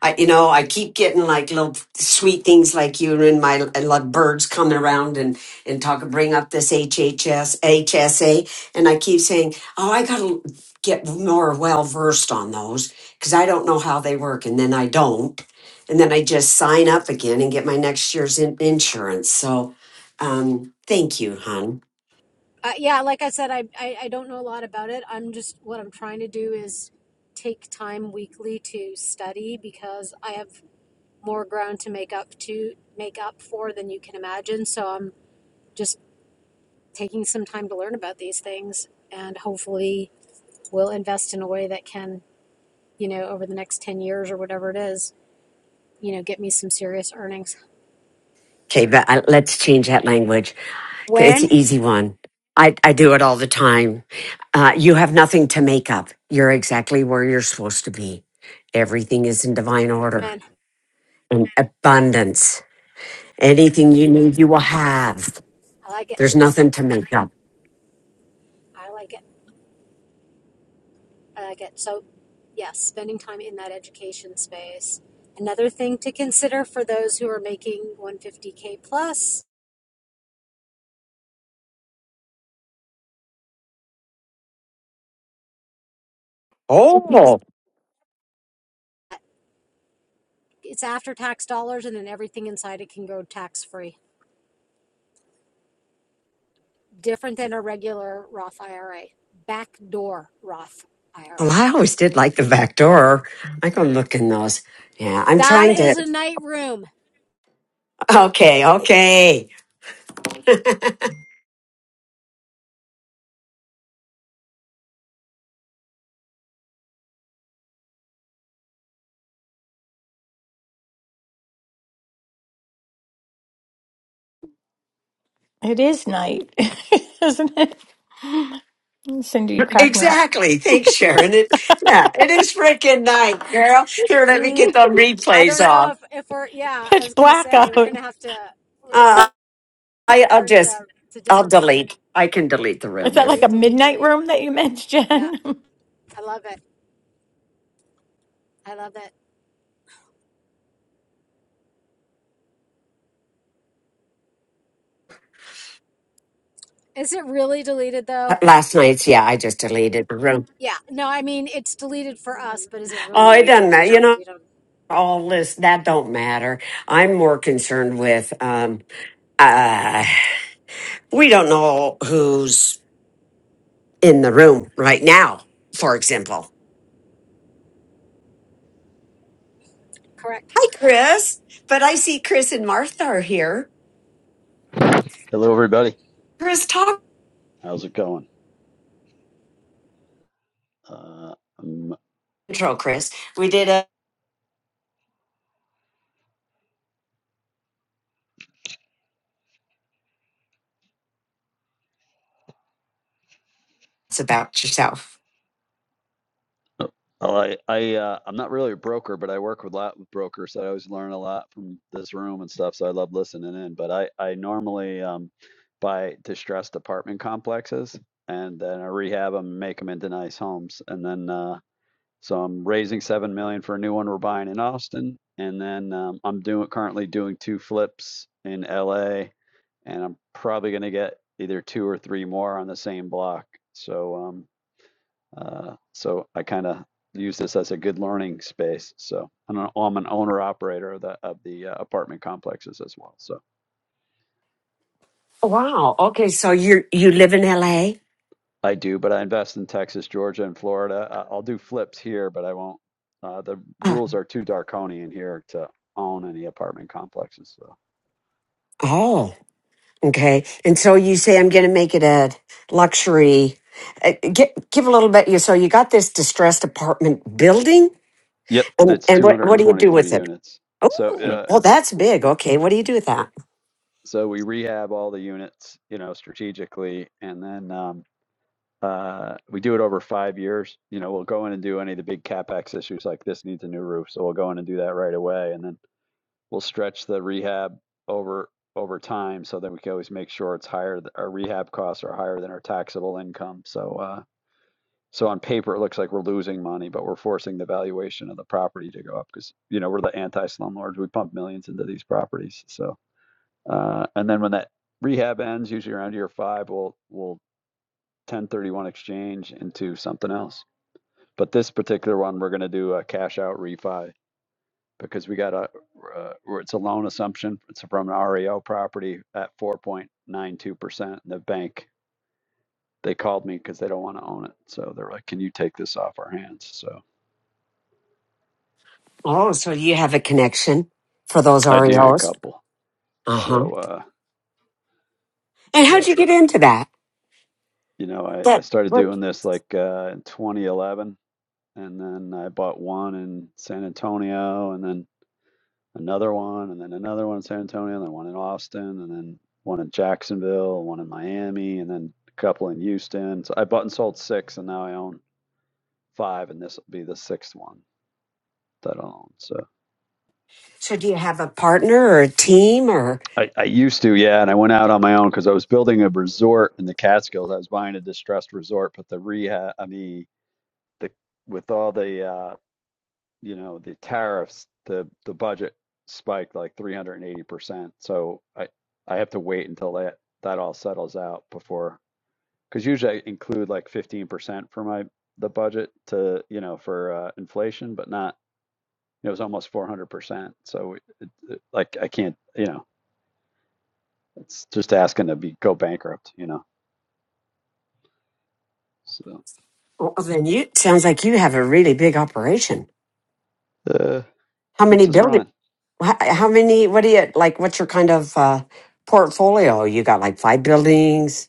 Speaker 1: I, you know, I keep getting like little sweet things like you and my I love birds coming around and and talk bring up this HHS HSA, and I keep saying, oh, I gotta get more well versed on those because I don't know how they work, and then I don't, and then I just sign up again and get my next year's in- insurance. So, um, thank you, hon.
Speaker 25: Uh, yeah, like I said, I, I, I don't know a lot about it. I'm just, what I'm trying to do is take time weekly to study because I have more ground to make up to make up for than you can imagine. So I'm just taking some time to learn about these things and hopefully we'll invest in a way that can, you know, over the next 10 years or whatever it is, you know, get me some serious earnings.
Speaker 1: Okay, but I, let's change that language. Okay, It's
Speaker 25: When?
Speaker 1: an easy one. I, I do it all the time. Uh, you have nothing to make up. You're exactly where you're supposed to be. Everything is in divine order
Speaker 25: Man,
Speaker 1: and abundance. Anything you need, you will have.
Speaker 25: I like it.
Speaker 1: There's nothing to make up.
Speaker 25: I like it. I like it. So, yes, spending time in that education space. Another thing to consider for those who are making 150k plus,
Speaker 1: Oh, well,
Speaker 25: it's after tax dollars and then everything inside it can go tax free. different than a regular Roth IRA. Backdoor Roth IRA.
Speaker 1: I always did like the back door. I go look in those. Yeah, I'm
Speaker 25: That
Speaker 1: trying to.
Speaker 25: is a night room.
Speaker 1: Okay, okay.
Speaker 19: It is night, isn't it? Cindy, you crack me up.
Speaker 1: Exactly. Thanks, Sharon. It, yeah, it is freaking night, girl. Here, let me
Speaker 25: Mm,
Speaker 1: get them
Speaker 25: I don't
Speaker 1: replays
Speaker 25: know
Speaker 1: on.
Speaker 25: if, if we're, yeah, I
Speaker 19: Pitch
Speaker 25: was going to say,
Speaker 19: blackout.
Speaker 25: we're going to have to, it's a
Speaker 1: I, I'll
Speaker 25: different,
Speaker 1: just,
Speaker 25: uh, it's a
Speaker 1: I'll
Speaker 25: different room.
Speaker 1: delete. I can delete the
Speaker 19: Is
Speaker 1: room
Speaker 19: that like a
Speaker 25: Delete,
Speaker 1: if
Speaker 25: delete,
Speaker 19: midnight
Speaker 25: delete.
Speaker 19: room that you meant,
Speaker 25: Yeah,
Speaker 19: Jen?
Speaker 25: I love it. I love it. Is it really deleted though?
Speaker 1: last night's. Yeah, I just deleted the room.
Speaker 25: Yeah, no, I mean, it's deleted for us, but is it
Speaker 1: Oh,
Speaker 25: really
Speaker 1: it doesn't matter. You
Speaker 25: deleted?
Speaker 1: know,
Speaker 25: You don't,
Speaker 1: all this that don't matter. I'm more concerned with. um uh We don't know who's in the room right now. For example,
Speaker 25: correct.
Speaker 1: hi Chris, but I see Chris and Martha are here.
Speaker 26: Hello, everybody.
Speaker 1: Chris, talk
Speaker 26: How's it going? Uh, I'm,
Speaker 1: intro. Chris, we did a. It's about yourself.
Speaker 26: well, I, I, uh, I'm not really a broker, but I work with a lot with brokers, so I always learn a lot from this room and stuff. So I love listening in. But I, I normally um, buy distressed apartment complexes and then I rehab them, and make them into nice homes, and then uh, so I'm raising seven million for a new one we're buying in Austin, and then um, I'm doing currently doing two flips in LA and I'm probably going to get either two or three more on the same block. So, um, uh, so I kind of use this as a good learning space. So I'm an, I'm an owner operator of the, of the uh, apartment complexes as well. So
Speaker 1: Wow. Okay, so you you live in L.A.
Speaker 26: I do, but I invest in Texas, Georgia, and Florida. I- will do flips here, but I won't. Uh, the
Speaker 1: Uh,
Speaker 26: rules are too draconian here to own any apartment complexes. So,
Speaker 1: Oh. Okay. And so you say, I'm going to make it a luxury. Uh, gi- give a little bit. You So you got this distressed apartment building,
Speaker 26: yep,
Speaker 1: and,
Speaker 26: it's
Speaker 1: and what, what do you do
Speaker 26: 223
Speaker 1: with it?
Speaker 26: units.
Speaker 1: Oh,
Speaker 26: So, uh,
Speaker 1: well, that's big. Okay. What do you do with that?
Speaker 26: so we rehab all the units, you know, strategically, and then um, Uh, we do it over five years. You know, we'll go in and do any of the big capex issues like this needs a new roof, so we'll go in and do that right away, and then we'll stretch the rehab over over time, so that we can always make sure it's higher. Our rehab costs are higher than our taxable income. So, uh, so on paper, it looks like we're losing money, but we're forcing the valuation of the property to go up because you know we're the anti slumlords. We pump millions into these properties. So, uh, and then when that rehab ends, usually around year five, we'll we'll 1031 exchange into something else. But this particular one, we're going to do a cash out refi because we got a, uh, it's a loan assumption. It's from an REO property at 4.92%. And the bank, they called me because they don't want to own it. So they're like, can you take this off our hands? So
Speaker 1: Oh, so you have a connection for those
Speaker 26: I do a
Speaker 1: REOs.
Speaker 26: couple.
Speaker 1: Uh huh.
Speaker 26: So, uh,
Speaker 1: And
Speaker 26: it's
Speaker 1: how'd
Speaker 26: uh
Speaker 1: you get into that?
Speaker 26: you know, I, I
Speaker 1: That
Speaker 26: started
Speaker 1: well,
Speaker 26: doing this like uh, in 2011 and then I bought one in San Antonio and then another one, and then another one in San Antonio, and then one in Austin, and then one in Jacksonville, one in Miami, and then a couple in Houston. So I bought and sold six, and now I own five, and this will be the sixth one that I own. So
Speaker 1: so do you have a partner or a team or?
Speaker 26: I, I used to, yeah, and I went out on my own because I was building a resort in the Catskills. I was buying a distressed resort, but the rehab, I mean, the with all the uh, you know, the tariffs, the the budget spiked like 380%. So I I have to wait until that that all settles out before, because usually I include like 15% for my the budget to, you know, for uh, inflation, but not, it was almost 400%. So like I can't, you know, it's just asking to be go bankrupt, you know. So
Speaker 1: Well, then you sounds like you have a really big operation.
Speaker 26: uh
Speaker 1: How many
Speaker 26: keeps us
Speaker 1: buildings?
Speaker 26: running.
Speaker 1: How, many? What do you like? What's your kind of uh, portfolio? You got like five buildings,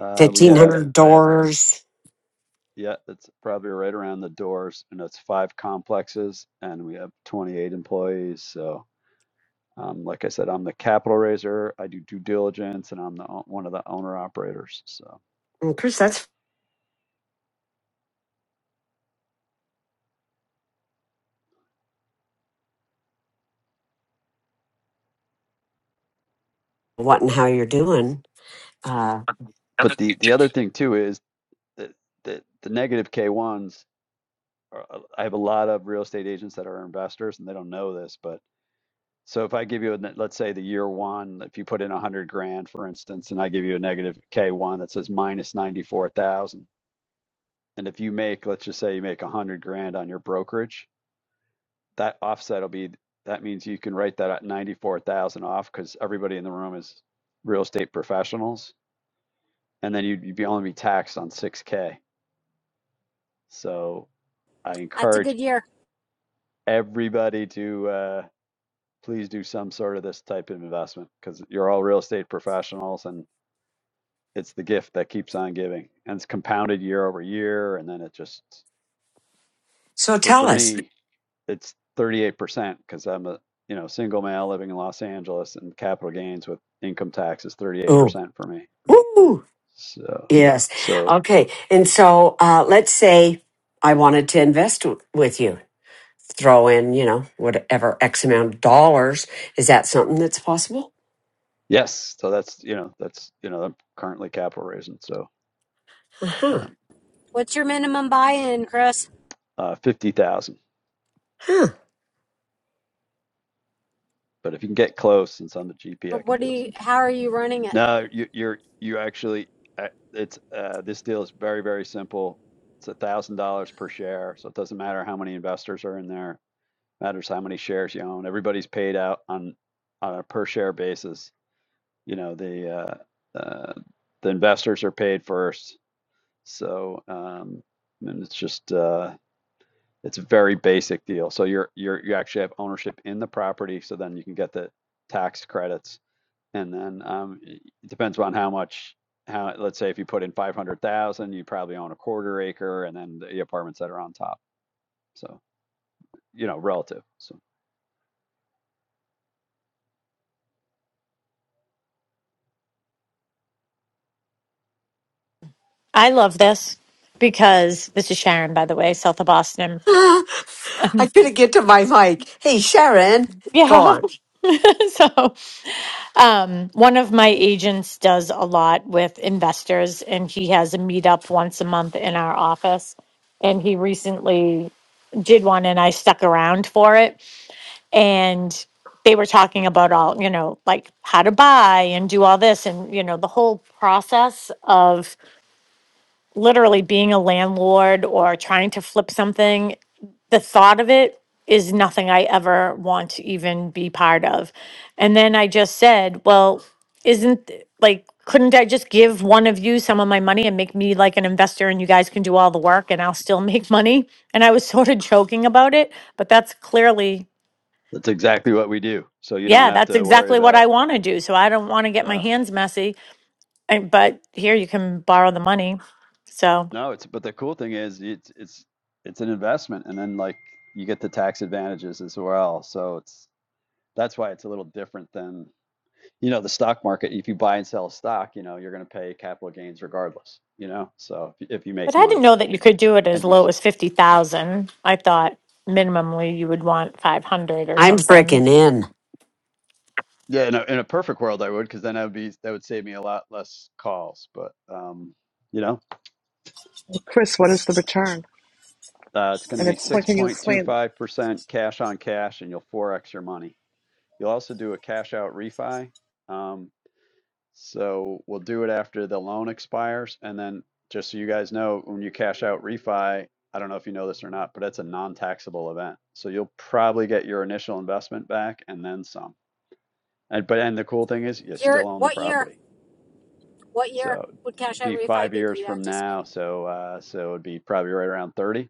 Speaker 26: Uh we
Speaker 1: fifteen
Speaker 26: have
Speaker 1: hundred
Speaker 26: I have
Speaker 1: doors.
Speaker 26: Yeah, it's probably right around the doors, and it's five complexes, and we have 28 employees. So, um, like I said, I'm the capital raiser. I do due diligence, and I'm the o- one of the owner operators. So,
Speaker 1: Well, Chris, that's what and how you're doing. Uh,
Speaker 26: but the the other thing too is that the, the negative K1s. Are, uh, I have a lot of real estate agents that are investors, and they don't know this, but so if I give you a, ne- let's say the year one, if you put in 100 grand, for instance, and I give you a negative K1 that says minus 94,000 And if you make, let's just say you make a hundred grand on your brokerage, that offset will be, that means you can write that at 94,000 off because everybody in the room is real estate professionals. And then you'd, you'd be only be taxed on 6K. So I
Speaker 25: That's a
Speaker 26: encourage
Speaker 25: good year.
Speaker 26: everybody to uh, please do some sort of this type of investment because you're all real estate professionals and it's the gift that keeps on giving and it's compounded year over year. And then it just
Speaker 1: so
Speaker 26: For
Speaker 1: tell
Speaker 26: for
Speaker 1: us.
Speaker 26: me, it's 38% because I'm a you know single male living in Los Angeles and capital gains with income tax is
Speaker 1: Oh,
Speaker 26: 38% for me.
Speaker 1: ooh,
Speaker 26: So
Speaker 1: yes.
Speaker 26: so
Speaker 1: Okay, and so uh, let's say I wanted to invest w- with you. Throw in, you know, whatever X amount of dollars. Is that something that's possible?
Speaker 26: yes, so that's you know that's you know I'm currently capital raising so
Speaker 1: Uh
Speaker 26: um,
Speaker 25: What's your minimum buy-in, Chris?
Speaker 26: uh, 50,000.
Speaker 1: huh.
Speaker 26: But if you can get close, since I'm the GP,
Speaker 25: Or
Speaker 26: I can
Speaker 25: what do
Speaker 26: do this.
Speaker 25: you, how are you running it?
Speaker 26: No, you, you're you actually uh, it's uh, this deal is very very simple. It's a thousand dollars per share, so it doesn't matter how many investors are in there matters how many shares you own. Everybody's paid out on on a per share basis. You know the uh, uh, the investors are paid first, so um, and it's just uh, it's a very basic deal. So you're you're you actually have ownership in the property, so then you can get the tax credits, and then um, it depends on how much. How, let's say if you put in 500,000, you probably own a quarter acre and then the apartments that are on top. So, you know, relative. So.
Speaker 19: I love this because this is Sharon, by the way, south of Boston.
Speaker 1: I couldn't get to my mic. Hey, Sharon, go
Speaker 19: yeah.
Speaker 1: on.
Speaker 19: so Um, one of my agents does a lot with investors, and he has a meetup once a month in our office. And he recently did one, and I stuck around for it. And they were talking about all, you know, like how to buy and do all this, and, you know, the whole process of literally being a landlord or trying to flip something the thought of it is nothing I ever want to even be part of. And then I just said, well, isn't like, couldn't I just give one of you some of my money and make me like an investor and you guys can do all the work and I'll still make money? And I was sort of joking about it, but that's clearly,
Speaker 26: That's exactly what we do. So you don't
Speaker 19: yeah,
Speaker 26: have
Speaker 19: that's
Speaker 26: to worry
Speaker 19: exactly what I
Speaker 26: about.
Speaker 19: want to do. So I don't want to get my
Speaker 26: Yeah.
Speaker 19: hands messy. And, but here you can borrow the money. So.
Speaker 26: No, it's but the cool thing is it's it's it's an investment, and then like you get the tax advantages as well. So it's that's why it's a little different than you know the stock market. If you buy and sell a stock, you know you're going to pay capital gains regardless. You know, so if, if you
Speaker 19: But
Speaker 26: make
Speaker 19: I didn't
Speaker 26: money
Speaker 19: know that you could do it as
Speaker 26: and you
Speaker 19: low
Speaker 26: keep.
Speaker 19: as fifty thousand. I thought minimally you would want five hundred or
Speaker 1: I'm
Speaker 19: something.
Speaker 1: freaking in.
Speaker 26: Yeah, in a, in a perfect world, I would, because then I would be that would save me a lot less calls. But um, you know,
Speaker 13: Chris, what is the return?
Speaker 26: uh, it's going to
Speaker 13: And
Speaker 26: be
Speaker 13: it's what
Speaker 26: six
Speaker 13: can you
Speaker 26: point two
Speaker 13: explain?
Speaker 26: five percent cash on cash, and you'll forex your money You'll also do a cash out refi. Um, so we'll do it after the loan expires. And then just so you guys know, when you cash out refi, I don't know if you know this or not, but it's a non-taxable event. So you'll probably get your initial investment back and then some. And but and the cool thing is you
Speaker 25: Year,
Speaker 26: still own the
Speaker 25: what year?
Speaker 26: property.
Speaker 25: What year
Speaker 26: So
Speaker 25: would Cash
Speaker 26: it'd
Speaker 25: Out
Speaker 26: be
Speaker 25: Refi
Speaker 26: five
Speaker 25: be? Do
Speaker 26: years
Speaker 25: you
Speaker 26: from
Speaker 25: anticipate?
Speaker 26: now. So uh, so it'd be probably right around 30.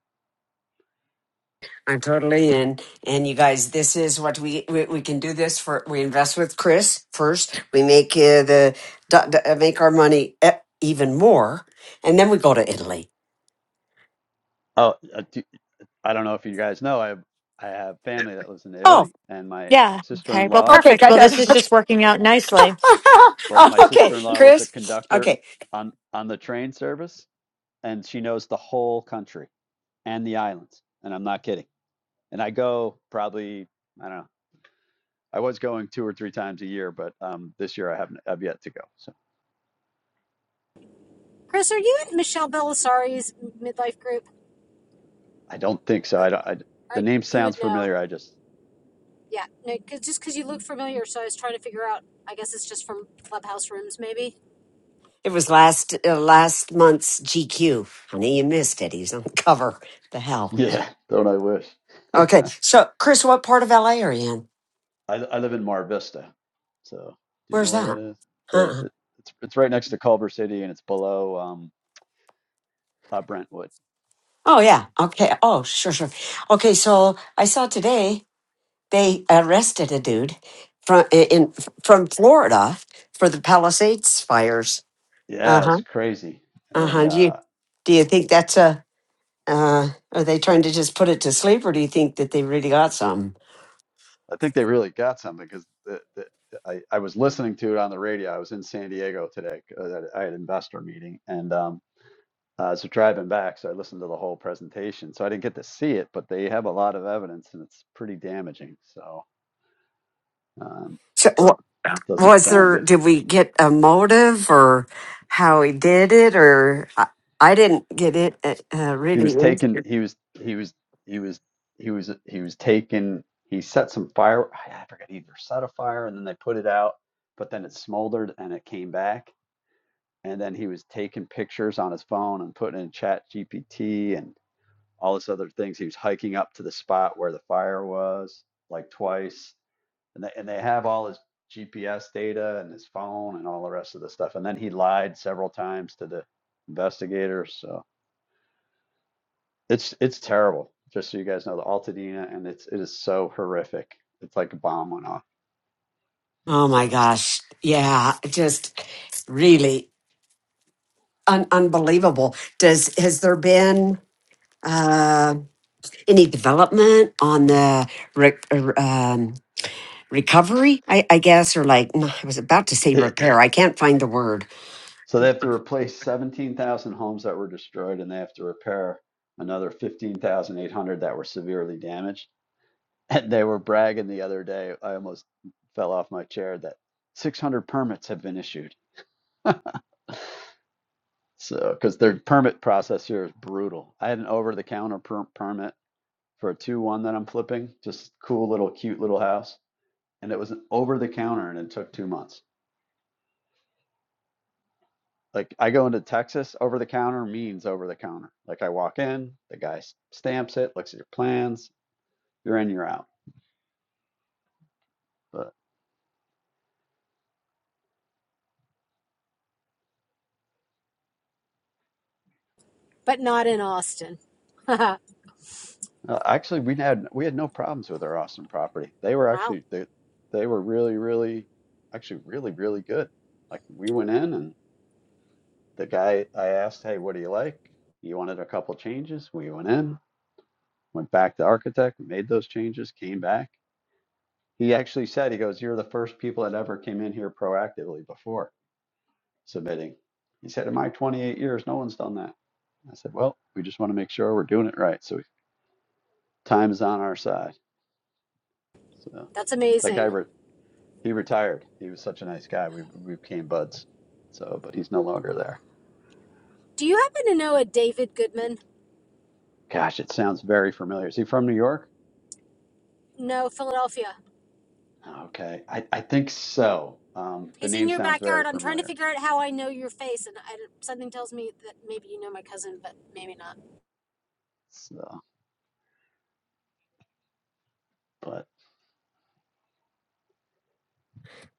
Speaker 1: I'm totally in. And you guys, this is what we we, we can do. This for we invest with Chris first. We make uh, the do, do- uh, make our money e- even more, and then we go to Italy.
Speaker 26: Oh, uh, I don't know if you guys know, I have, I have family that lives in
Speaker 1: Oh,
Speaker 26: Italy and my
Speaker 19: Yeah. Okay. Well,
Speaker 26: sister-in-law
Speaker 1: okay,
Speaker 19: perfect.
Speaker 1: got
Speaker 19: Well,
Speaker 1: it.
Speaker 19: this is
Speaker 1: Okay,
Speaker 19: just working out nicely.
Speaker 26: Well,
Speaker 1: Oh,
Speaker 26: my
Speaker 1: okay,
Speaker 26: sister-in-law was a
Speaker 1: Chris.
Speaker 26: conductor
Speaker 1: Okay,
Speaker 26: on on the train service, and she knows the whole country and the islands. And I'm not kidding. And I go probably I don't know. I was going two or three times a year, but um, this year I haven't. I've yet to go. So
Speaker 25: Chris, are you in Michelle Belisari's midlife group?
Speaker 26: I don't think so.
Speaker 25: Or,
Speaker 26: I, don't, I
Speaker 25: or
Speaker 26: the name
Speaker 25: you
Speaker 26: sounds
Speaker 25: would know.
Speaker 26: familiar. I just
Speaker 25: Yeah, no, cause, just because you look familiar, so I was trying to figure out. I guess it's just from clubhouse rooms, maybe,
Speaker 1: it was last uh, last month's GQ. Honey, you missed it. He's on the cover. The hell.
Speaker 26: yeah. Don't I wish?
Speaker 1: Okay, so Chris, what part of LA are you in?
Speaker 26: I, I live in Mar Vista, so do you know
Speaker 1: Where's
Speaker 26: where that
Speaker 1: that?
Speaker 26: is? It,
Speaker 1: Uh-uh.
Speaker 26: it, it's it's right next to Culver City, and it's below um, uh, Brentwood.
Speaker 1: Oh, yeah. Okay. Oh, sure, sure. Okay, so I saw today they arrested a dude from in from Florida for the Palisades fires.
Speaker 26: Yeah,
Speaker 1: Uh-huh.
Speaker 26: it's crazy and they
Speaker 1: Uh-huh. Do
Speaker 26: uh,
Speaker 1: you do you think that's a uh are they trying to just put it to sleep or do you think that they really got some?
Speaker 26: I think they really got something because the, the, I, I was listening to it on the radio. I was in San Diego today. uh, I had an investor meeting, and um, uh, so driving back, so I listened to the whole presentation. So I didn't get to see it, but they have a lot of evidence, and it's pretty damaging. So um,
Speaker 1: So wa-
Speaker 26: it doesn't
Speaker 1: was
Speaker 26: sound
Speaker 1: there
Speaker 26: good.
Speaker 1: did we get a motive or how he did it or I, I didn't get it uh, uh,
Speaker 26: He
Speaker 1: really
Speaker 26: was
Speaker 1: in.
Speaker 26: taken. He was. He was. He was. He was. He was taken. He set some fire. I forget. He either set a fire and then they put it out, but then it smoldered and it came back and then he was taking pictures on his phone and putting in chat gpt and all this other things he was hiking up to the spot where the fire was like twice and they, and they have all his gps data and his phone and all the rest of the stuff and then he lied several times to the investigators so it's it's terrible just so you guys know the altadena and it's it is so horrific it's like a bomb went off
Speaker 1: Oh
Speaker 26: so
Speaker 1: my gosh. Yeah, just really un- unbelievable. Does has there been uh, any development on the re- er, um, recovery? I, I guess, or like no, I was about to say
Speaker 26: it,
Speaker 1: repair. I can't find the word.
Speaker 26: So they have to replace 17,000 homes that were destroyed and they have to repair another 15,800 that were severely damaged. And they were bragging the other day, I almost fell off my chair, that 600 permits have been issued. So, because their permit process here is brutal. I had an over the counter per- permit for a 2 1 that I'm flipping, just cool little cute little house. And it was an over the counter and it took two months. Like I go into Texas, over the counter means over the counter. Like I walk in, the guy stamps it, looks at your plans, you're in, you're out. But
Speaker 25: but not in Austin. wow,
Speaker 26: uh, actually, we had we had no problems with our Austin property. They were actually they they were really really actually really really good. Like we went in and the guy I asked, hey, what do you like? He wanted a couple changes. We went in, went back to architect, made those changes, came back. He actually said, he goes, you're the first people that ever came in here proactively before. submitting. He said, In my 28 years, no one's done that. I said, Well, we just want to make sure we're doing it right. So time is on our side. So
Speaker 25: that's
Speaker 26: that guy,
Speaker 25: amazing.
Speaker 26: re- he retired. He was such a nice guy. We, we became buds. So, but he's no longer there.
Speaker 25: Do you happen to know a David Goodman?
Speaker 26: Gosh, it sounds very familiar. Is he from New York?
Speaker 25: No, Philadelphia.
Speaker 26: Okay. I, I think so. Um, the
Speaker 25: He's in
Speaker 26: name
Speaker 25: your
Speaker 26: sounds very
Speaker 25: backyard. I'm trying to
Speaker 26: familiar.
Speaker 25: figure out how I know your face, and I, something tells me that maybe you know my cousin, but maybe not.
Speaker 26: So, but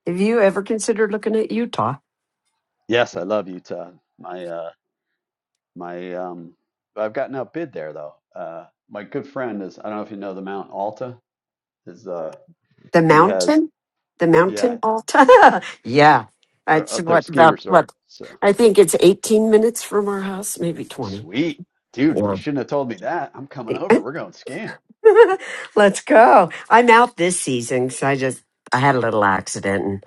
Speaker 1: Have you ever considered looking at Utah,
Speaker 26: yes, I love Utah. My, uh, my, um, I've gotten outbid there though. Uh, my good friend is, I don't know if you know the Mount Alta. Is uh
Speaker 1: the
Speaker 26: he has
Speaker 1: mountain, the
Speaker 26: yeah
Speaker 1: mountain Alta? yeah,
Speaker 26: our
Speaker 1: that's
Speaker 26: other
Speaker 1: what
Speaker 26: ski
Speaker 1: about
Speaker 26: resort.
Speaker 1: what
Speaker 26: So
Speaker 1: I think it's eighteen minutes from our house, maybe twenty.
Speaker 26: sweet, dude. You
Speaker 1: Yeah.
Speaker 26: shouldn't have told me that. I'm coming over. We're going skiing.
Speaker 1: Let's go. I'm out this season because I just I had a little accident and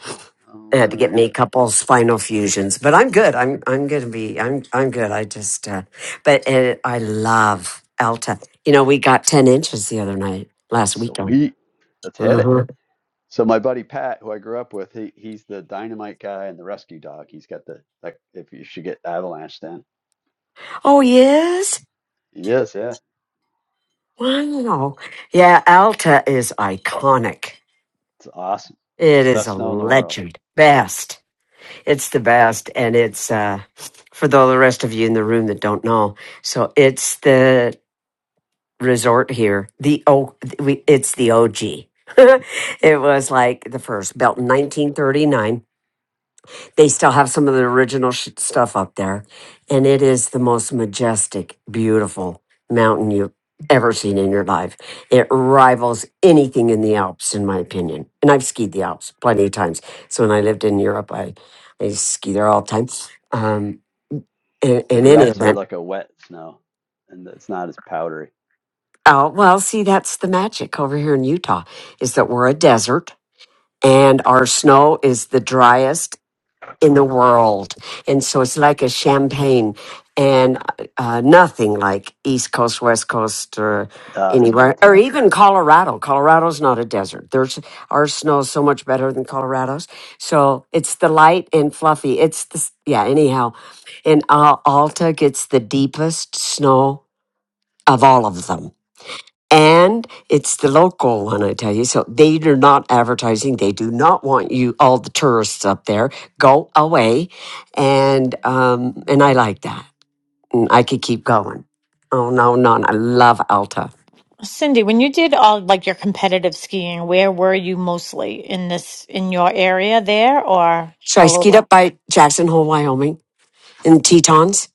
Speaker 26: Oh
Speaker 1: they had to get me
Speaker 26: no,
Speaker 1: a couple spinal fusions. But I'm good. I'm I'm gonna be I'm I'm good. I just uh, but uh I love Alta. You know, we got ten inches the other night last weekend.
Speaker 26: sweet. Let's hit it.
Speaker 1: uh
Speaker 26: So my buddy Pat, who I grew up with, he he's the dynamite guy and the rescue dog. He's got the like if you should get avalanche then.
Speaker 1: Oh yes,
Speaker 26: Yes, yeah. So
Speaker 1: wow. Yeah, Alta is iconic.
Speaker 26: it's awesome.
Speaker 1: It is a
Speaker 26: Best snow in the world.
Speaker 1: legend. Best. It's the best, and it's uh, for the the rest of you in the room that don't know. So it's the resort here. The oh, we it's the OG. it was like the first built in 1939 they still have some of the original sh- stuff up there and it is the most majestic beautiful mountain you've ever seen in your life it rivals anything in the alps in my opinion and i've skied the alps plenty of times so when i lived in europe i, I ski there all the time um, in,
Speaker 26: Yeah,
Speaker 1: in
Speaker 26: the
Speaker 1: any
Speaker 26: Alps are
Speaker 1: event
Speaker 26: like a wet snow, and it's not as powdery.
Speaker 1: oh well see that's the magic over here in utah is that we're a desert and our snow is the driest in the world. And so it's like a champagne and uh, uh, nothing like East Coast, West Coast, or
Speaker 26: Ah, it's
Speaker 1: anywhere, or
Speaker 26: fantastic.
Speaker 1: even Colorado. Colorado's not a desert. There's our snow is so much better than Colorado's. So it's the light and fluffy. It's the, yeah, anyhow. And uh, Alta gets the deepest snow of all of them and it's the local one, I tell you. So they are not advertising. They do not want you, all the tourists up there, go away. And um, and I like that. And I could keep going. Oh no, no, no. I love Alta.
Speaker 19: Cindy, when you did all like your competitive skiing, where were you mostly in this in your area there or
Speaker 1: So I
Speaker 19: all
Speaker 1: skied
Speaker 19: over?
Speaker 1: up by Jackson Hole, Wyoming, in the Tetons,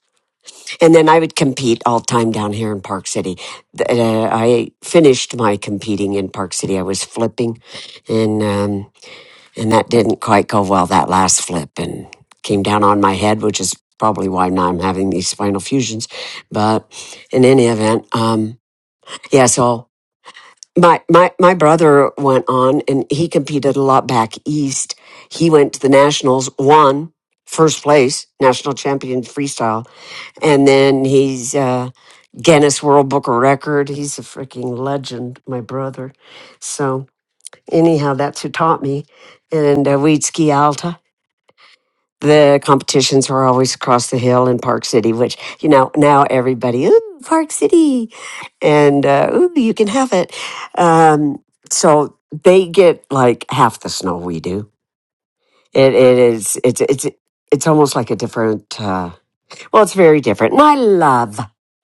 Speaker 1: and then I would compete all the time down here in Park City. Th- uh, I finished my competing in Park City. I was flipping, and. Um, And that didn't quite go well, that last flip, and came down on my head, which is probably why now I'm having these spinal fusions. But in any event, um, yeah, so my, my, my brother went on and he competed a lot back east. He went to the nationals, won first place, national champion freestyle. And then he's, uh, Guinness World Book of Record. He's a freaking legend, my brother. So anyhow, that's who taught me. And uh, we'd ski alto the competitions were always across the hill in Park City, which, you know, now everybody, ooh, Park City, and uh, ooh, you can have it. Um, so they get like half the snow we do. It, it is, it's, it's, it's almost like a different, uh, well, it's very different. And I love,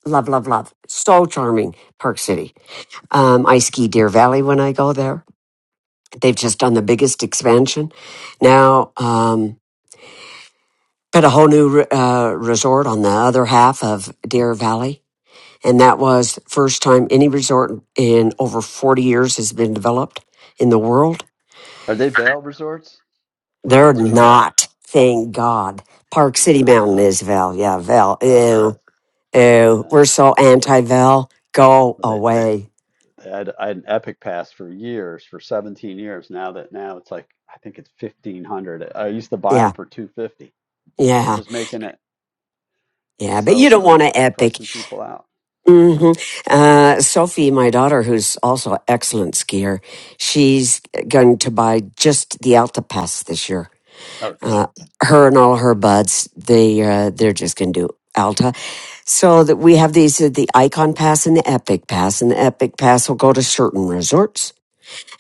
Speaker 1: love, love, love. So charming, Park City. Um, I ski Deer Valley when I go there. They've just done the biggest expansion. Now, um, put a whole new uh, resort on the other half of Deer Valley. And that was the first time any resort in over 40 years has been developed in the world.
Speaker 26: Are they Vail resorts? Which
Speaker 1: They're
Speaker 26: ones are Vail?
Speaker 1: not, thank God. Park
Speaker 26: I
Speaker 1: City
Speaker 26: know.
Speaker 1: Mountain is Val. Yeah, Val.
Speaker 26: That was it.
Speaker 1: Ew, ew.
Speaker 26: Yeah.
Speaker 1: We're so anti Val. Go
Speaker 26: But they,
Speaker 1: away.
Speaker 26: they had, I had an Epic Pass for years, for 17 years. Now that now it's like I think it's 1500. I used to buy them
Speaker 1: Yeah,
Speaker 26: for 250. They're
Speaker 1: yeah,
Speaker 26: just making it
Speaker 1: yeah. But you
Speaker 26: so
Speaker 1: don't
Speaker 26: they're
Speaker 1: want an epic.
Speaker 26: pricing people out.
Speaker 1: hmm Uh, Sophie, my daughter, who's also an excellent skier, she's going to buy just the Alta Pass this year.
Speaker 26: Oh, good.
Speaker 1: Uh, her and all her buds, they uh, they're just going to do Alta, so that we have these uh, the Icon Pass and the Epic Pass, and the Epic Pass will go to certain resorts,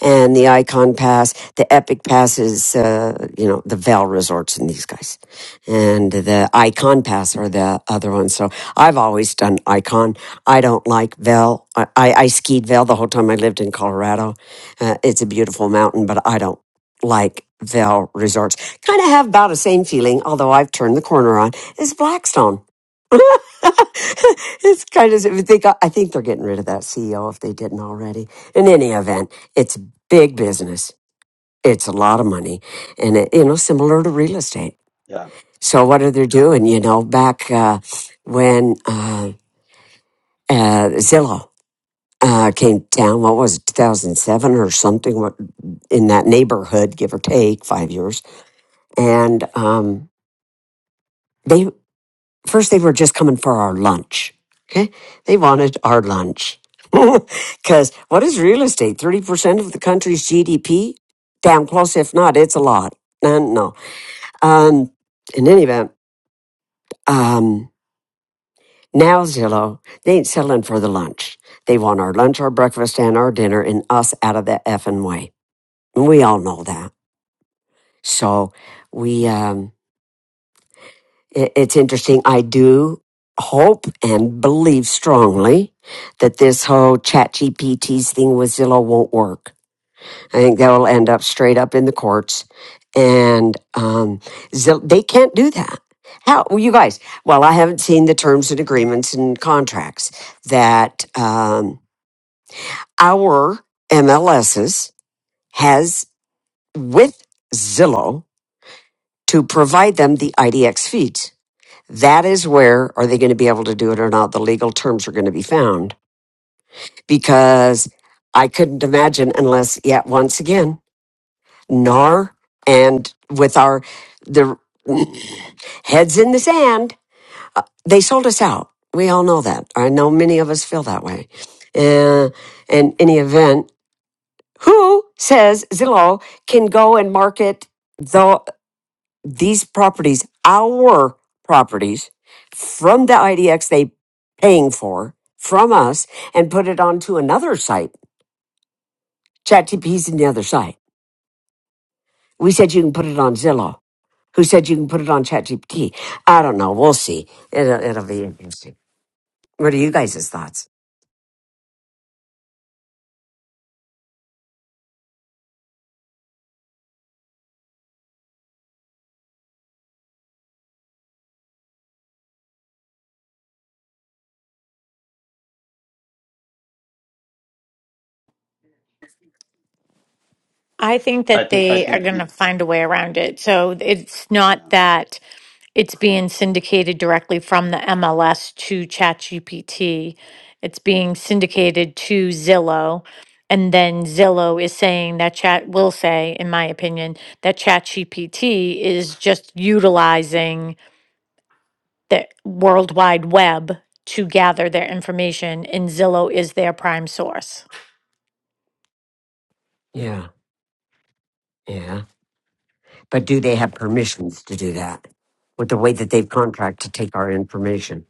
Speaker 1: and the Icon Pass, the Epic Pass is, uh, you know, the Val Resorts and these guys, and the Icon Pass are the other ones. So I've always done Icon. I don't like Val. I, I, I skied Val the whole time I lived in Colorado. Uh, it's a beautiful mountain, but I don't like Val Resorts. Kind of have about the same feeling, although I've turned the corner on, is Blackstone. it's kind of they got. I think they're getting rid of that CEO if they didn't already. In any event, it's big business. It's a lot of money, and it, you know, similar to real estate.
Speaker 26: Yeah.
Speaker 1: So what are they doing? You know, back uh, when uh, uh, Zillow uh, came down, what was it, 2007 or something, what- in that neighborhood, give or take five years, and um, they first they were just coming for our lunch. Okay. They wanted our lunch. Cause what is real estate? 30% of the country's GDP? Damn close. If not, it's a lot. And no. Um, in any event, um, now Zillow, they ain't settling for the lunch. They want our lunch, our breakfast, and our dinner and us out of the effing way. And we all know that. So we, um, It's interesting. I do hope and believe strongly that this whole chat GPT's thing with Zillow won't work. I think that will end up straight up in the courts. And um, Zill- they can't do that. How, well, you guys, well, I haven't seen the terms and agreements and contracts that um, our MLSs has with Zillow to provide them the IDX feeds. That is where are they going to be able to do it or not? The legal terms are going to be found because I couldn't imagine unless yet once again NAR and with our the heads in the sand, uh, they sold us out. We all know that. I know many of us feel that way. Uh, in any event, who says Zillow can go and market? the? these properties, our properties from the IDX they paying for from us and put it onto another site. ChatGPT's in the other site. We said you can put it on Zillow. Who said you can put it on ChatGPT? I don't know. We'll see. It'll, it'll be interesting. What are you guys' thoughts?
Speaker 19: I think
Speaker 26: I
Speaker 19: that
Speaker 26: think I
Speaker 19: they are
Speaker 26: think
Speaker 19: going to
Speaker 26: the
Speaker 19: find a way around it. So it's not
Speaker 26: yeah.
Speaker 19: that it's being syndicated directly from the MLS to ChatGPT. It's being syndicated to Zillow. And then Zillow is saying that Chat will say, in my opinion, that ChatGPT is just utilizing the World Wide Web to gather their information, and Zillow is their prime source.
Speaker 1: Yeah, yeah. But do they have permissions to do that with the way that they've contract to take our information?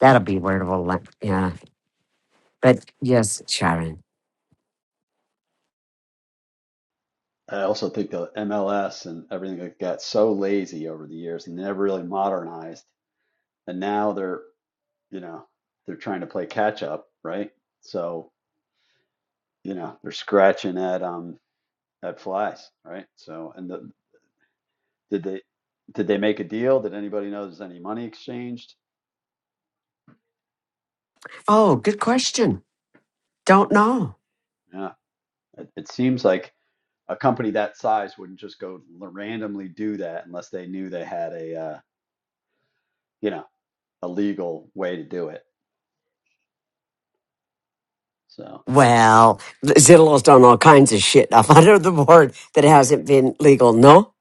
Speaker 1: That'll be where it will land. Yeah. But yes, Sharon.
Speaker 26: I also think the MLS and everything like got so lazy over the years and never really modernized. And now they're, you know, they're trying to play catch up, right? So, you know, they're scratching at um That flies, right? So, and the, did they did they make a deal? Did anybody know there's any money exchanged?
Speaker 1: Oh, good question. Don't know.
Speaker 26: Yeah, it, it seems like a company that size wouldn't just go randomly do that unless they knew they had a uh, you know a legal way to do it. So
Speaker 1: Well, Zillow's done all kinds of shit up under the board that hasn't been legal, no?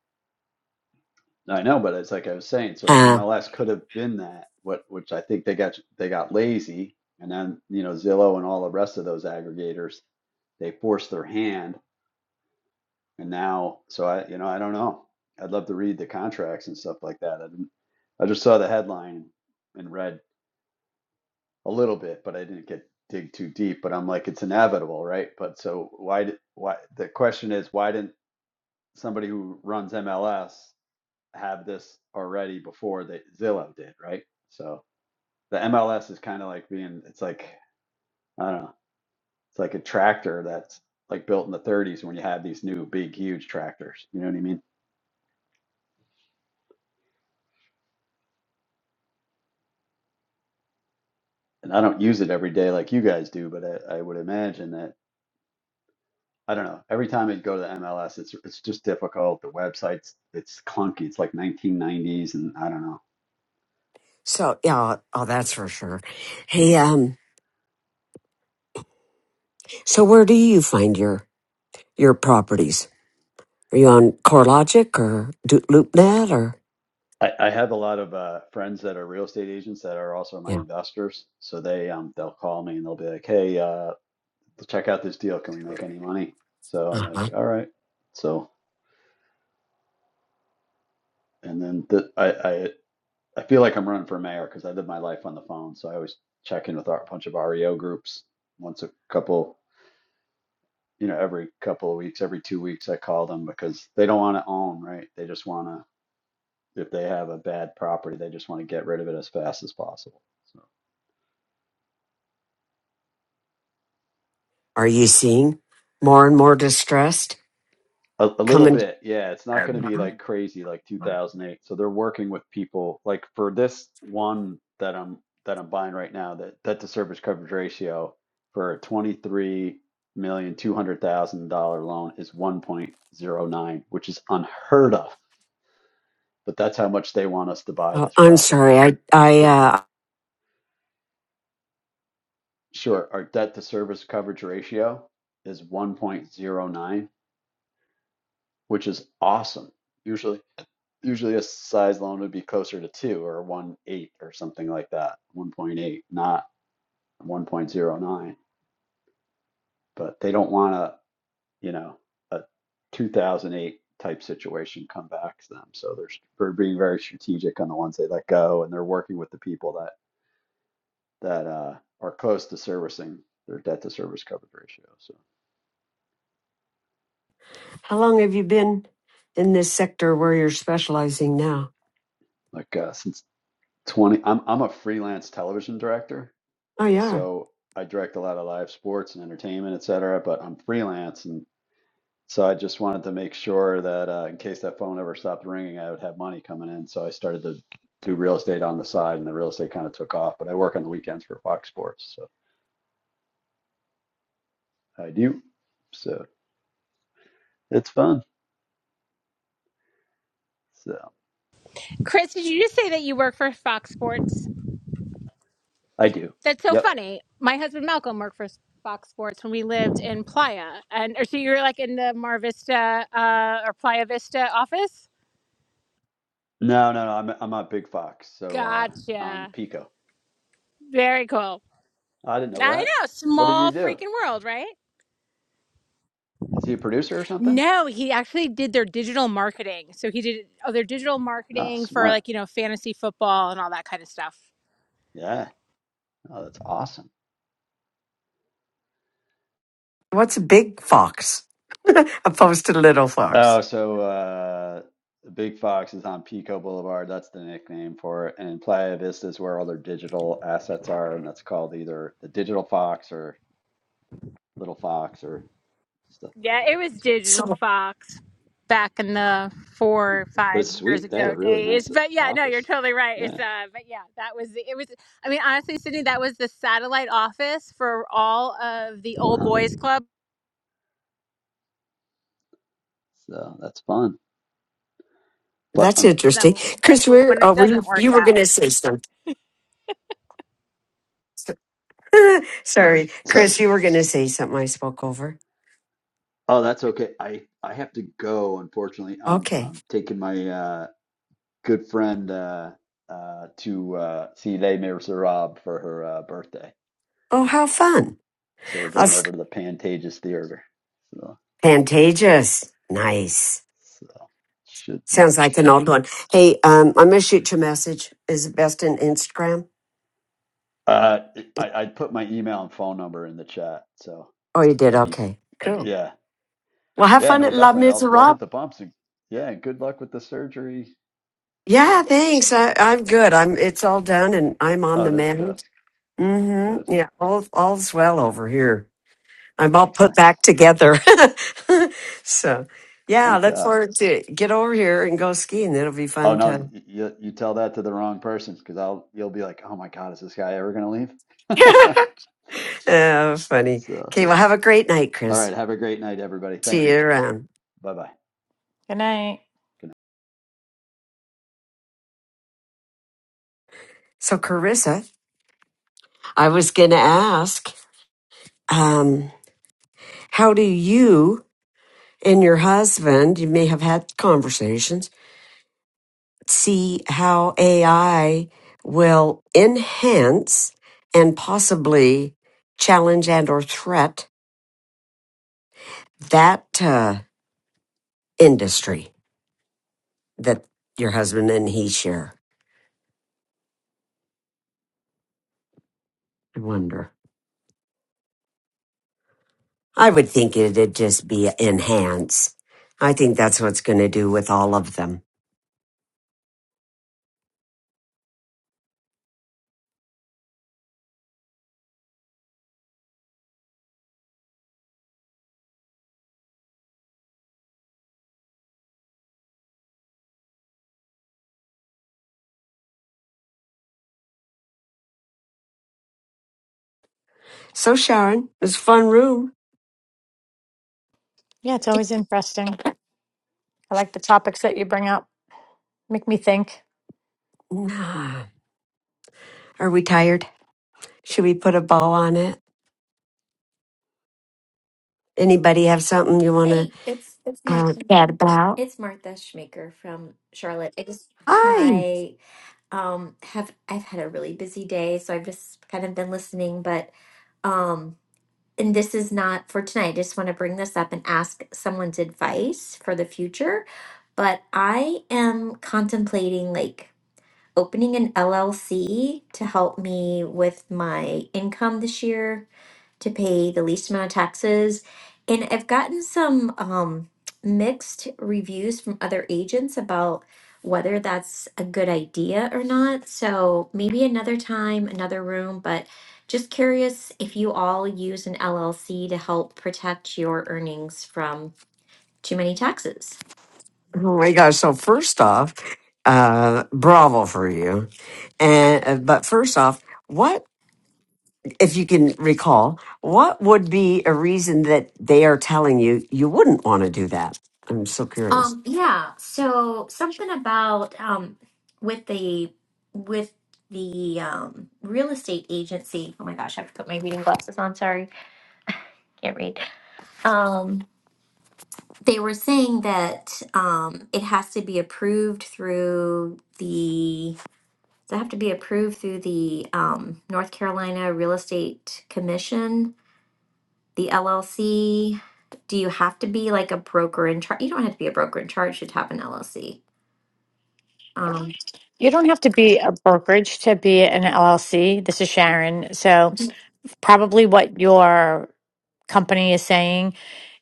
Speaker 26: I know, but it's like I was saying. So the
Speaker 1: Uh,
Speaker 26: MLS could have been that, what which I think they got they got lazy, and then you know Zillow and all the rest of those aggregators they forced their hand And now, so I, you know, I don't know. I'd love to read the contracts and stuff like that. I didn't, I just saw the headline and read a little bit, but I didn't get dig too deep. But I'm like, it's inevitable, right? But so why did why the question is why didn't somebody who runs MLS have this already before that Zillow did, right? So the MLS is kind of like being, it's like I don't know, it's like a tractor that's like built in the 30s when you have these new big huge tractors. You know what I mean? and I don't use it every day like you guys do, but I, I would imagine that I don't know. Every time I go to the MLS, it's it's just difficult. The website's it's clunky. It's like 1990s, and I don't know.
Speaker 1: so, yeah, oh, that's for sure. Hey, um, so where do you find your your properties? Are you on CoreLogic or Do- LoopNet or
Speaker 26: I, I have a lot of uh, friends that are real estate agents that are also my
Speaker 1: yeah?
Speaker 26: investors. So they um they'll call me and they'll be like, "Hey, uh, check out this deal. Can we make any money?" So I'm like,
Speaker 1: Uh-huh.
Speaker 26: "All right." So and then the, I I I feel like I'm running for mayor because I live my life on the phone. So I always check in with our, a bunch of REO groups once a couple you know, every couple of weeks, every two weeks, I call them because they don't want to own, right? They just want to, if they have a bad property, they just want to get rid of it as fast as possible. So
Speaker 1: Are you seeing more and more distress?
Speaker 26: a, a little
Speaker 1: coming.
Speaker 26: bit, yeah. It's not going to be
Speaker 1: together.
Speaker 26: like crazy like 2008. So they're working with people like for this one that I'm that I'm buying right now, that debt to service coverage ratio for a 23 million two hundred thousand dollar loan is 1.09, which is unheard of. But that's how much they want us to buy
Speaker 1: Oh,
Speaker 26: this
Speaker 1: I'm
Speaker 26: property.
Speaker 1: sorry. I, I,
Speaker 26: 'Cause-
Speaker 1: uh,
Speaker 26: Sure. Our debt to service coverage ratio is 1.09, which is awesome. Usually, usually a size loan would be closer to two or one eight or something like that. 1.8, not 1.09. But they don't want to, you know, a 2008 type situation come back to them. So they're, they're being very strategic on the ones they let go, and they're working with the people that that uh, are close to servicing their debt to service coverage ratio. So
Speaker 1: how long have you been in this sector where you're specializing now?
Speaker 26: like uh, since 20 I'm I'm a freelance television director.
Speaker 1: Oh, yeah.
Speaker 26: So I direct a lot of live sports and entertainment, et cetera, but I'm freelance and so I just wanted to make sure that uh, in case that phone ever stopped ringing, I would have money coming in. So I started to do real estate on the side and the real estate kind of took off, but I work on the weekends for Fox Sports. So I do. So it's fun. So
Speaker 7: Chris, did you just say that you work for Fox Sports?
Speaker 26: I do.
Speaker 7: That's so
Speaker 26: Yep.
Speaker 7: funny. My husband Malcolm worked for Fox Sports when we lived in Playa, and or so you were like in the Mar Vista uh, or Playa Vista office.
Speaker 26: No, no, no. I'm I'm on Big Fox. So uh on
Speaker 7: Gotcha.
Speaker 26: Pico.
Speaker 7: Very cool.
Speaker 26: I didn't know
Speaker 7: I
Speaker 26: that.
Speaker 7: know,
Speaker 26: What did he
Speaker 7: small
Speaker 26: do?
Speaker 7: freaking world, right?
Speaker 26: Is he a producer or something?
Speaker 7: No, he actually did their digital marketing. So he did oh, their digital
Speaker 26: Oh,
Speaker 7: marketing for
Speaker 26: smart.
Speaker 7: like you know fantasy football and all that kind of stuff.
Speaker 26: Yeah. Oh, that's awesome.
Speaker 1: What's a big fox opposed to little fox?
Speaker 26: Oh, so uh, the Big Fox is on Pico Boulevard. That's the nickname for it. And Playa Vista is where all their digital assets are, and that's called either the Digital Fox or Little Fox or stuff like
Speaker 7: Yeah, it
Speaker 26: that.
Speaker 7: was
Speaker 26: So-
Speaker 7: digital
Speaker 1: So
Speaker 7: Fox back in the four or
Speaker 26: but
Speaker 7: five
Speaker 26: it's
Speaker 7: years
Speaker 26: sweet. They have
Speaker 7: ago
Speaker 26: a really
Speaker 7: days.
Speaker 26: nice
Speaker 7: But yeah, no, you're
Speaker 26: office.
Speaker 7: totally right. It's
Speaker 26: Yeah.
Speaker 7: uh but yeah, that was the, it was I mean honestly, Sydney, that was the satellite office for all of the old
Speaker 26: Uh-huh.
Speaker 7: boys club
Speaker 26: So that's fun. But
Speaker 1: that's
Speaker 26: I'm
Speaker 1: interesting.
Speaker 7: them
Speaker 1: Chris,
Speaker 7: quickly
Speaker 1: we're,
Speaker 7: when it
Speaker 1: oh, were you,
Speaker 7: doesn't work
Speaker 1: you were
Speaker 7: out.
Speaker 1: going to say something. sorry.
Speaker 26: sorry.
Speaker 1: Chris, you were going to
Speaker 26: S-
Speaker 1: say something I spoke over.
Speaker 26: Oh, that's okay. I I have to go, unfortunately. Um,
Speaker 1: Okay.
Speaker 26: I'm taking my uh good friend uh, uh, to uh, see Les Miserables for her uh, birthday.
Speaker 1: Oh, how fun.
Speaker 26: So we're going
Speaker 1: That's
Speaker 26: over to the Pantages Theater. So,
Speaker 1: contagious. Nice.
Speaker 26: so should be
Speaker 1: Sounds
Speaker 26: fun.
Speaker 1: like an old one. Hey, um, I'm going to shoot you a message. Is it best in Instagram?
Speaker 26: Uh, I, I put my email and phone number in the chat. So
Speaker 1: Oh, you did.
Speaker 26: that'd be,
Speaker 1: Okay.
Speaker 26: yeah.
Speaker 1: Well, have
Speaker 26: Yeah,
Speaker 1: fun
Speaker 26: no,
Speaker 1: at La
Speaker 26: definitely. I'll, we'll hit
Speaker 1: Miserable.
Speaker 26: the bumps. And, yeah, and good luck with the surgery.
Speaker 1: Yeah,
Speaker 26: So,
Speaker 1: thanks. I, I'm good. I'm. It's all done, and I'm on
Speaker 26: oh,
Speaker 1: the
Speaker 26: that's good.
Speaker 1: mend.
Speaker 26: Good.
Speaker 1: Mm-hmm. Yeah, all all's well over here. I'm all put
Speaker 26: Excellent.
Speaker 1: back together. so, yeah,
Speaker 26: Thank
Speaker 1: look
Speaker 26: God.
Speaker 1: forward to get over here and go skiing. It'll be
Speaker 26: Oh,
Speaker 1: fun
Speaker 26: no,
Speaker 1: to.
Speaker 26: you, you tell that to the wrong person because I'll, you'll be like, oh my God, is this guy ever going to leave?
Speaker 1: Oh, funny.
Speaker 26: So,
Speaker 1: Okay. Well, have a great night,
Speaker 26: all
Speaker 1: Chris.
Speaker 26: right. Have a great night, everybody. Thank
Speaker 1: See
Speaker 26: you.
Speaker 1: you around.
Speaker 26: Bye bye.
Speaker 19: Good night.
Speaker 26: Good night.
Speaker 1: So, Carissa, I was gonna ask, um, how do you and your husband? You may have had conversations see how AI will enhance and possibly challenge and or threat that uh, industry that your husband and he share. I wonder. I would think it'd just be enhance. I think that's what's going to do with all of them. So Sharon, it was a fun room.
Speaker 19: Yeah, it's always interesting. I like the topics that you bring up. Make me think.
Speaker 1: Nah. Are we tired? Should we put a bow on it? Anybody have something you want to?
Speaker 27: Hey, it's it's
Speaker 1: Uh,
Speaker 27: Martha. It's Martha Schmaker from Charlotte. I just
Speaker 1: Hi.
Speaker 27: hi. Um, have I've had a really busy day, so I've just kind of been listening, but um, and this is not for tonight. I just want to bring this up and ask someone's advice for the future. But I am contemplating like opening an LLC to help me with my income this year to pay the least amount of taxes. And I've gotten some um, mixed reviews from other agents about whether that's a good idea or not. So maybe another time, another room, but just curious if you all use an LLC to help protect your earnings from too many taxes.
Speaker 1: Oh my gosh! So first off, uh, bravo for you. And uh, but first off, what if you can recall? What would be a reason that they are telling you you wouldn't want to do that? I'm so curious.
Speaker 27: Um, yeah, so something about um, with the with the um, real estate agency. Oh my gosh, I have to put my reading glasses on. Sorry can't read. Um, they were saying that um, it has to be approved through the. Does it have to be approved through the um, North Carolina Real Estate Commission, the LLC? Do you have to be like a broker in charge? You don't have to be a broker in charge. to have an LLC. Um,
Speaker 19: You don't have to be a brokerage to be an LLC. This is Sharon. So, probably what your company is saying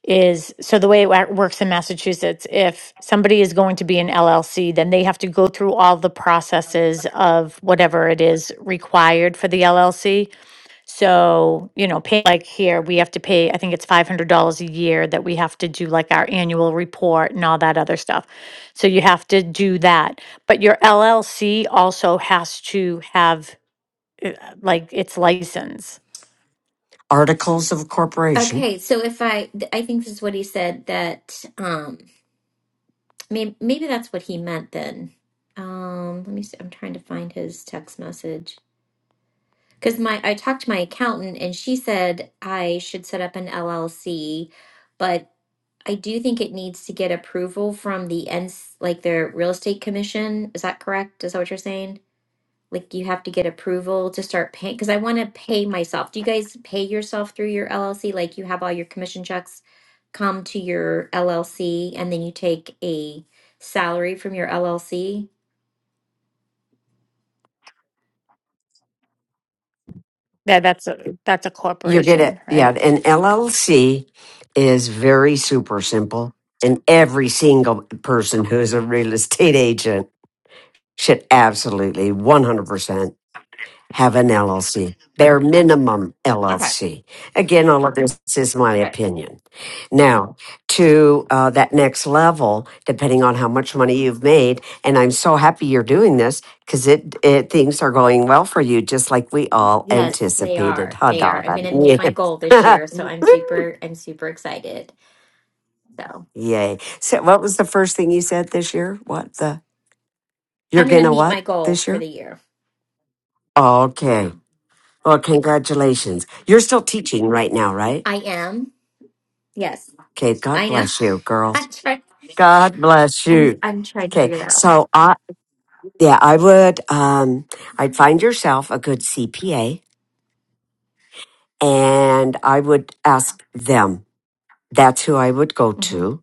Speaker 19: is so the way it wa- works in Massachusetts, if somebody is going to be an LLC, then they have to go through all the processes of whatever it is required for the LLC. So, you know, pay like here, we have to pay, I think it's $500 a year that we have to do like our annual report and all that other stuff. So you have to do that. But your LLC also has to have uh, like its license.
Speaker 1: Articles of corporation.
Speaker 27: okay, so if I, th- I think this is what he said that um, maybe maybe that's what he meant then. Um, let me see. I'm trying to find his text message. Because my I talked to my accountant and she said I should set up an LLC, but I do think it needs to get approval from the ends like their real estate commission. Is that correct? Is that what you're saying? Like you have to get approval to start paying because I want to pay myself. Do you guys pay yourself through your LLC? Like you have all your commission checks come to your LLC and then you take a salary from your LLC?
Speaker 19: Yeah, that's a that's a
Speaker 1: you get it.
Speaker 19: corporation,
Speaker 1: yeah.
Speaker 19: right?
Speaker 1: An LLC is very super simple, and every single person who is a real estate agent should absolutely 100%. have an LLC, bare minimum
Speaker 27: Okay.
Speaker 1: LLC. Again, all of this is my
Speaker 27: Right.
Speaker 1: opinion. Now, to uh, that next level, depending on how much money you've made, and I'm so happy you're doing this because it, it things are going well for you, just like we all
Speaker 27: Yes, they
Speaker 1: anticipated.
Speaker 27: are.
Speaker 1: Huh,
Speaker 27: They are. I'm going
Speaker 1: darling?
Speaker 27: to meet my goal this
Speaker 1: Yes.
Speaker 27: year, so I'm
Speaker 1: Woo!
Speaker 27: super I'm super excited. So,
Speaker 1: Yay! So, what was the first thing you said this year? What the? You're
Speaker 27: I'm going to
Speaker 1: gonna
Speaker 27: meet
Speaker 1: what
Speaker 27: my goal
Speaker 1: this
Speaker 27: for
Speaker 1: year?
Speaker 27: the year. Yeah.
Speaker 1: Okay. Well,
Speaker 27: Thank you.
Speaker 1: congratulations. You're still teaching right now, right?
Speaker 27: I am. Yes.
Speaker 1: Okay, God
Speaker 27: I know.
Speaker 1: bless you, girls.
Speaker 27: I'm trying
Speaker 1: God bless
Speaker 27: I'm
Speaker 1: you.
Speaker 27: I'm trying to
Speaker 1: Okay,
Speaker 27: figure that out.
Speaker 1: so I yeah, I would um I'd find yourself a good CPA and I would ask them. That's who I would go
Speaker 27: hmm
Speaker 1: to.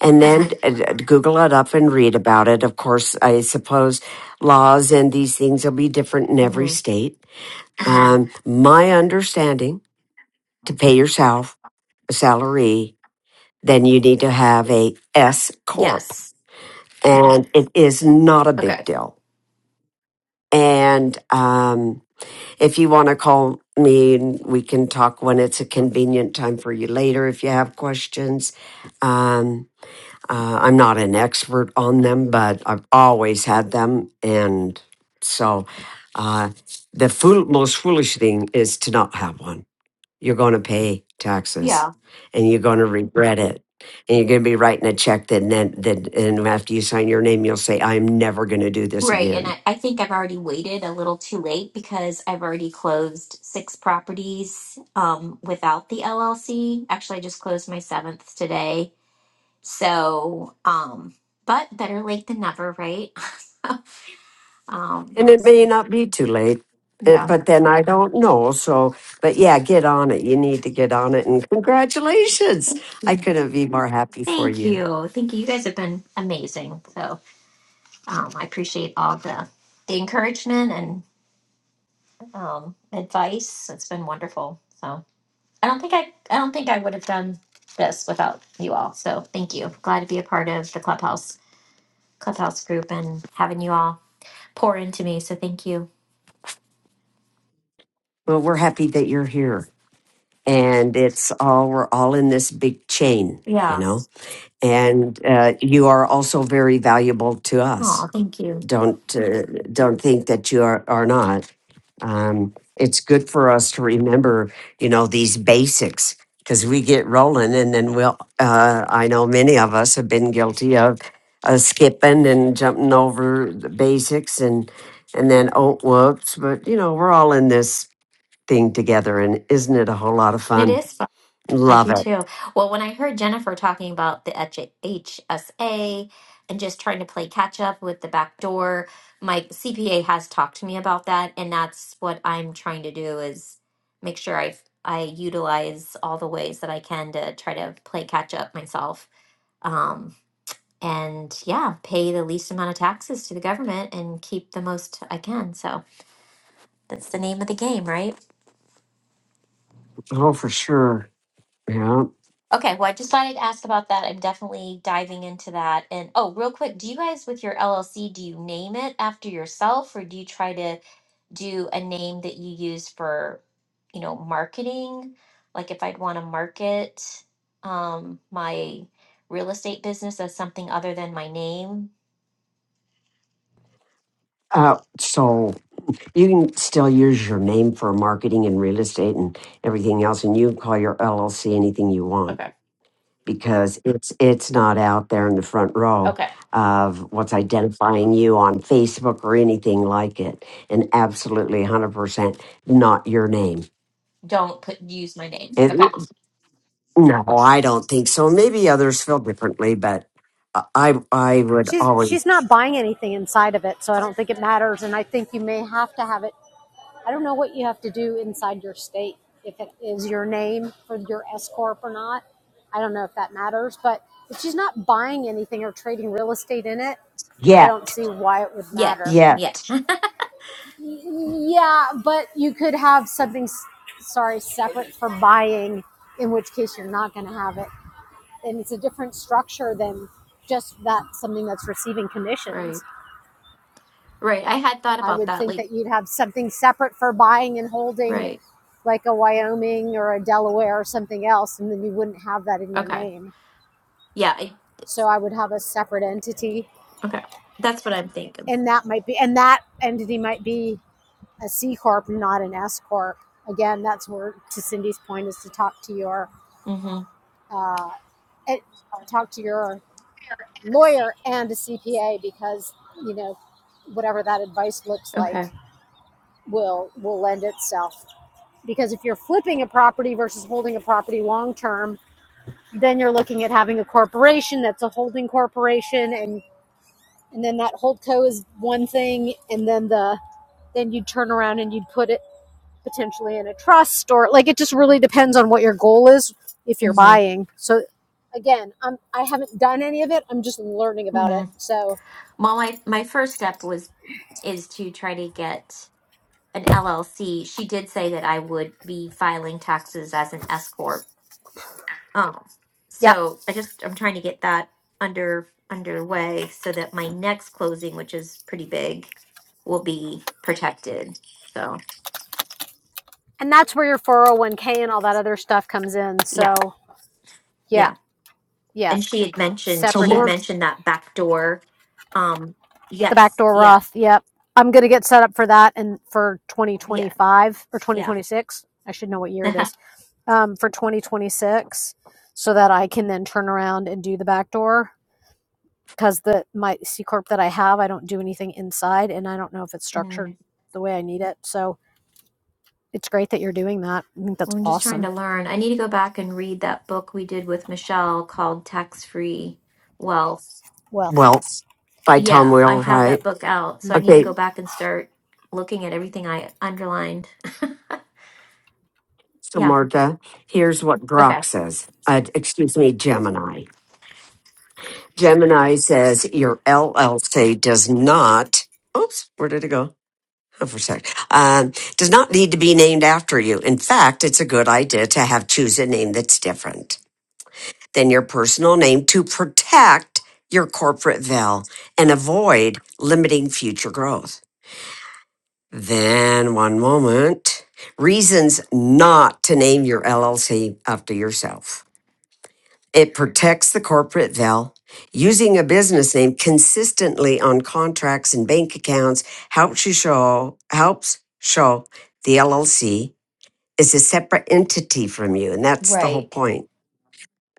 Speaker 1: And then uh, Google it up and read about it. Of course, I suppose laws and these things will be different in every
Speaker 27: hmm
Speaker 1: state. Um, my understanding to pay yourself a salary, then you need to have a S corp
Speaker 27: Yes.
Speaker 1: and it is not a big
Speaker 27: Okay.
Speaker 1: deal. And um, if you want to call me, we can talk when it's a convenient time for you later if you have questions. Um, uh, I'm not an expert on them, but I've always had them. And so uh, the fool- most foolish thing is to not have one. You're going to pay taxes
Speaker 27: Yeah.
Speaker 1: and you're going to regret it. And you're going to be writing a check that then, then, and after you sign your name, you'll say, I'm never going to do this
Speaker 27: Right. And
Speaker 1: again.
Speaker 27: I, I think I've already waited a little too late because I've already closed six properties um, without the LLC. Actually, I just closed my seventh today So, um, but better late than never, right? Um,
Speaker 1: And it may not be too late, eh,
Speaker 27: yeah.
Speaker 1: but then I don't know. So, but yeah, get on it. You need to get on it. And congratulations.
Speaker 27: Thank
Speaker 1: I
Speaker 27: you.
Speaker 1: couldn't be more happy for
Speaker 27: Thank
Speaker 1: you.
Speaker 27: you. Thank you. You guys have been amazing. So, um, I appreciate all the the encouragement and um, advice. It's been wonderful. So, I don't think I I don't think I would have done this without you all. So, thank you. Glad to be a part of the clubhouse clubhouse group and having you all pour into me. So, thank you.
Speaker 1: Well, we're happy that you're here. And it's all, we're all in this big chain, you
Speaker 27: Yeah.
Speaker 1: know? And uh, you are also very valuable to us
Speaker 27: Oh, thank you.
Speaker 1: don't uh, don't think that you are, are not um, it's good for us to remember you know these basics because we get rolling and then we'll uh, i know many of us have been guilty of uh, skipping and jumping over the basics and and then oh whoops but you know we're all in this thing together and isn't it a whole lot of
Speaker 27: It
Speaker 1: fun
Speaker 27: is I
Speaker 1: love
Speaker 27: do
Speaker 1: it
Speaker 27: too. Well, when I heard Jennifer talking about the H- HSA and just trying to play catch up with the back door, my CPA has talked to me about that, and that's what I'm trying to do is make sure I I utilize all the ways that I can to try to play catch up myself. Um, and yeah, pay the least amount of taxes to the government and keep the most I can. So that's the name of the game, right?
Speaker 1: oh for sure yeah
Speaker 27: Okay, well, I just thought I'd ask about that. I'm definitely diving into that. And oh, real quick, do you guys with your LLC, do you name it after yourself or do you try to do a name that you use for, you know, marketing? Like if I'd want to market um my real estate business as something other than my name,
Speaker 1: uh, so You can still use your name for marketing and real estate and everything else, and you can call your LLC anything you want
Speaker 27: Okay.
Speaker 1: because it's it's not out there in the front row
Speaker 27: Okay.
Speaker 1: of what's identifying you on Facebook or anything like it, and absolutely 100% not your name.
Speaker 27: Don't put use my name.
Speaker 1: It,
Speaker 27: Okay.
Speaker 1: no, I don't think so. Maybe others feel differently, but I I would
Speaker 25: She's
Speaker 1: always
Speaker 25: she's not buying anything inside of it, so I don't think it matters. And I think you may have to have it. I don't know what you have to do inside your state if it is your name for your S corp or not. I don't know if that matters, but if she's not buying anything or trading real estate in it, I
Speaker 1: yeah
Speaker 25: don't see why it would matter.
Speaker 27: Yet.
Speaker 1: yeah.
Speaker 27: Yeah.
Speaker 25: Yeah, but you could have something, s- sorry, separate for buying, in which case you're not going to have it. And it's a different structure than just that something that's receiving commissions.
Speaker 27: Right. Right. I had thought
Speaker 25: I
Speaker 27: about
Speaker 25: would
Speaker 27: that.
Speaker 25: think
Speaker 27: Like,
Speaker 25: that you'd have something separate for buying and holding,
Speaker 27: right.
Speaker 25: like a Wyoming or a Delaware or something else, and then you wouldn't have that in your
Speaker 27: Okay.
Speaker 25: name.
Speaker 27: Yeah. I,
Speaker 25: So I would have a separate entity,
Speaker 27: okay. That's what I'm thinking.
Speaker 25: and that might be, and that entity might be a C corp, not an S corp. Again, that's where to Cindy's point is to talk to your
Speaker 27: hmm
Speaker 25: uh, eh, talk to your lawyer and a CPA because you know whatever that advice looks like
Speaker 27: Okay.
Speaker 25: will will lend itself because if you're flipping a property versus holding a property long term, then you're looking at having a corporation that's a holding corporation and and then that holdco is one thing and then the then you'd turn around and you'd put it potentially in a trust or like it just really depends on what your goal is if
Speaker 27: hmm
Speaker 25: you're buying. So again, I'm I haven't done any of it. I'm just learning about
Speaker 27: hmm
Speaker 25: it. So
Speaker 27: Well, my my first step was is to try to get an LLC. She did say that I would be filing taxes as an S corp. Um,
Speaker 25: yeah.
Speaker 27: so I just I'm trying to get that under underway so that my next closing, which is pretty big, will be protected. So
Speaker 25: And that's where your 401k and all that other stuff comes in. So
Speaker 27: yeah,
Speaker 25: yeah,
Speaker 27: yeah.
Speaker 25: yeah,
Speaker 27: And she had mentioned
Speaker 1: So
Speaker 25: separate
Speaker 27: she had
Speaker 25: end.
Speaker 1: Mark
Speaker 27: mentioned that back door. Um,
Speaker 25: The
Speaker 27: yes,
Speaker 25: backdoor
Speaker 27: yeah,
Speaker 25: Roth. Yep. I'm going to get set up for that and for
Speaker 27: yeah,
Speaker 25: 2025 or
Speaker 27: yeah.
Speaker 25: 2026. I should know what year it is. Um, for 2026 so that I can then turn around and do the backdoor because the my C corp that I have, I don't do anything inside and I don't know if it's
Speaker 27: Mm.
Speaker 25: structured the way I need it. So it's great that you're doing that. I think that's
Speaker 27: Well, I'm just trying to
Speaker 25: awesome.
Speaker 27: learn. I need to go back and read that book we did with Michelle called Tax Free Wealth.
Speaker 25: Wealth.
Speaker 1: Wells by Tom
Speaker 27: Yeah, I
Speaker 1: Wheelwright.
Speaker 27: have that book out, so I need to
Speaker 25: Mm-hmm.
Speaker 1: Okay,
Speaker 27: go back and start looking at everything I underlined.
Speaker 1: So,
Speaker 27: Yeah.
Speaker 1: Marta, here's what
Speaker 27: Okay.
Speaker 1: Grok says. Uh, excuse me, Gemini. Gemini says your LLC does not. Oops, where did it go? Oh, for a sec. Um, does not need to be named after you. In fact, it's a good idea to have choose a name that's different than your personal name to protect your corporate veil and avoid limiting future growth. Then, one moment. Reasons not to name your LLC after yourself. It protects the corporate veil. Using a business name consistently on contracts and bank accounts helps you show helps show the LLC is a separate entity from you, and that's the whole
Speaker 27: Right.
Speaker 1: point.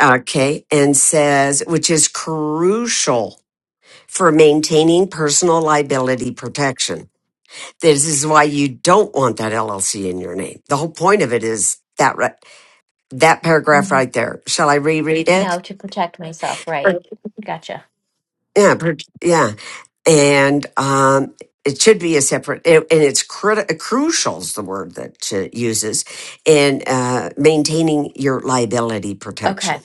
Speaker 1: Okay, and says which is crucial for maintaining personal liability protection. This is why you don't want that LLC in your name. The whole point of it is that right, that paragraph
Speaker 27: hmm
Speaker 1: right there. Shall I reread it?
Speaker 27: No, to protect myself.
Speaker 1: Sure.
Speaker 27: Right. Gotcha.
Speaker 1: Yeah, per- yeah. and um, it should be a separate and it's criti- uh, crucial is the word that it uses in uh, maintaining your liability
Speaker 27: Okay.
Speaker 1: protection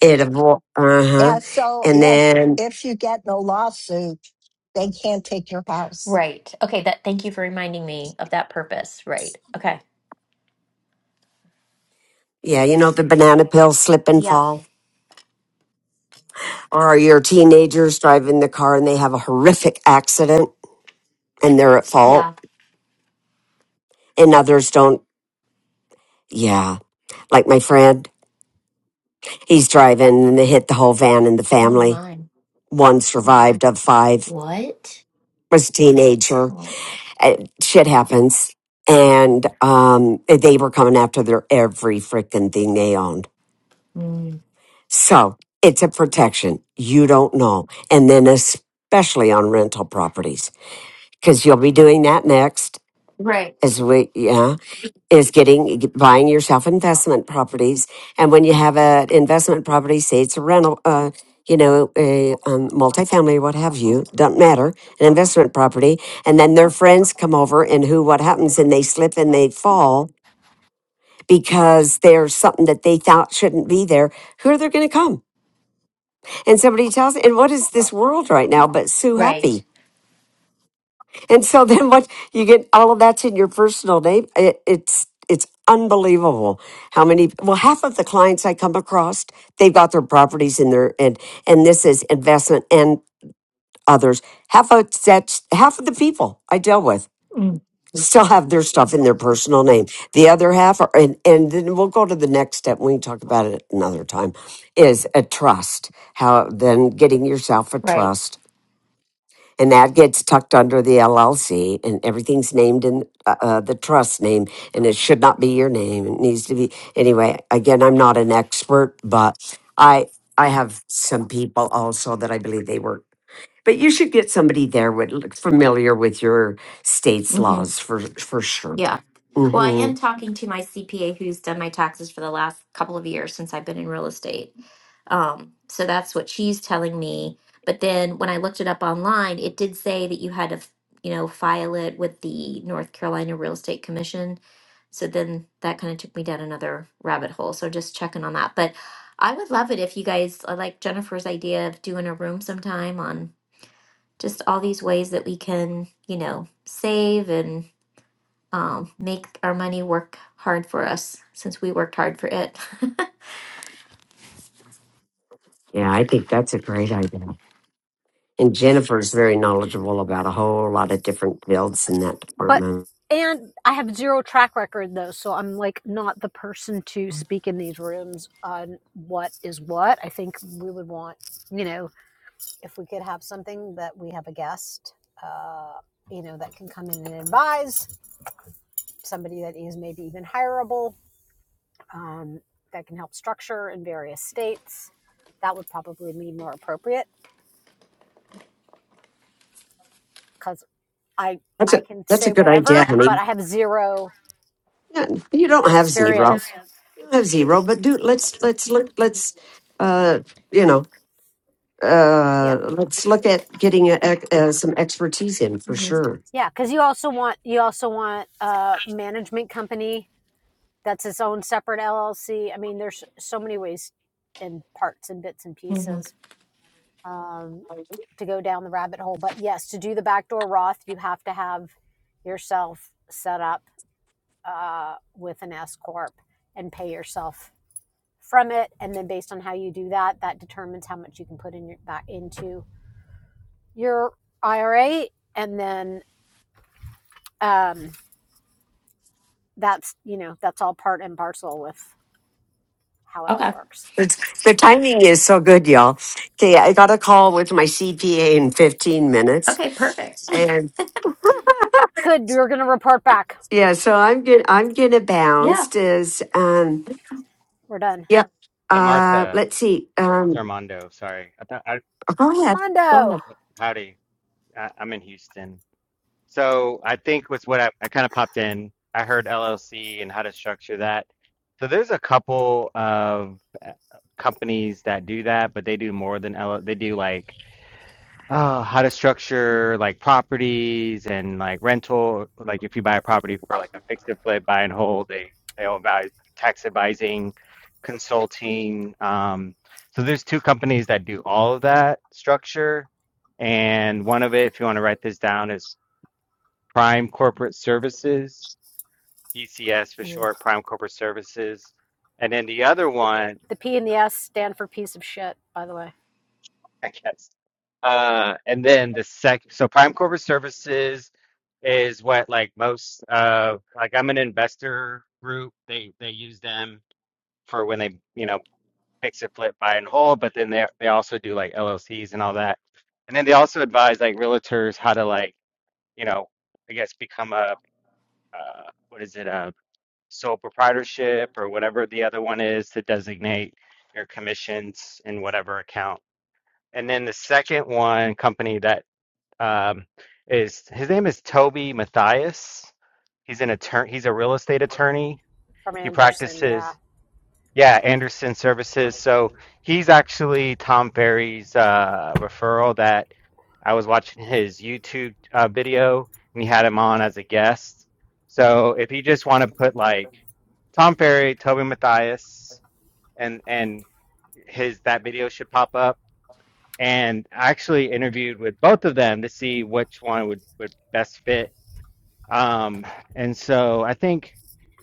Speaker 1: it avo- uh-huh
Speaker 14: Yeah, so
Speaker 1: and
Speaker 14: it
Speaker 1: then
Speaker 14: if you get no lawsuit, they can't take your house.
Speaker 27: Right. Okay. That. Thank you for reminding me of that purpose. Right. Okay.
Speaker 1: yeah you know the banana peel slip and
Speaker 27: Yep.
Speaker 1: fall or your teenagers driving the car and they have a horrific accident and they're at fault
Speaker 27: Yeah.
Speaker 1: and others don't yeah like my friend he's driving and they hit the whole van and the
Speaker 27: Oh,
Speaker 1: family
Speaker 27: mine.
Speaker 1: one survived of five
Speaker 27: What?
Speaker 1: was a teenager uh, shit happens. And um, they were coming after their every freaking thing they owned.
Speaker 27: Mm.
Speaker 1: So it's a protection. You don't know. And then especially on rental properties, because you'll be doing that next.
Speaker 27: Right.
Speaker 1: As we, yeah is getting buying yourself investment properties and when you have an investment property say it's a rental uh, you know a um, multifamily what have you doesn't matter an investment property and then their friends come over and who what happens and they slip and they fall because there's something that they thought shouldn't be there who are they going to come and somebody tells and what is this world right now but sue happy
Speaker 27: Right.
Speaker 1: And so then what you get all of that's in your personal name. It, it's it's unbelievable how many well half of the clients I come across they've got their properties in their and and this is investment and others. Half of that's half of the people I deal with
Speaker 27: Mm.
Speaker 1: still have their stuff in their personal name. The other half are and and then we'll go to the next step. We can talk about it another time. Is a trust how then getting yourself a
Speaker 27: Right.
Speaker 1: trust and that gets tucked under the LLC, and everything's named in uh, uh, the trust name, and it should not be your name. It needs to be anyway. Again, I'm not an expert, but I I have some people also that I believe they work. But you should get somebody there with look familiar with your state's laws for for sure.
Speaker 27: Yeah. Well, I
Speaker 1: hmm
Speaker 27: am talking to my CPA who's done my taxes for the last couple of years since I've been in real estate. Um, so that's what she's telling me. But then when I looked it up online, it did say that you had to, you know, file it with the North Carolina Real Estate Commission. So then that kind of took me down another rabbit hole. So just checking on that. But I would love it if you guys I like Jennifer's idea of doing a room sometime on just all these ways that we can, you know, save and um, make our money work hard for us since we worked hard for it.
Speaker 1: Yeah, I think that's a great idea. And Jennifer's very knowledgeable about a whole lot of different fields in that
Speaker 25: but
Speaker 1: department.
Speaker 25: and I have zero track record though, so I'm like not the person to speak in these rooms on what is what. I think we would want, you know, if we could have something that we have a guest, uh, you know, that can come in and advise somebody that is maybe even hireable, um, that can help structure in various states. That would probably be more appropriate because I
Speaker 1: That's a
Speaker 25: I can
Speaker 1: that's a
Speaker 25: say
Speaker 1: good idea,
Speaker 25: whatever,
Speaker 1: honey.
Speaker 25: but I have zero
Speaker 1: Yeah, you don't have zero.
Speaker 25: experience.
Speaker 1: You don't have zero, but do let's let's look let's uh you know
Speaker 25: Yeah.
Speaker 1: uh let's look at getting a, a, uh, some expertise in for
Speaker 27: Mhm.
Speaker 1: sure.
Speaker 25: Yeah, because you also want you also want a management company that's its own separate LLC. I mean, there's so many ways and parts and bits and
Speaker 27: Mhm.
Speaker 25: pieces um, to go down the rabbit hole. But yes, to do the backdoor Roth, you have to have yourself set up uh, with an S corp and pay yourself from it. And then based on how you do that, that determines how much you can put in your back into your IRA. And then um, that's you know that's all part and parcel with how it all
Speaker 27: Okay.
Speaker 25: works
Speaker 1: It's, the timing is so good, y'all. Okay, I got a call with my CPA in 15 minutes,
Speaker 27: Okay. Perfect.
Speaker 1: and
Speaker 25: good you're gonna report back
Speaker 1: yeah, so I'm gonna I'm gonna
Speaker 27: Yeah.
Speaker 1: bounce. Is um
Speaker 25: we're done
Speaker 1: yeah.
Speaker 22: Hey,
Speaker 1: Uh,
Speaker 22: Martha,
Speaker 1: let's see.
Speaker 22: it's
Speaker 1: Um,
Speaker 22: Armando, sorry. I thought I,
Speaker 1: go ahead. Go
Speaker 25: mondo
Speaker 1: ahead.
Speaker 22: howdy. I, I'm in Houston. So I think was what I, I kind of popped in. I heard LLC and how to structure that. So there's a couple of uh, companies that do that, but they do more than L, L. they do like uh, how to structure like properties and like rental. Like if you buy a property for like a fix and flip, buy and hold, they they all advise tax advising, consulting. Um, so there's two companies that do all of that structure, and one of it, if you want to write this down, is Prime Corporate Services, PCS for short, Prime Corporate Services, and then the other one.
Speaker 25: the p and the s stand for piece of shit by the way
Speaker 22: I guess. Uh, and then the sec, so Prime Corporate Services is what like most uh like I'm an investor group. They they use them for when they you know fix it, flip, buy and hold. But then they they also do like LLCs and all that. And then they also advise like realtors how to like you know I guess become a uh, what is it a sole proprietorship or whatever the other one is to designate your commissions in whatever account. And then the second one company that um, is his name is Toby Matthias. He's an attorney. He's a real estate attorney.
Speaker 25: from
Speaker 22: He
Speaker 25: anderson yeah
Speaker 22: practices, yeah, Anderson Services. So he's actually Tom Ferry's uh, referral. That I was watching his YouTube uh, video, and he had him on as a guest. So if you just want to put like Tom Ferry, Toby Matthias, and and his that video should pop up. And I actually interviewed with both of them to see which one would would best fit Um, and so I think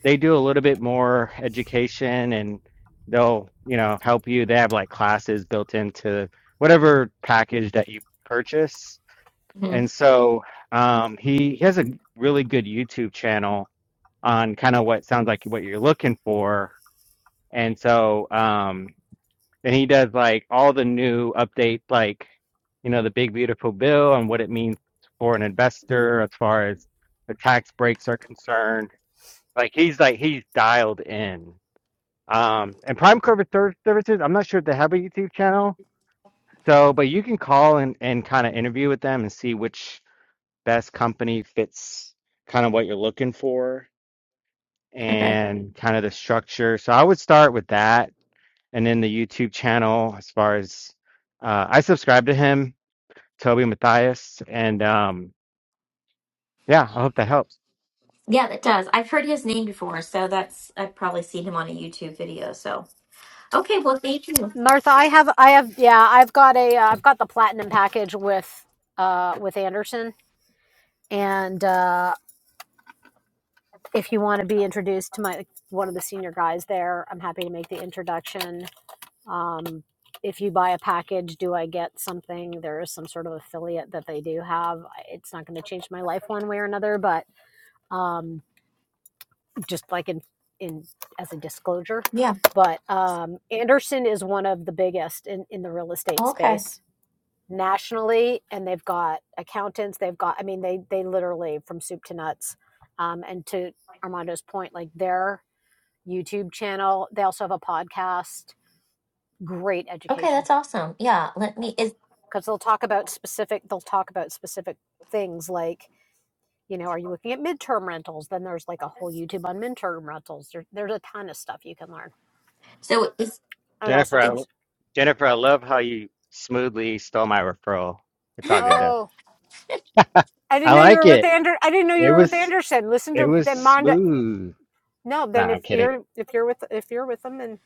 Speaker 22: they do a little bit more education and they'll, you know, help you. They have like classes built into whatever package that you purchase.
Speaker 27: hmm
Speaker 22: And so um, he, he has a really good YouTube channel on kind of what sounds like what you're looking for. And so, um, and he does like all the new updates, like you know the big beautiful bill and what it means for an investor as far as the tax breaks are concerned. Like he's like he's dialed in. Um, and Prime Corporate Ser- Services, I'm not sure if they have a YouTube channel, so but you can call and and kind of interview with them and see which best company fits kind of what you're looking for
Speaker 27: Okay.
Speaker 22: and kind of the structure. So I would start with that and in the YouTube channel as far as uh, I subscribe to him, Toby Matthias, and um, yeah, I hope that helps.
Speaker 27: Yeah, that does. I've heard his name before, so that's I've probably seen him on a YouTube video. So okay. Well, thank you.
Speaker 25: martha i have i have yeah i've got a uh, i've got the platinum package with uh with anderson and uh if you want to be introduced to my one of the senior guys there i'm happy to make the introduction Um, if you buy a package, do I get something? There is some sort of affiliate that they do have. It's not going to change my life one way or another, but um, just like in in as a disclosure.
Speaker 27: Yeah.
Speaker 25: But um, Anderson is one of the biggest in, in the real estate
Speaker 27: Okay.
Speaker 25: space nationally, and they've got accountants. They've got, I mean, they they literally from soup to nuts. Um, and to Armando's point, like their YouTube channel, they also have a podcast. Great
Speaker 27: Okay.
Speaker 25: education
Speaker 27: That's awesome. Yeah. Let me. Is
Speaker 25: because they'll talk about specific they'll talk about specific things like you know are you looking at midterm rentals then there's like a whole youtube on midterm rentals there, there's a ton of stuff you can learn
Speaker 27: so is.
Speaker 25: and also
Speaker 22: Jennifer, I, lo-
Speaker 25: just
Speaker 22: Jennifer, I love how you smoothly stole my referral. It's all good though.
Speaker 25: oh i
Speaker 22: I
Speaker 25: didn't know you
Speaker 22: like
Speaker 25: were with
Speaker 22: it.
Speaker 25: Ander. i didn't know you
Speaker 22: It
Speaker 25: were with
Speaker 22: was
Speaker 25: anderson listen
Speaker 22: it
Speaker 25: to
Speaker 22: was
Speaker 25: then Monda.
Speaker 22: smooth.
Speaker 25: no
Speaker 22: No,
Speaker 25: then if
Speaker 22: I'm kidding.
Speaker 25: you're if you're with if you're with them and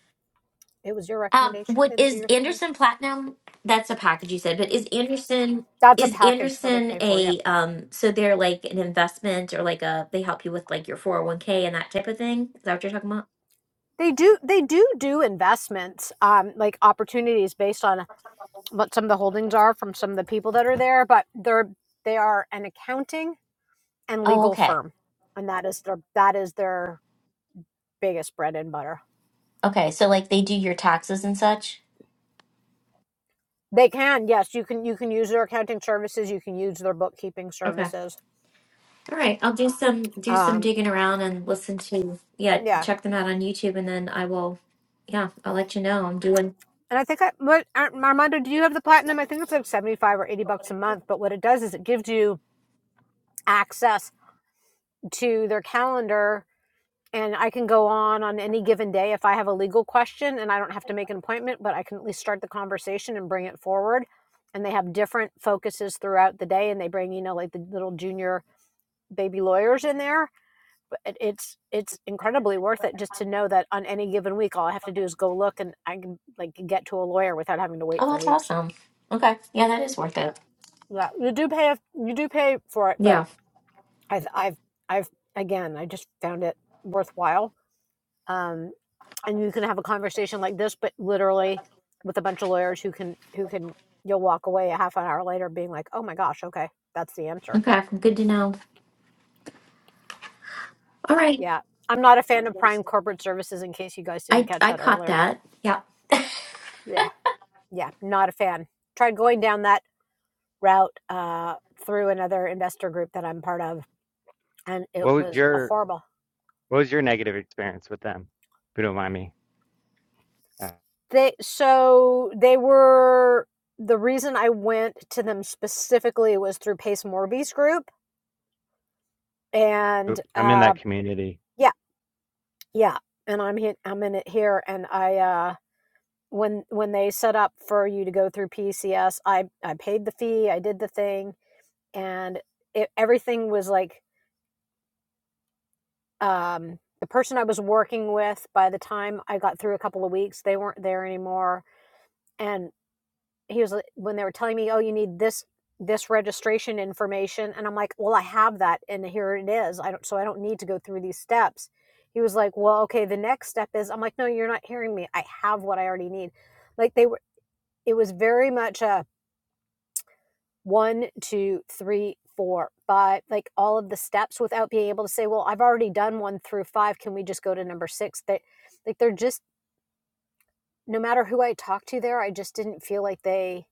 Speaker 25: it was your
Speaker 27: Um,
Speaker 25: recommendation
Speaker 27: what
Speaker 25: then do
Speaker 27: is
Speaker 25: your thing man.
Speaker 27: Anderson Platinum? That's a package you said, but is Anderson
Speaker 25: that's a
Speaker 27: is
Speaker 25: package that i
Speaker 27: Anderson
Speaker 25: pay for yep
Speaker 27: a um so they're like an investment or like a they help you with like your 401k and that type of thing? Is that what you're talking about?
Speaker 25: they do they do do investments um like opportunities based on what some of the holdings are from some of the people that are there, but they're they are an accounting and
Speaker 27: Oh,
Speaker 25: legal
Speaker 27: okay.
Speaker 25: firm, and that is their that is their biggest bread and butter.
Speaker 27: Okay. So like they do your taxes and such?
Speaker 25: They can yes, you can you can use their accounting services, you can use their bookkeeping
Speaker 27: Okay.
Speaker 25: services.
Speaker 27: All right. I'll do some do some
Speaker 25: Um,
Speaker 27: digging around and listen to yeah,
Speaker 25: yeah,
Speaker 27: check them out on YouTube and then I will yeah, I'll let you know. I'm doing
Speaker 25: and I think I what uh, Armando, do you have the platinum? I think it's like seventy five or eighty bucks a month, but what it does is it gives you access to their calendar and I can go on on any given day if I have a legal question and I don't have to make an appointment, but I can at least start the conversation and bring it forward. And they have different focuses throughout the day, and they bring you know like the little junior baby lawyers in there. But it's it's incredibly worth it just to know that on any given week, all I have to do is go look, and I can like get to a lawyer without having to wait
Speaker 27: Oh,
Speaker 25: for
Speaker 27: that's
Speaker 25: weeks.
Speaker 27: awesome. Okay. Yeah, that is worth it.
Speaker 25: Yeah, you do pay you do pay for it, but
Speaker 27: Yeah.
Speaker 25: I've I've I've again I just found it worthwhile. Um, and you can have a conversation like this but literally with a bunch of lawyers who can who can you'll walk away a half an hour later being like oh my gosh okay that's the answer
Speaker 27: Okay. Good to know. All right.
Speaker 25: yeah i'm not a fan of prime corporate services in case you guys didn't
Speaker 27: I
Speaker 25: catch
Speaker 27: I
Speaker 25: that
Speaker 27: caught
Speaker 25: earlier
Speaker 27: that. Yeah.
Speaker 25: yeah yeah not a fan tried going down that route uh, through another investor group that i'm part of and it
Speaker 22: What was
Speaker 25: was
Speaker 22: your
Speaker 25: horrible
Speaker 22: what was your negative experience with them? If you don't mind me, uh,
Speaker 25: they so they were the reason i went to them specifically was through pace morby's group and
Speaker 22: oop, I'm in
Speaker 25: uh,
Speaker 22: that community.
Speaker 25: yeah Yeah, and I'm hit. I'm in it here, and I uh, when when they set up for you to go through PCS, I I paid the fee, I did the thing, and it, everything was like um, the person I was working with. By the time I got through a couple of weeks, they weren't there anymore, and he was like- when they were telling me, "Oh, you need this this registration information," and I'm like, "Well, I have that, and here it is. I don't, so I don't need to go through these steps." He was like, "Well, okay, the next step is." I'm like, "No, you're not hearing me. I have what I already need." Like they were, it was very much a one, two, three, four, five, like all of the steps without being able to say, "Well, I've already done one through five. Can we just go to number six? That, like, they're just no matter who I talked to there, I just didn't feel like they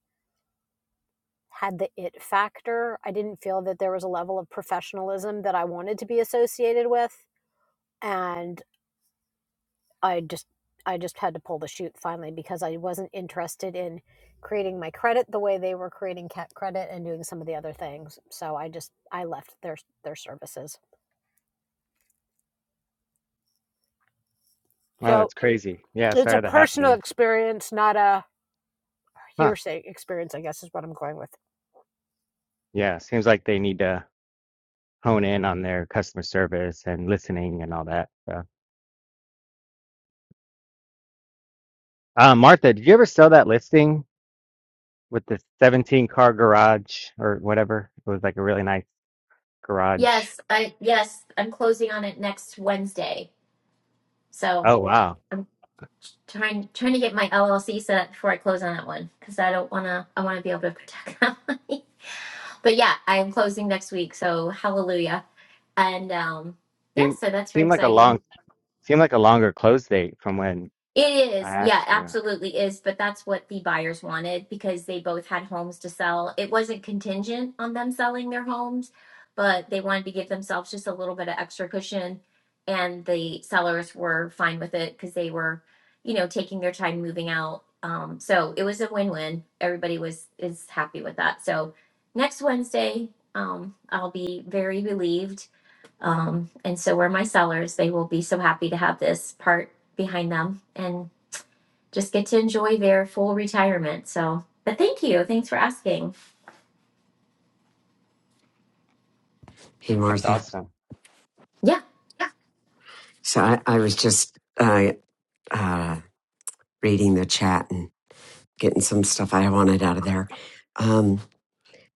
Speaker 25: had the it factor. I didn't feel that there was a level of professionalism that I wanted to be associated with and I just I just had to pull the chute finally because I wasn't interested in creating my credit the way they were creating cat credit and doing some of the other things. So I just I left their their services.
Speaker 22: Oh,
Speaker 25: So
Speaker 22: that's crazy. Yeah,
Speaker 25: it's
Speaker 22: sorry
Speaker 25: a
Speaker 22: that happened to
Speaker 25: personal
Speaker 22: you.
Speaker 25: experience, not a
Speaker 22: Huh?
Speaker 25: hearsay experience, I guess is what I'm going with.
Speaker 22: Yeah, seems like they need to. hone in on their customer service and listening and all that. So, uh, Martha, did you ever sell that listing with the 17 car garage or whatever? It was like a really nice garage.
Speaker 27: Yes, I yes, I'm closing on it next Wednesday. So
Speaker 22: Oh wow,
Speaker 27: I'm trying trying to get my LLC set up before I close on that one because I don't wanna I wanna be able to protect that money. But yeah, I am closing next week, so hallelujah. And um yeah,
Speaker 22: seemed
Speaker 27: so that's very
Speaker 22: seemed like a
Speaker 27: exciting.
Speaker 22: long seemed like a longer close date from when
Speaker 27: It
Speaker 22: I
Speaker 27: is. Yeah,
Speaker 22: asked you.
Speaker 27: absolutely is. But that's what the buyers wanted because they both had homes to sell. It wasn't contingent on them selling their homes, but they wanted to give themselves just a little bit of extra cushion. And the sellers were fine with it because they were, you know, taking their time moving out. Um, so it was a win-win. Everybody was is happy with that. So next Wednesday, um, I'll be very relieved. Um, and so were my sellers. They will be so happy to have this part behind them and just get to enjoy their full retirement. So, but thank you. Thanks for asking.
Speaker 1: Hey,
Speaker 22: That's
Speaker 1: Martha.
Speaker 22: awesome.
Speaker 27: Yeah.
Speaker 1: So I, I was just uh, uh, reading the chat and getting some stuff I wanted out of there. Um,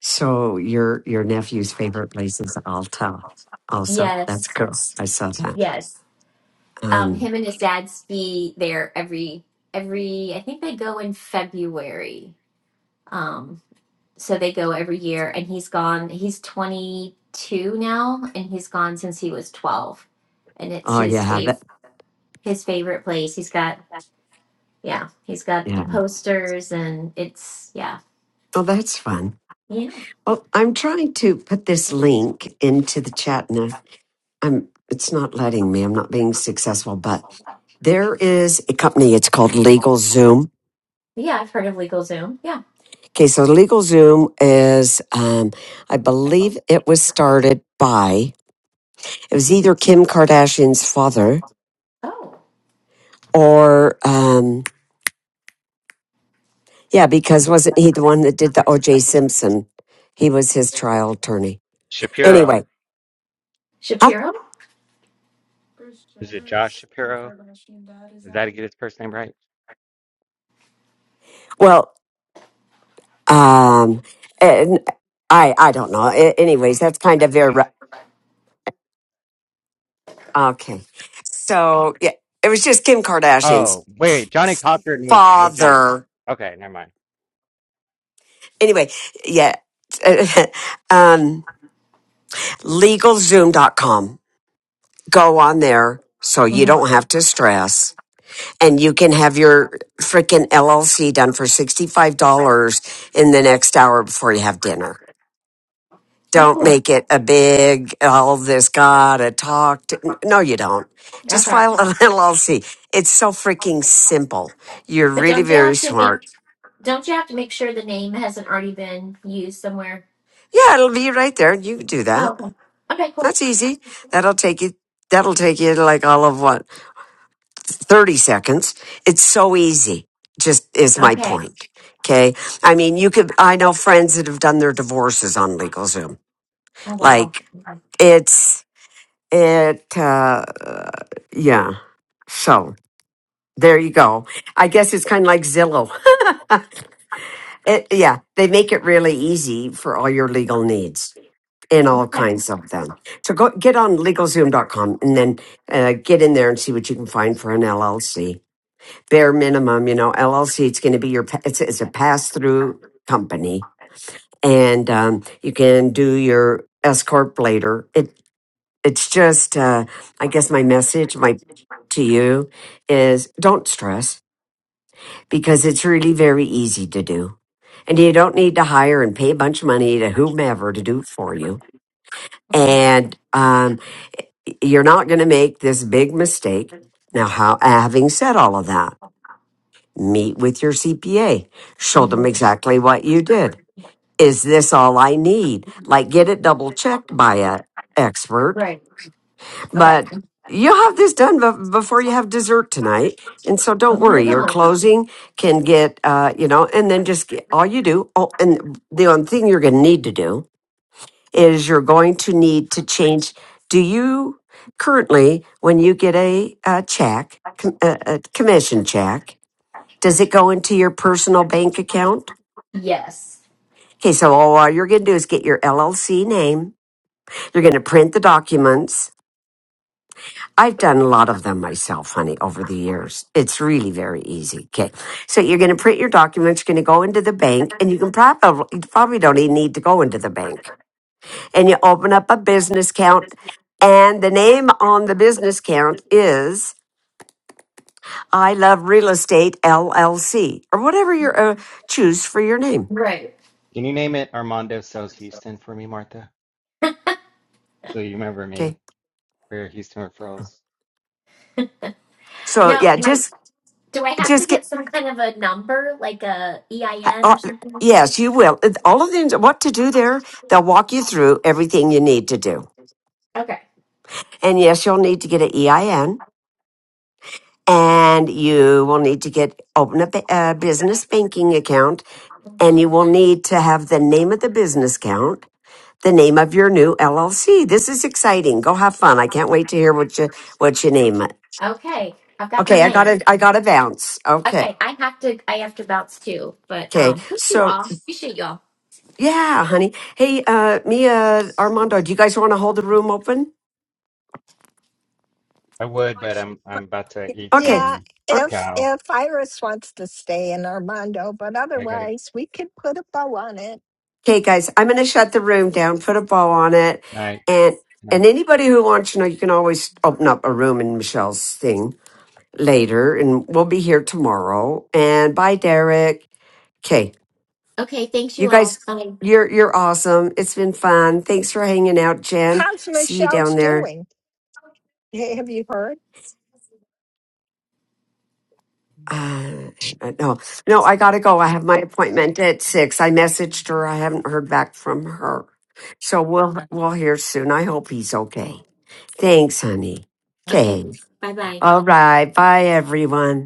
Speaker 1: so your your nephew's favorite place is Alta. Also, that's
Speaker 27: Yes.
Speaker 1: cool. I saw that.
Speaker 27: Yes. Um,
Speaker 1: Um,
Speaker 27: him and his dad ski there every every. I think they go in February. Um, so they go every year, and he's gone. He's twenty two now, and he's gone since he was twelve, and it's
Speaker 1: oh
Speaker 27: his
Speaker 1: yeah,
Speaker 27: fav
Speaker 1: that
Speaker 27: his favorite place. He's got yeah, he's got the
Speaker 1: yeah.
Speaker 27: posters, and it's yeah,
Speaker 1: Oh, that's fun.
Speaker 27: yeah,
Speaker 1: Well, I'm trying to put this link into the chat, and I- I'm it's not letting me. I'm not being successful, but there is a company. It's called Legal Zoom.
Speaker 27: yeah. I've heard of LegalZoom. Yeah.
Speaker 1: Okay, so Legal Zoom is, um, I believe, it was started by It was either Kim Kardashian's father
Speaker 27: Oh,
Speaker 1: or, um, yeah, because wasn't he the one that did the OJ Simpson? He was his trial attorney.
Speaker 22: Shapiro,
Speaker 1: Anyway, huh?
Speaker 27: Shapiro.
Speaker 22: is it Josh Shapiro? Is that to get his first name right?
Speaker 1: Well, um, and I, I don't know. A- Anyways, that's kind of irre- okay. So yeah, it was just Kim Kardashian's
Speaker 22: Oh wait, Johnny Cochran was good
Speaker 1: father.
Speaker 22: Okay, never mind.
Speaker 1: Anyway, yeah, um, legalzoom.com. Go on there so you
Speaker 27: hmm
Speaker 1: don't have to stress and you can have your freaking LLC done for $65 in the next hour before you have dinner.
Speaker 27: Oh,
Speaker 1: Don't
Speaker 27: cool.
Speaker 1: make it a big, all this gotta talk to. No, you don't. Just
Speaker 27: Okay.
Speaker 1: file an LLC. It's so freaking simple. You're
Speaker 27: But
Speaker 1: really
Speaker 27: don't you
Speaker 1: very
Speaker 27: have to make
Speaker 1: smart.
Speaker 27: don't you have to make sure the name hasn't already been used somewhere?
Speaker 1: Yeah, it'll be right there. You can do
Speaker 27: Oh,
Speaker 1: that.
Speaker 27: okay. Okay, cool.
Speaker 1: That's easy. That'll take you, that'll take you to like all of what? 30 seconds. It's so easy, just is my
Speaker 27: Okay.
Speaker 1: point. Okay. I mean, you could, I know friends that have done their divorces on LegalZoom.
Speaker 27: Oh wow.
Speaker 1: Like, it's, it, uh, yeah. So there you go. I guess it's kind of like Zillow. it, yeah. They make it really easy for all your legal needs and all
Speaker 27: Okay.
Speaker 1: kinds of them. So go get on legalzoom.com and then uh, get in there and see what you can find for an LLC bare minimum, you know, LLC, it's going to be your, pa- it's, it's a pass through company and um, you can do your S Corp later. It, it's just, uh, I guess my message, my, to you is don't stress because it's really very easy to do. And you don't need to hire and pay a bunch of money to whomever to do it for you.
Speaker 27: hmm
Speaker 1: And um, you're not going to make this big mistake. Now, how, having said all of that, meet with your CPA, show
Speaker 27: hmm
Speaker 1: them exactly what you did. Is this all I need? Like, get it double checked by a expert,
Speaker 27: Right. Okay.
Speaker 1: but you'll have this done bef- before you have dessert tonight. And so don't
Speaker 27: Oh, I
Speaker 1: worry, your
Speaker 27: know.
Speaker 1: closing can get, uh, you know, and then just get, all you do. Oh, and the only thing you're going to need to do is you're going to need to change. Do you currently, when you get a, uh check, com- a, a commission check, does it go into your personal bank account?
Speaker 27: Yes.
Speaker 1: Okay, so all you're going to do is get your LLC name. You're going to print the documents. I've done a lot of them myself, honey, over the years. It's really very easy. Okay. So you're going to print your documents. You're going to go into the bank and you can probably, you probably don't even need to go into the bank. And you open up a business account and the name on the business account is I Love Real Estate LLC or whatever you uh, choose for your name.
Speaker 27: Right.
Speaker 22: Can you name it Armando Sells Houston for me, Martha? So you remember
Speaker 1: Okay.
Speaker 22: me. for Houston referrals.
Speaker 1: So
Speaker 27: Now,
Speaker 1: yeah,
Speaker 27: my,
Speaker 1: just
Speaker 27: do I have to
Speaker 1: just
Speaker 27: get
Speaker 1: get
Speaker 27: some kind of a number, like a
Speaker 1: uh,
Speaker 27: EIN
Speaker 1: uh,
Speaker 27: or something?
Speaker 1: yes you will all of them what to do there they'll walk you through everything you need to do
Speaker 27: Okay.
Speaker 1: and yes you'll need to get an ein and you will need to get open a, ba- a business banking account
Speaker 27: hmm
Speaker 1: and you will need to have the name of the business account the name of your new llc this is exciting go have fun i can't wait to hear what you what you name it
Speaker 27: Okay. I've got my
Speaker 1: okay i
Speaker 27: name.
Speaker 1: gotta i gotta bounce okay
Speaker 27: Okay, I have to I have to bounce too, but
Speaker 1: okay
Speaker 27: um thank you
Speaker 1: so
Speaker 27: all. Appreciate y'all.
Speaker 1: Yeah, honey. Hey, uh, Mia, Armando, do you guys want to hold the room open?
Speaker 22: I would, but I'm I'm about to eat
Speaker 1: Okay.
Speaker 14: Yeah,
Speaker 22: some
Speaker 1: Ar-
Speaker 14: if
Speaker 22: cow.
Speaker 14: if Iris wants to stay in Armando, but
Speaker 22: I gotta
Speaker 14: otherwise we could put a bow on it.
Speaker 1: Okay, guys, I'm going to shut the room down, put a bow on it.
Speaker 22: night
Speaker 1: And, and
Speaker 22: night.
Speaker 1: anybody who wants to know, you can always open up a room in Michelle's thing later. And we'll be here tomorrow. And bye, Derek. Okay.
Speaker 27: Okay, thanks
Speaker 1: You
Speaker 27: you all.
Speaker 1: guys,
Speaker 27: Bye.
Speaker 1: you're, you're awesome. It's been fun. Thanks for hanging out, Jen.
Speaker 14: How's
Speaker 1: See you down
Speaker 14: Michelle's
Speaker 1: there.
Speaker 14: doing? Ha- Have you heard?
Speaker 1: Uh, no, no, I gotta go. I have my appointment at six. I messaged her. I haven't heard back from her, so we'll Okay. we'll hear soon. I hope he's okay. Thanks, honey.
Speaker 27: Okay.
Speaker 1: Okay.
Speaker 27: Bye bye.
Speaker 1: All right. Bye, everyone.